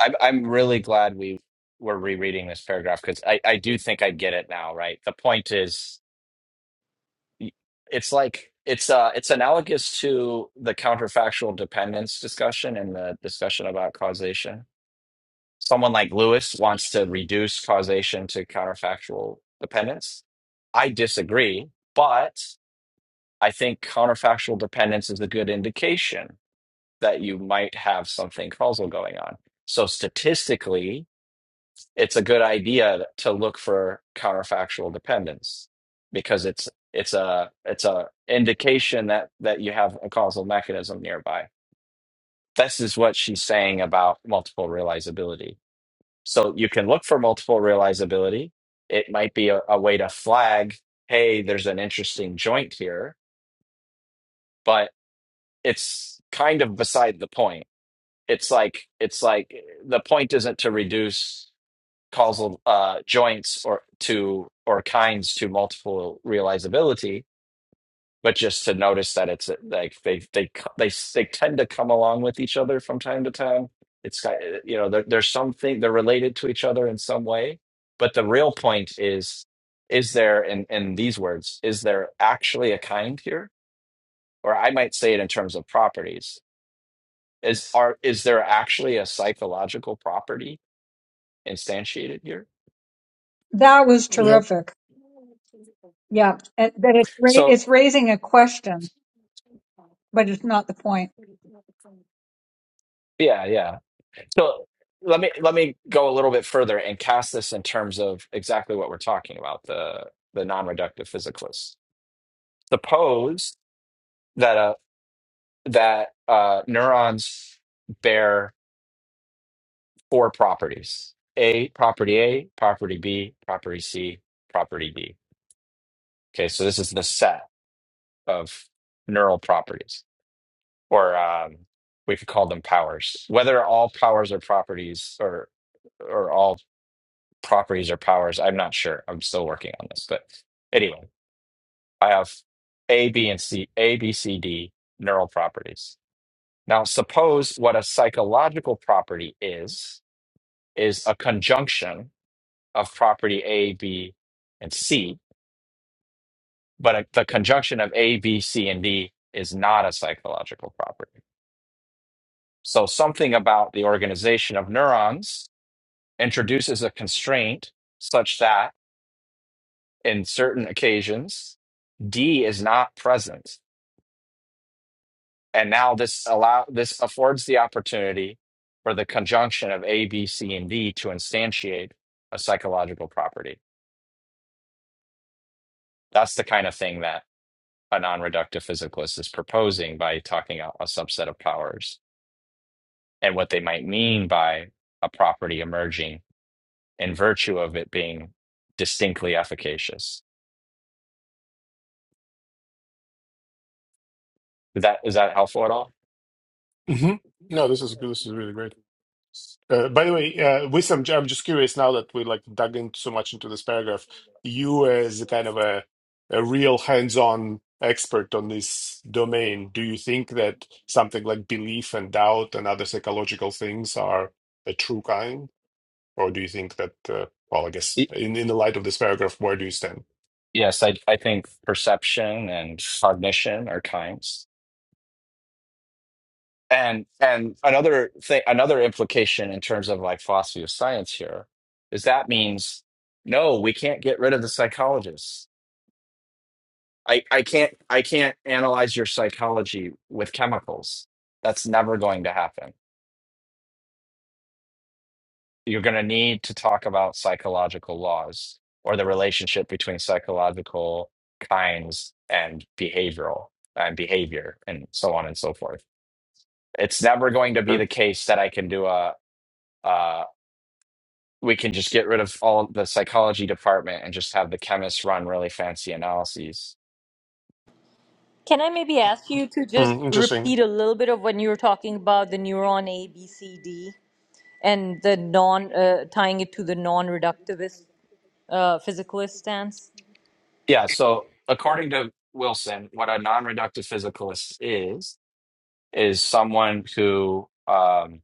S4: I'm I'm really glad we were rereading this paragraph because I I do think I get it now, right? The point is. y- it's like it's uh it's analogous to the counterfactual dependence discussion and the discussion about causation. Someone like Lewis wants to reduce causation to counterfactual dependence. I disagree, but I think counterfactual dependence is a good indication that you might have something causal going on. So statistically, it's a good idea to look for counterfactual dependence because it's it's a it's a indication that that you have a causal mechanism nearby this is what she's saying about multiple realizability so you can look for multiple realizability it might be a, a way to flag hey there's an interesting joint here but it's kind of beside the point it's like it's like the point isn't to reduce causal uh, joints or to or kinds to multiple realizability, but just to notice that it's uh, like they they co- they s- they tend to come along with each other from time to time. It's got you know there, there's something they're related to each other in some way, but the real point is is there in in these words is there actually a kind here, or I might say it in terms of properties is are is there actually a psychological property instantiated here?
S2: That was
S3: Yep.
S2: terrific. Yeah. And- That it's, ra-
S4: So
S2: it's raising a question. but it's not the point.
S4: yeah, yeah. So let me let me go a little bit further and cast this in terms of exactly what we're talking about the the non-reductive physicalists. Suppose that uh that uh, neurons bear four properties: a property A, property B, property C, property D. Okay, so this is the set of neural properties, or um, we could call them powers. Whether all powers are properties or or all properties or powers. I'm not sure. I'm still working on this. But anyway, I have A, B, and C, A, B, C, D neural properties. Now, suppose what a psychological property is, is a conjunction of property A, B, and C, but a, the conjunction of A, B, C, and D is not a psychological property. So something about the organization of neurons introduces a constraint such that in certain occasions d is not present and now this allow this affords the opportunity for the conjunction of a b c and d to instantiate a psychological property that's the kind of thing that a non-reductive physicalist is proposing by talking about a subset of powers and what they might mean by a property emerging in virtue of it being distinctly efficacious is that is that helpful at all
S3: hmm No, this is this is really great. Uh, by the way, uh, Wissam, I'm just curious now that we like dug in so much into this paragraph. You, as a kind of a a real hands-on expert on this domain, do you think that something like belief and doubt and other psychological things are a true kind, or do you think that, uh, well, I guess in in the light of this paragraph, where do you stand?
S4: yes, I I think perception and cognition are times. And and another thing, another implication in terms of like philosophy of science here is that means no, we can't get rid of the psychologists. I, I can't I can't analyze your psychology with chemicals. That's never going to happen. You're going to need to talk about psychological laws or the relationship between psychological kinds and behavioral and behavior and so on and so forth It's never going to be
S3: Sure.
S4: the case that I can do a, uh, we can just get rid of all the psychology department and just have the chemists run really fancy analyses.
S1: Can I maybe ask you to just
S3: Mm, interesting.
S1: repeat a little bit of when you were talking about the neuron A, B, C, D, and the non uh, tying it to the non-reductivist uh, physicalist stance?
S4: Yeah. So, according to Wilson, what a non reductive physicalist is, is someone who, um,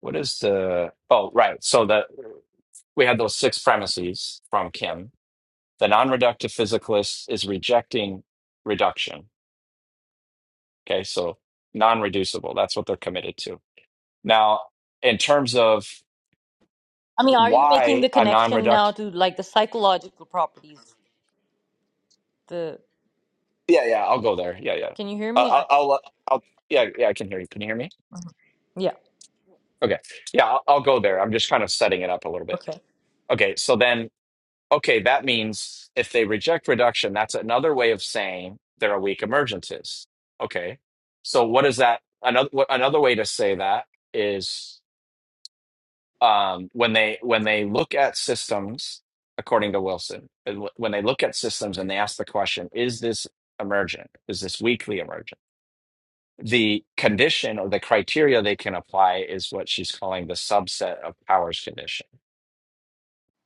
S4: what is the, oh, right. So, the, we had those six premises from Kim. The non reductive physicalist is rejecting reduction. Okay. So, non reducible, that's what they're committed to Now, in terms of
S1: I mean, are you making
S4: why
S1: the
S4: a
S1: connection
S4: non-reduct,
S1: now to like the psychological properties? The
S4: yeah, yeah, I'll go there. Yeah, yeah.
S1: can you hear
S4: Uh,
S1: me?
S4: I'll,
S1: I,
S4: I'll, uh, I'll, yeah, yeah. I can hear you. Can you hear me?
S1: yeah.
S4: Okay. Yeah, I'll, I'll go there. I'm just kind of setting it up a little bit.
S1: Okay.
S4: Okay. So then, okay, that means if they reject reduction, that's another way of saying there are weak emergences. Okay. So what is that? Another what, another way to say that is. um, when they when they look at systems, according to Wilson, and wh- when they look at systems and they ask the question, is this emergent? Is this weakly emergent? The condition or the criteria they can apply is what she's calling the subset of powers condition.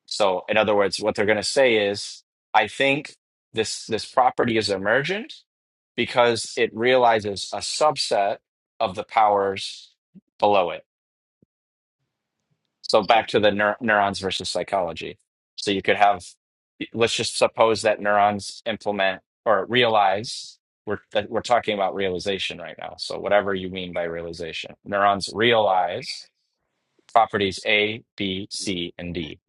S4: So, in other words, what they're going to say is, I think this this property is emergent because it realizes a subset of the powers below it So back to the neur- neurons versus psychology. So you could have, let's just suppose that neurons implement or realize. We're that we're talking about realization right now. So whatever you mean by realization, neurons realize properties A, B, C, and D.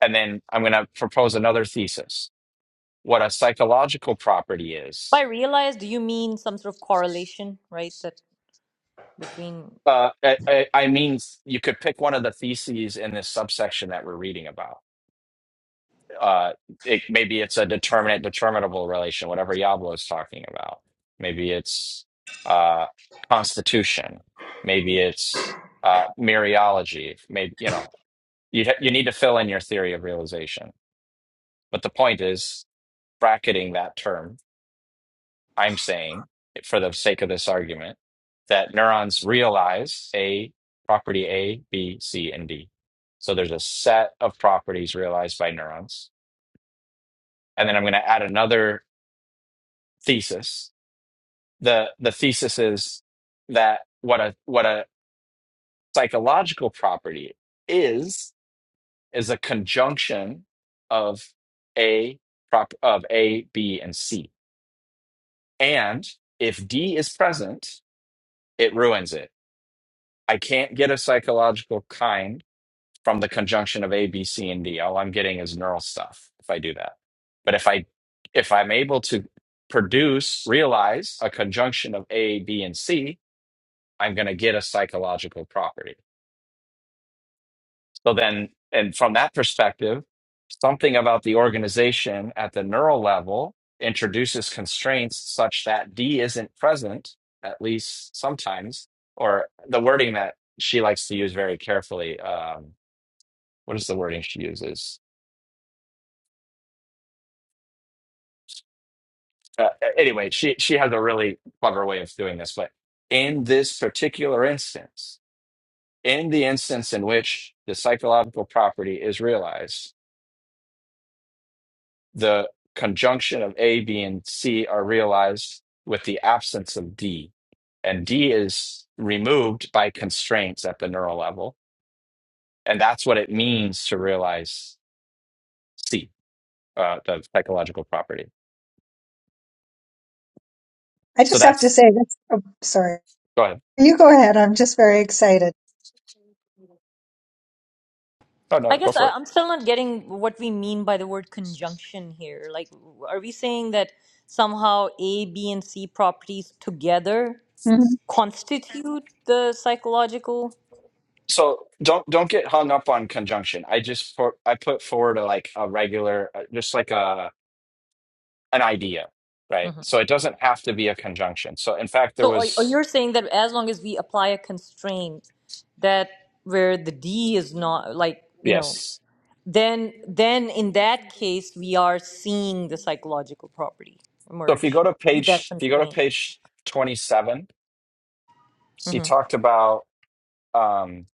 S4: And then I'm going to propose another thesis. What a psychological property
S1: By
S4: is.
S1: realize, do you mean some sort of correlation, right? That between.
S4: Uh, I, I I mean, you could pick one of the theses in this subsection that we're reading about uh it maybe it's a determinate determinable relation whatever Yablo is talking about maybe it's uh constitution maybe it's uh mereology maybe you know you you need to fill in your theory of realization but the point is bracketing that term i'm saying for the sake of this argument that neurons realize a property a b c and d so there's a set of properties realized by neurons and then i'm going to add another thesis. The the thesis is that what a what a psychological property is is a conjunction of a prop of A, B, and C. And if D is present, it ruins it. I can't get a psychological kind from the conjunction of A, B, C, and D. All I'm getting is neural stuff if I do that. But if I if I'm able to produce, realize a conjunction of A, B, and C, I'm going to get a psychological property. So then, and from that perspective, something about the organization at the neural level introduces constraints such that D isn't present, at least sometimes, or the wording that she likes to use very carefully. Um, what is the wording she uses? Uh, anyway, she, she has a really clever way of doing this, but in this particular instance, in the instance in which the psychological property is realized, the conjunction of A, B, and C are realized with the absence of D. And D is removed by constraints at the neural level. And that's what it means to realize C, uh, the psychological property.
S2: I
S4: So
S2: just have to
S4: that's,
S2: say that's oh, sorry.
S4: go ahead.
S2: You go ahead. I'm just very excited.
S4: No, no,
S1: I
S4: go
S1: guess
S4: for
S1: I,
S4: it.
S1: I'm still not getting what we mean by the word conjunction here. Like, are we saying that somehow A, B, and C properties together
S2: hmm
S1: constitute the psychological?
S4: So don't don't get hung up on conjunction. I just for, I put forward a like a regular, uh, just like a an idea, right?
S1: Mhm.
S4: So it doesn't have to be a conjunction. So in fact, there
S1: So, or, or
S4: was
S1: you're saying that as long as we apply a constraint that where the D is not like you know,
S4: yes.
S1: then then in that case we are seeing the psychological property
S4: So if you
S1: emerge
S4: go to
S1: with that
S4: page, if you go to
S1: constraint.
S4: page twenty-seven, she
S1: hmm
S4: talked about. Um,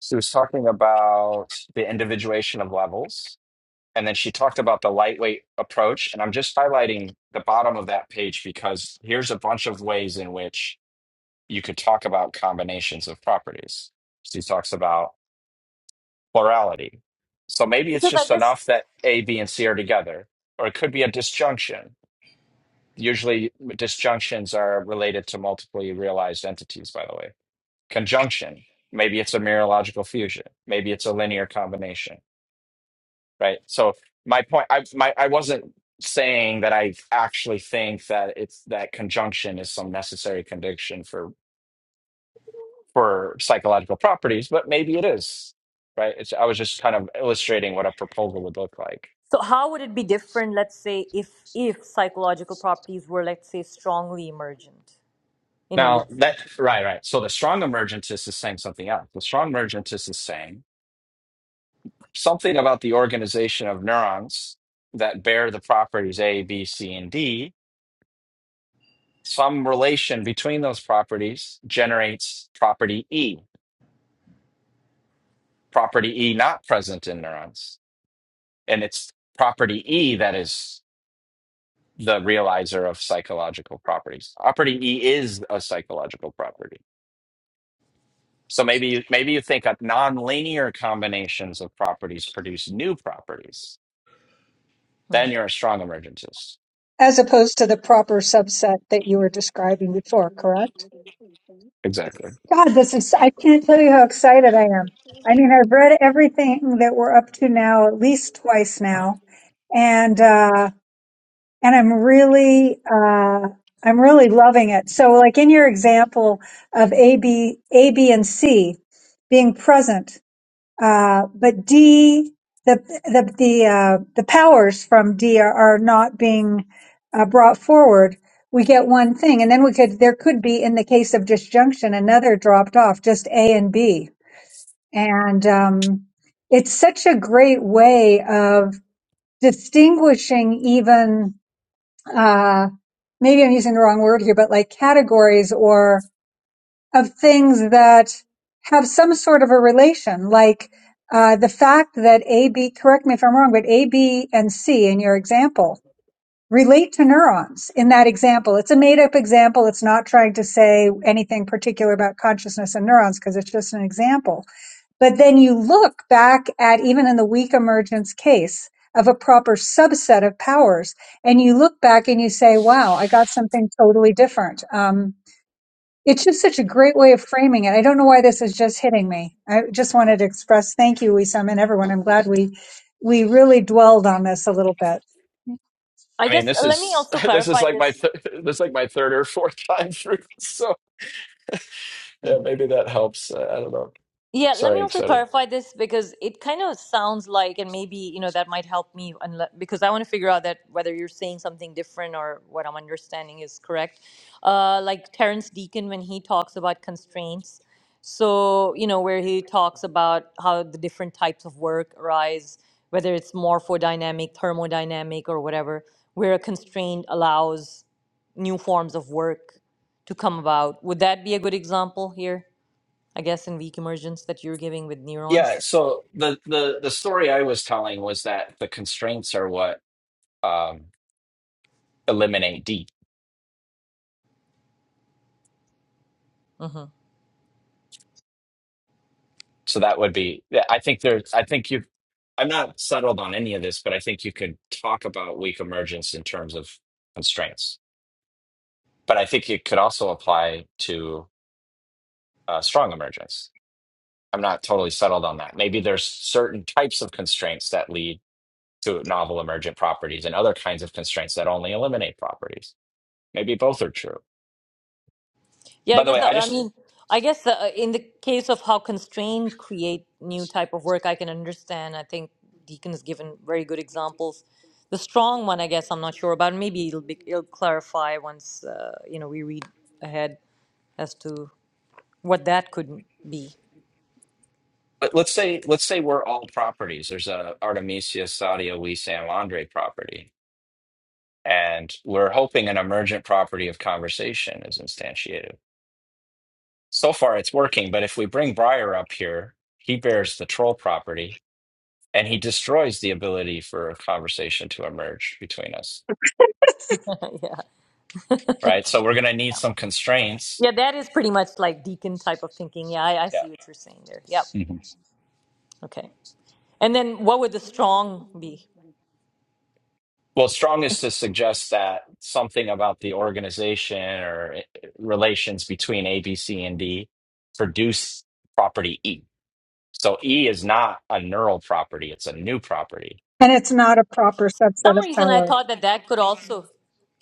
S4: she was talking about the individuation of levels, and then she talked about the lightweight approach. And I'm just highlighting the bottom of that page because here's a bunch of ways in which you could talk about combinations of properties. She talks about plurality. So maybe it's
S1: Because I
S4: just
S1: guess
S4: enough that A, B, and C are together, or it could be a disjunction Usually, disjunctions are related to multiply realized entities, by the way. Conjunction, maybe it's a mereological fusion, maybe it's a linear combination, right? So my point, I my I wasn't saying that I actually think that it's that conjunction is some necessary condition for for psychological properties, but maybe it is, right? It's, I was just kind of illustrating what a proposal would look like.
S1: So how would it be different, let's say, if if psychological properties were, let's say, strongly emergent in
S4: Now
S1: relation
S4: that
S1: to?
S4: right, right. So the strong emergentist is saying something else. The strong emergentist is saying something about the organization of neurons that bear the properties A, B, C, and D, some relation between those properties generates property E, property E not present in neurons. And it's property E that is the realizer of psychological properties. Property E is a psychological property. So maybe you, maybe you think that nonlinear combinations of properties produce new properties.
S1: hmm.
S4: Then you're a strong emergentist.
S2: As opposed to the proper subset that you were describing before, correct?
S4: Exactly.
S2: God, this is, I can't tell you how excited I am. I mean, I've read everything that we're up to now at least twice now. And, uh, and I'm really, uh, I'm really loving it. So like in your example of A, B, A, B, and C being present, Uh, but D, the the the uh, the powers from D are, are not being uh, brought forward. We get one thing, and then we could there could be in the case of disjunction another dropped off, just A and B. And um, it's such a great way of distinguishing even uh, maybe I'm using the wrong word here, but like categories or of things that have some sort of a relation, like uh, the fact that A, B, correct me if I'm wrong, but A, B, and C in your example relate to neurons in that example. It's a made up example. It's not trying to say anything particular about consciousness and neurons because it's just an example. But then you look back at even in the weak emergence case of a proper subset of powers, and you look back and you say, wow, I got something totally different. Um, it's just such a great way of framing it. I don't know why this is just hitting me. I just wanted to express thank you, Wisam, and everyone. I'm glad we we really dwelled on this a little bit.
S1: I
S4: I mean,
S1: guess
S4: this
S1: uh, let me
S4: is
S1: also
S4: [LAUGHS] this is
S1: clarify
S4: like my
S1: this.
S4: th- [LAUGHS] this is like my third or fourth [LAUGHS] time through. So yeah, maybe that helps. Uh, I don't know.
S1: Yeah, let me
S4: Sorry,
S1: also
S4: excited.
S1: clarify this because it kind of sounds like, and maybe, you know, that might help me unle- because I want to figure out that whether you're saying something different or what I'm understanding is correct. Uh, like Terence Deacon, when he talks about constraints, so, you know, where he talks about how the different types of work arise, whether it's morphodynamic, thermodynamic, or whatever, where a constraint allows new forms of work to come about. Would that be a good example here? I guess in weak emergence that you're giving with neurons.
S4: Yeah. So the the the story I was telling was that the constraints are what um, eliminate D.
S1: hmm
S4: So that would be. yeah, I think there's. I think you. I'm not settled on any of this, but I think you could talk about weak emergence in terms of constraints. But I think it could also apply to uh, strong emergence I'm not totally settled on that. Maybe there's certain types of constraints that lead to novel emergent properties and other kinds of constraints that only eliminate properties. Maybe both are true.
S1: Yeah, I
S4: By the
S1: guess
S4: way, I
S1: that, I
S4: just
S1: mean, I guess uh, in the case of how constrained create new type of work, I can understand. I think Deacon has given very good examples. The strong one, I guess, I'm not sure about. Maybe it'll be it'll clarify once uh, you know we read ahead as to what that could be.
S4: let- let's say let's say we're all properties. There's a Artemisia Sadia We Sam Andre property. And we're hoping an emergent property of conversation is instantiated. So far it's working, but if we bring Breyer up here, he bears the troll property and he destroys the ability for a conversation to emerge between us
S1: [LAUGHS] yeah,
S4: right? So we're going to need some constraints.
S1: yeah, that is pretty much like Deacon type of thinking. Yeah, I, I
S4: Yeah.
S1: see what you're saying there. Yep.
S4: Mhm.
S1: Okay. And then what would the strong be?
S4: Well, strong is to suggest that something about the organization or eh, relations between A, B, C, and D produce property E. So E is not a neural property; it's a new property.
S2: And it's not a proper subset
S1: some
S2: of
S1: reason I
S2: powers.
S1: thought that that could also.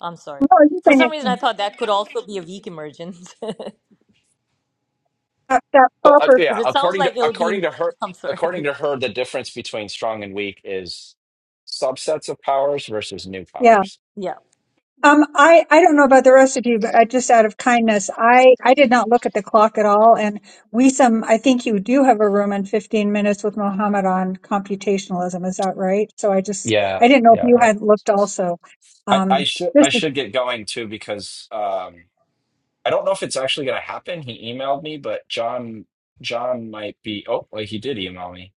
S1: I'm sorry.
S2: No, I do
S1: For
S2: think
S1: some reason, I
S2: it's
S1: thought that could also be a weak emergence [LAUGHS]
S2: that, that
S4: Well, uh,
S2: proper.
S4: yeah.
S1: because it sounds
S4: According to
S1: like it'll be.
S4: according to her,
S1: I'm sorry. [LAUGHS]
S4: according to her, the difference between strong and weak is subsets of powers versus new
S2: Yeah.
S4: powers.
S1: Yeah.
S2: Um, I, I don't know about the rest of you, but I just out of kindness, I, I did not look at the clock at all. And we some, I think you do have a room in 15 minutes with Mohammed on computationalism. Is that right? So I just,
S4: Yeah,
S2: I didn't know if
S4: yeah,
S2: you
S4: yeah.
S2: had looked also.
S4: I, I
S2: Um,
S4: should
S2: this
S4: I
S2: is,
S4: should get going too because um, I don't know if it's actually going to happen. He emailed me, but John John might be. Oh, wait, he did email me.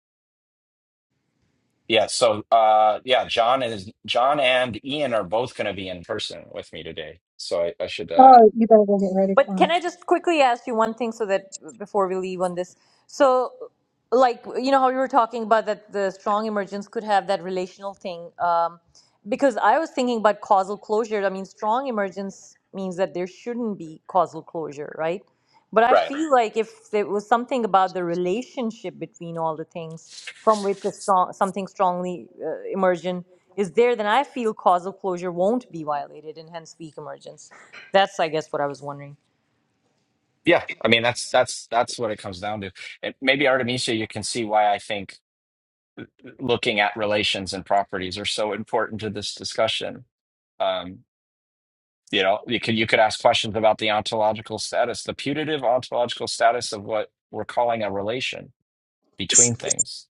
S4: Yeah. So, uh, yeah, John is John and Ian are both going to be in person with me today. So I, I should. Uh,
S2: oh, you better go get ready
S1: But
S2: for
S1: can
S2: him.
S1: I just quickly ask you one thing so that before we leave on this? So, like, you know how you were talking about that the strong emergence could have that relational thing? Um, because I was thinking about causal closure. I mean, strong emergence means that there shouldn't be causal closure, right? But I
S4: right.
S1: feel like if there was something about the relationship between all the things from which a strong, something strongly uh, emergent is there, then I feel causal closure won't be violated and hence weak emergence. That's, I guess, what I was wondering.
S4: Yeah. I mean, that's that's that's what it comes down to. And maybe Artemisia, you can see why I think looking at relations and properties are so important to this discussion. Um, you know, you could you could ask questions about the ontological status, the putative ontological status of what we're calling a relation between things.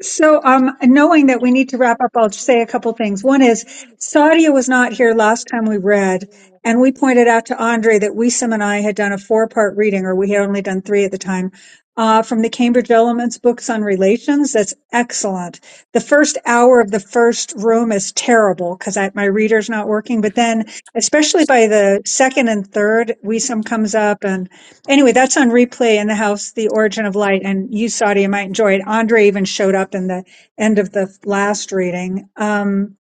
S2: So, um, knowing that we need to wrap up, I'll just say a couple things. One is Sadia was not here last time we read, and we pointed out to Andre that Wisam and I had done a four-part reading, or we had only done three at the time, uh, from the Cambridge Elements books on relations. That's excellent. The first hour of the first room is terrible because my reader's not working, but then, especially by the second and third, Wisam comes up and. Anyway, that's on replay in the house, The Origin of Light, and you, Saudi, you might enjoy it. Andre even showed up in the end of the last reading. Um,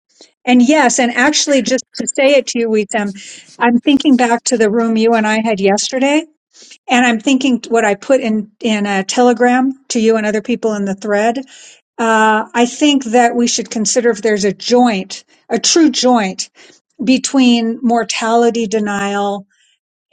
S2: and yes, and actually, just to say it to you, Wissam, I'm thinking back to the room you and I had yesterday, and I'm thinking what I put in in a telegram to you and other people in the thread. Uh, I think that we should consider if there's a joint, a true joint between mortality denial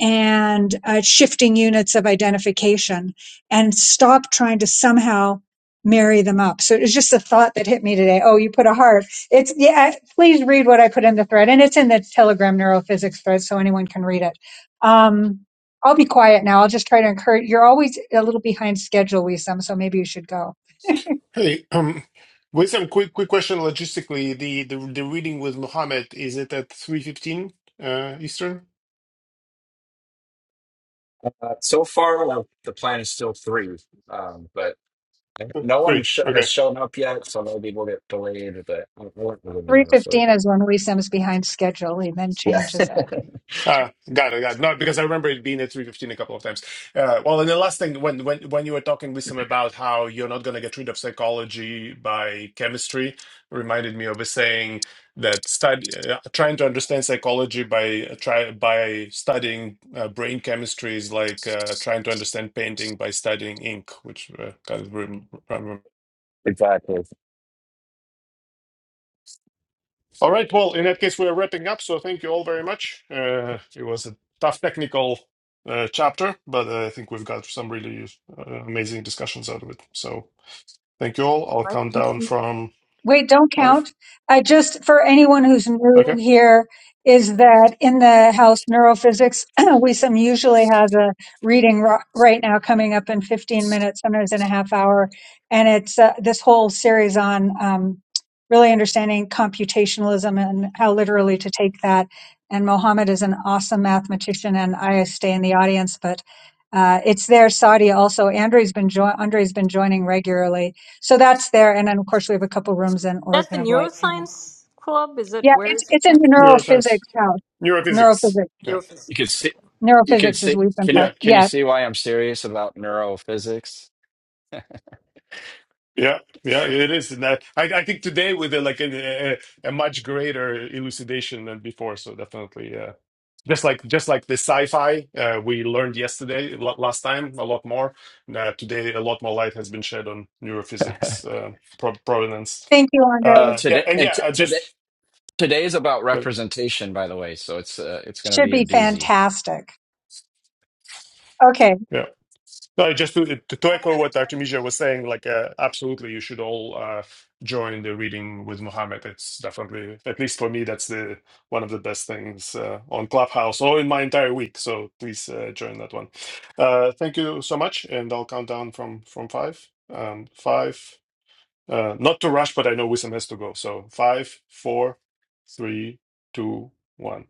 S2: and uh, shifting units of identification and stop trying to somehow marry them up. So it was just a thought that hit me today. Oh, you put a heart. It's yeah, please read what I put in the thread and it's in the Telegram neurophysics thread so anyone can read it. Um I'll be quiet now. I'll just try to encourage you're always a little behind schedule, Wisam, so maybe you should go. [LAUGHS]
S3: Hey, um, Wissam, quick quick question logistically. The the the reading with Muhammad is it at three fifteen uh, Eastern?
S4: Uh, so far, like the plan is still three, um, but no one
S3: Three.
S4: sh- has
S3: Okay.
S4: shown up yet, so maybe we'll get delayed. But I I won't really know. So
S2: 3:15 is when we Sims behind schedule. He then
S4: Yeah.
S2: changes it.
S3: Uh, got it. Got it. No, because I remember it being at three fifteen a couple of times. Uh, well, and the last thing when when when you were talking, Lisa, about how you're not going to get rid of psychology by chemistry, reminded me of a saying that study uh, trying to understand psychology by uh, try by studying uh, brain chemistry is like uh, trying to understand painting by studying ink, which uh, kind of rem-
S4: exactly,
S3: All right. Well, in that case, we are wrapping up. So thank you all very much. Uh, it was a tough technical uh, chapter, but uh, I think we've got some really uh, amazing discussions out of it. So thank you all. I'll
S1: Right,
S3: count
S1: thank
S3: down
S1: you.
S3: from
S2: Wait, don't
S3: five.
S2: count. I just, for anyone who's new
S3: Okay.
S2: here, is that in the house neurophysics, [CLEARS THROAT] Wisam usually has a reading ri- right now coming up in 15 minutes, sometimes in a half hour. And it's uh, this whole series on um, really understanding computationalism and how literally to take that. And Mohammed is an awesome mathematician, and I stay in the audience, but uh, it's there. Saudi also. Andre's been jo- Andre's been joining regularly so that's there. And then of course we have a couple rooms in
S1: That's the
S2: Origin of Light.
S1: neuroscience club. Is it?
S2: Yeah,
S1: Where
S2: it's
S1: is it?
S2: it's in
S1: at?
S2: the
S3: Neuroscience,
S2: neurophysics house.
S3: neurophysics.
S2: Neurophysics.
S3: Yeah.
S4: you could
S1: Neurophysics.
S4: see,
S1: Okay.
S4: you could
S2: Neurophysics is
S4: see.
S2: we've been
S4: Can you
S3: Yeah.
S2: part.
S4: can you
S2: Yeah.
S4: see why I'm serious about neurophysics?
S3: Yeah, yeah, it is. And I, I I think today with a, like a, a, a much greater elucidation than before. So definitely, yeah. Just like just like the sci-fi uh, we learned yesterday, la- last time, a lot more. Uh, today, a lot more light has been shed on
S4: [LAUGHS]
S3: neurophysics uh, pro provenance.
S2: Thank you,
S4: uh,
S2: Andre.
S3: Uh, yeah,
S4: today
S3: and
S4: and
S3: yeah,
S4: t-
S3: uh,
S4: today
S3: just
S4: today is about
S3: uh,
S4: representation, by the way. So it's uh, it's going to
S2: Should
S4: be a
S2: be
S4: doozy.
S2: fantastic. Okay.
S3: yeah. No, just to, to to echo what Artemisia was saying, like uh, absolutely, you should all uh, join the reading with Muhammad. It's definitely, at least for me, that's the one of the best things uh, on Clubhouse or in my entire week. So please uh, join that one. Uh, thank you so much, and I'll count down from from five. Um, five, uh, not to rush, but I know Wissam has to go. So five, four, three, two, one.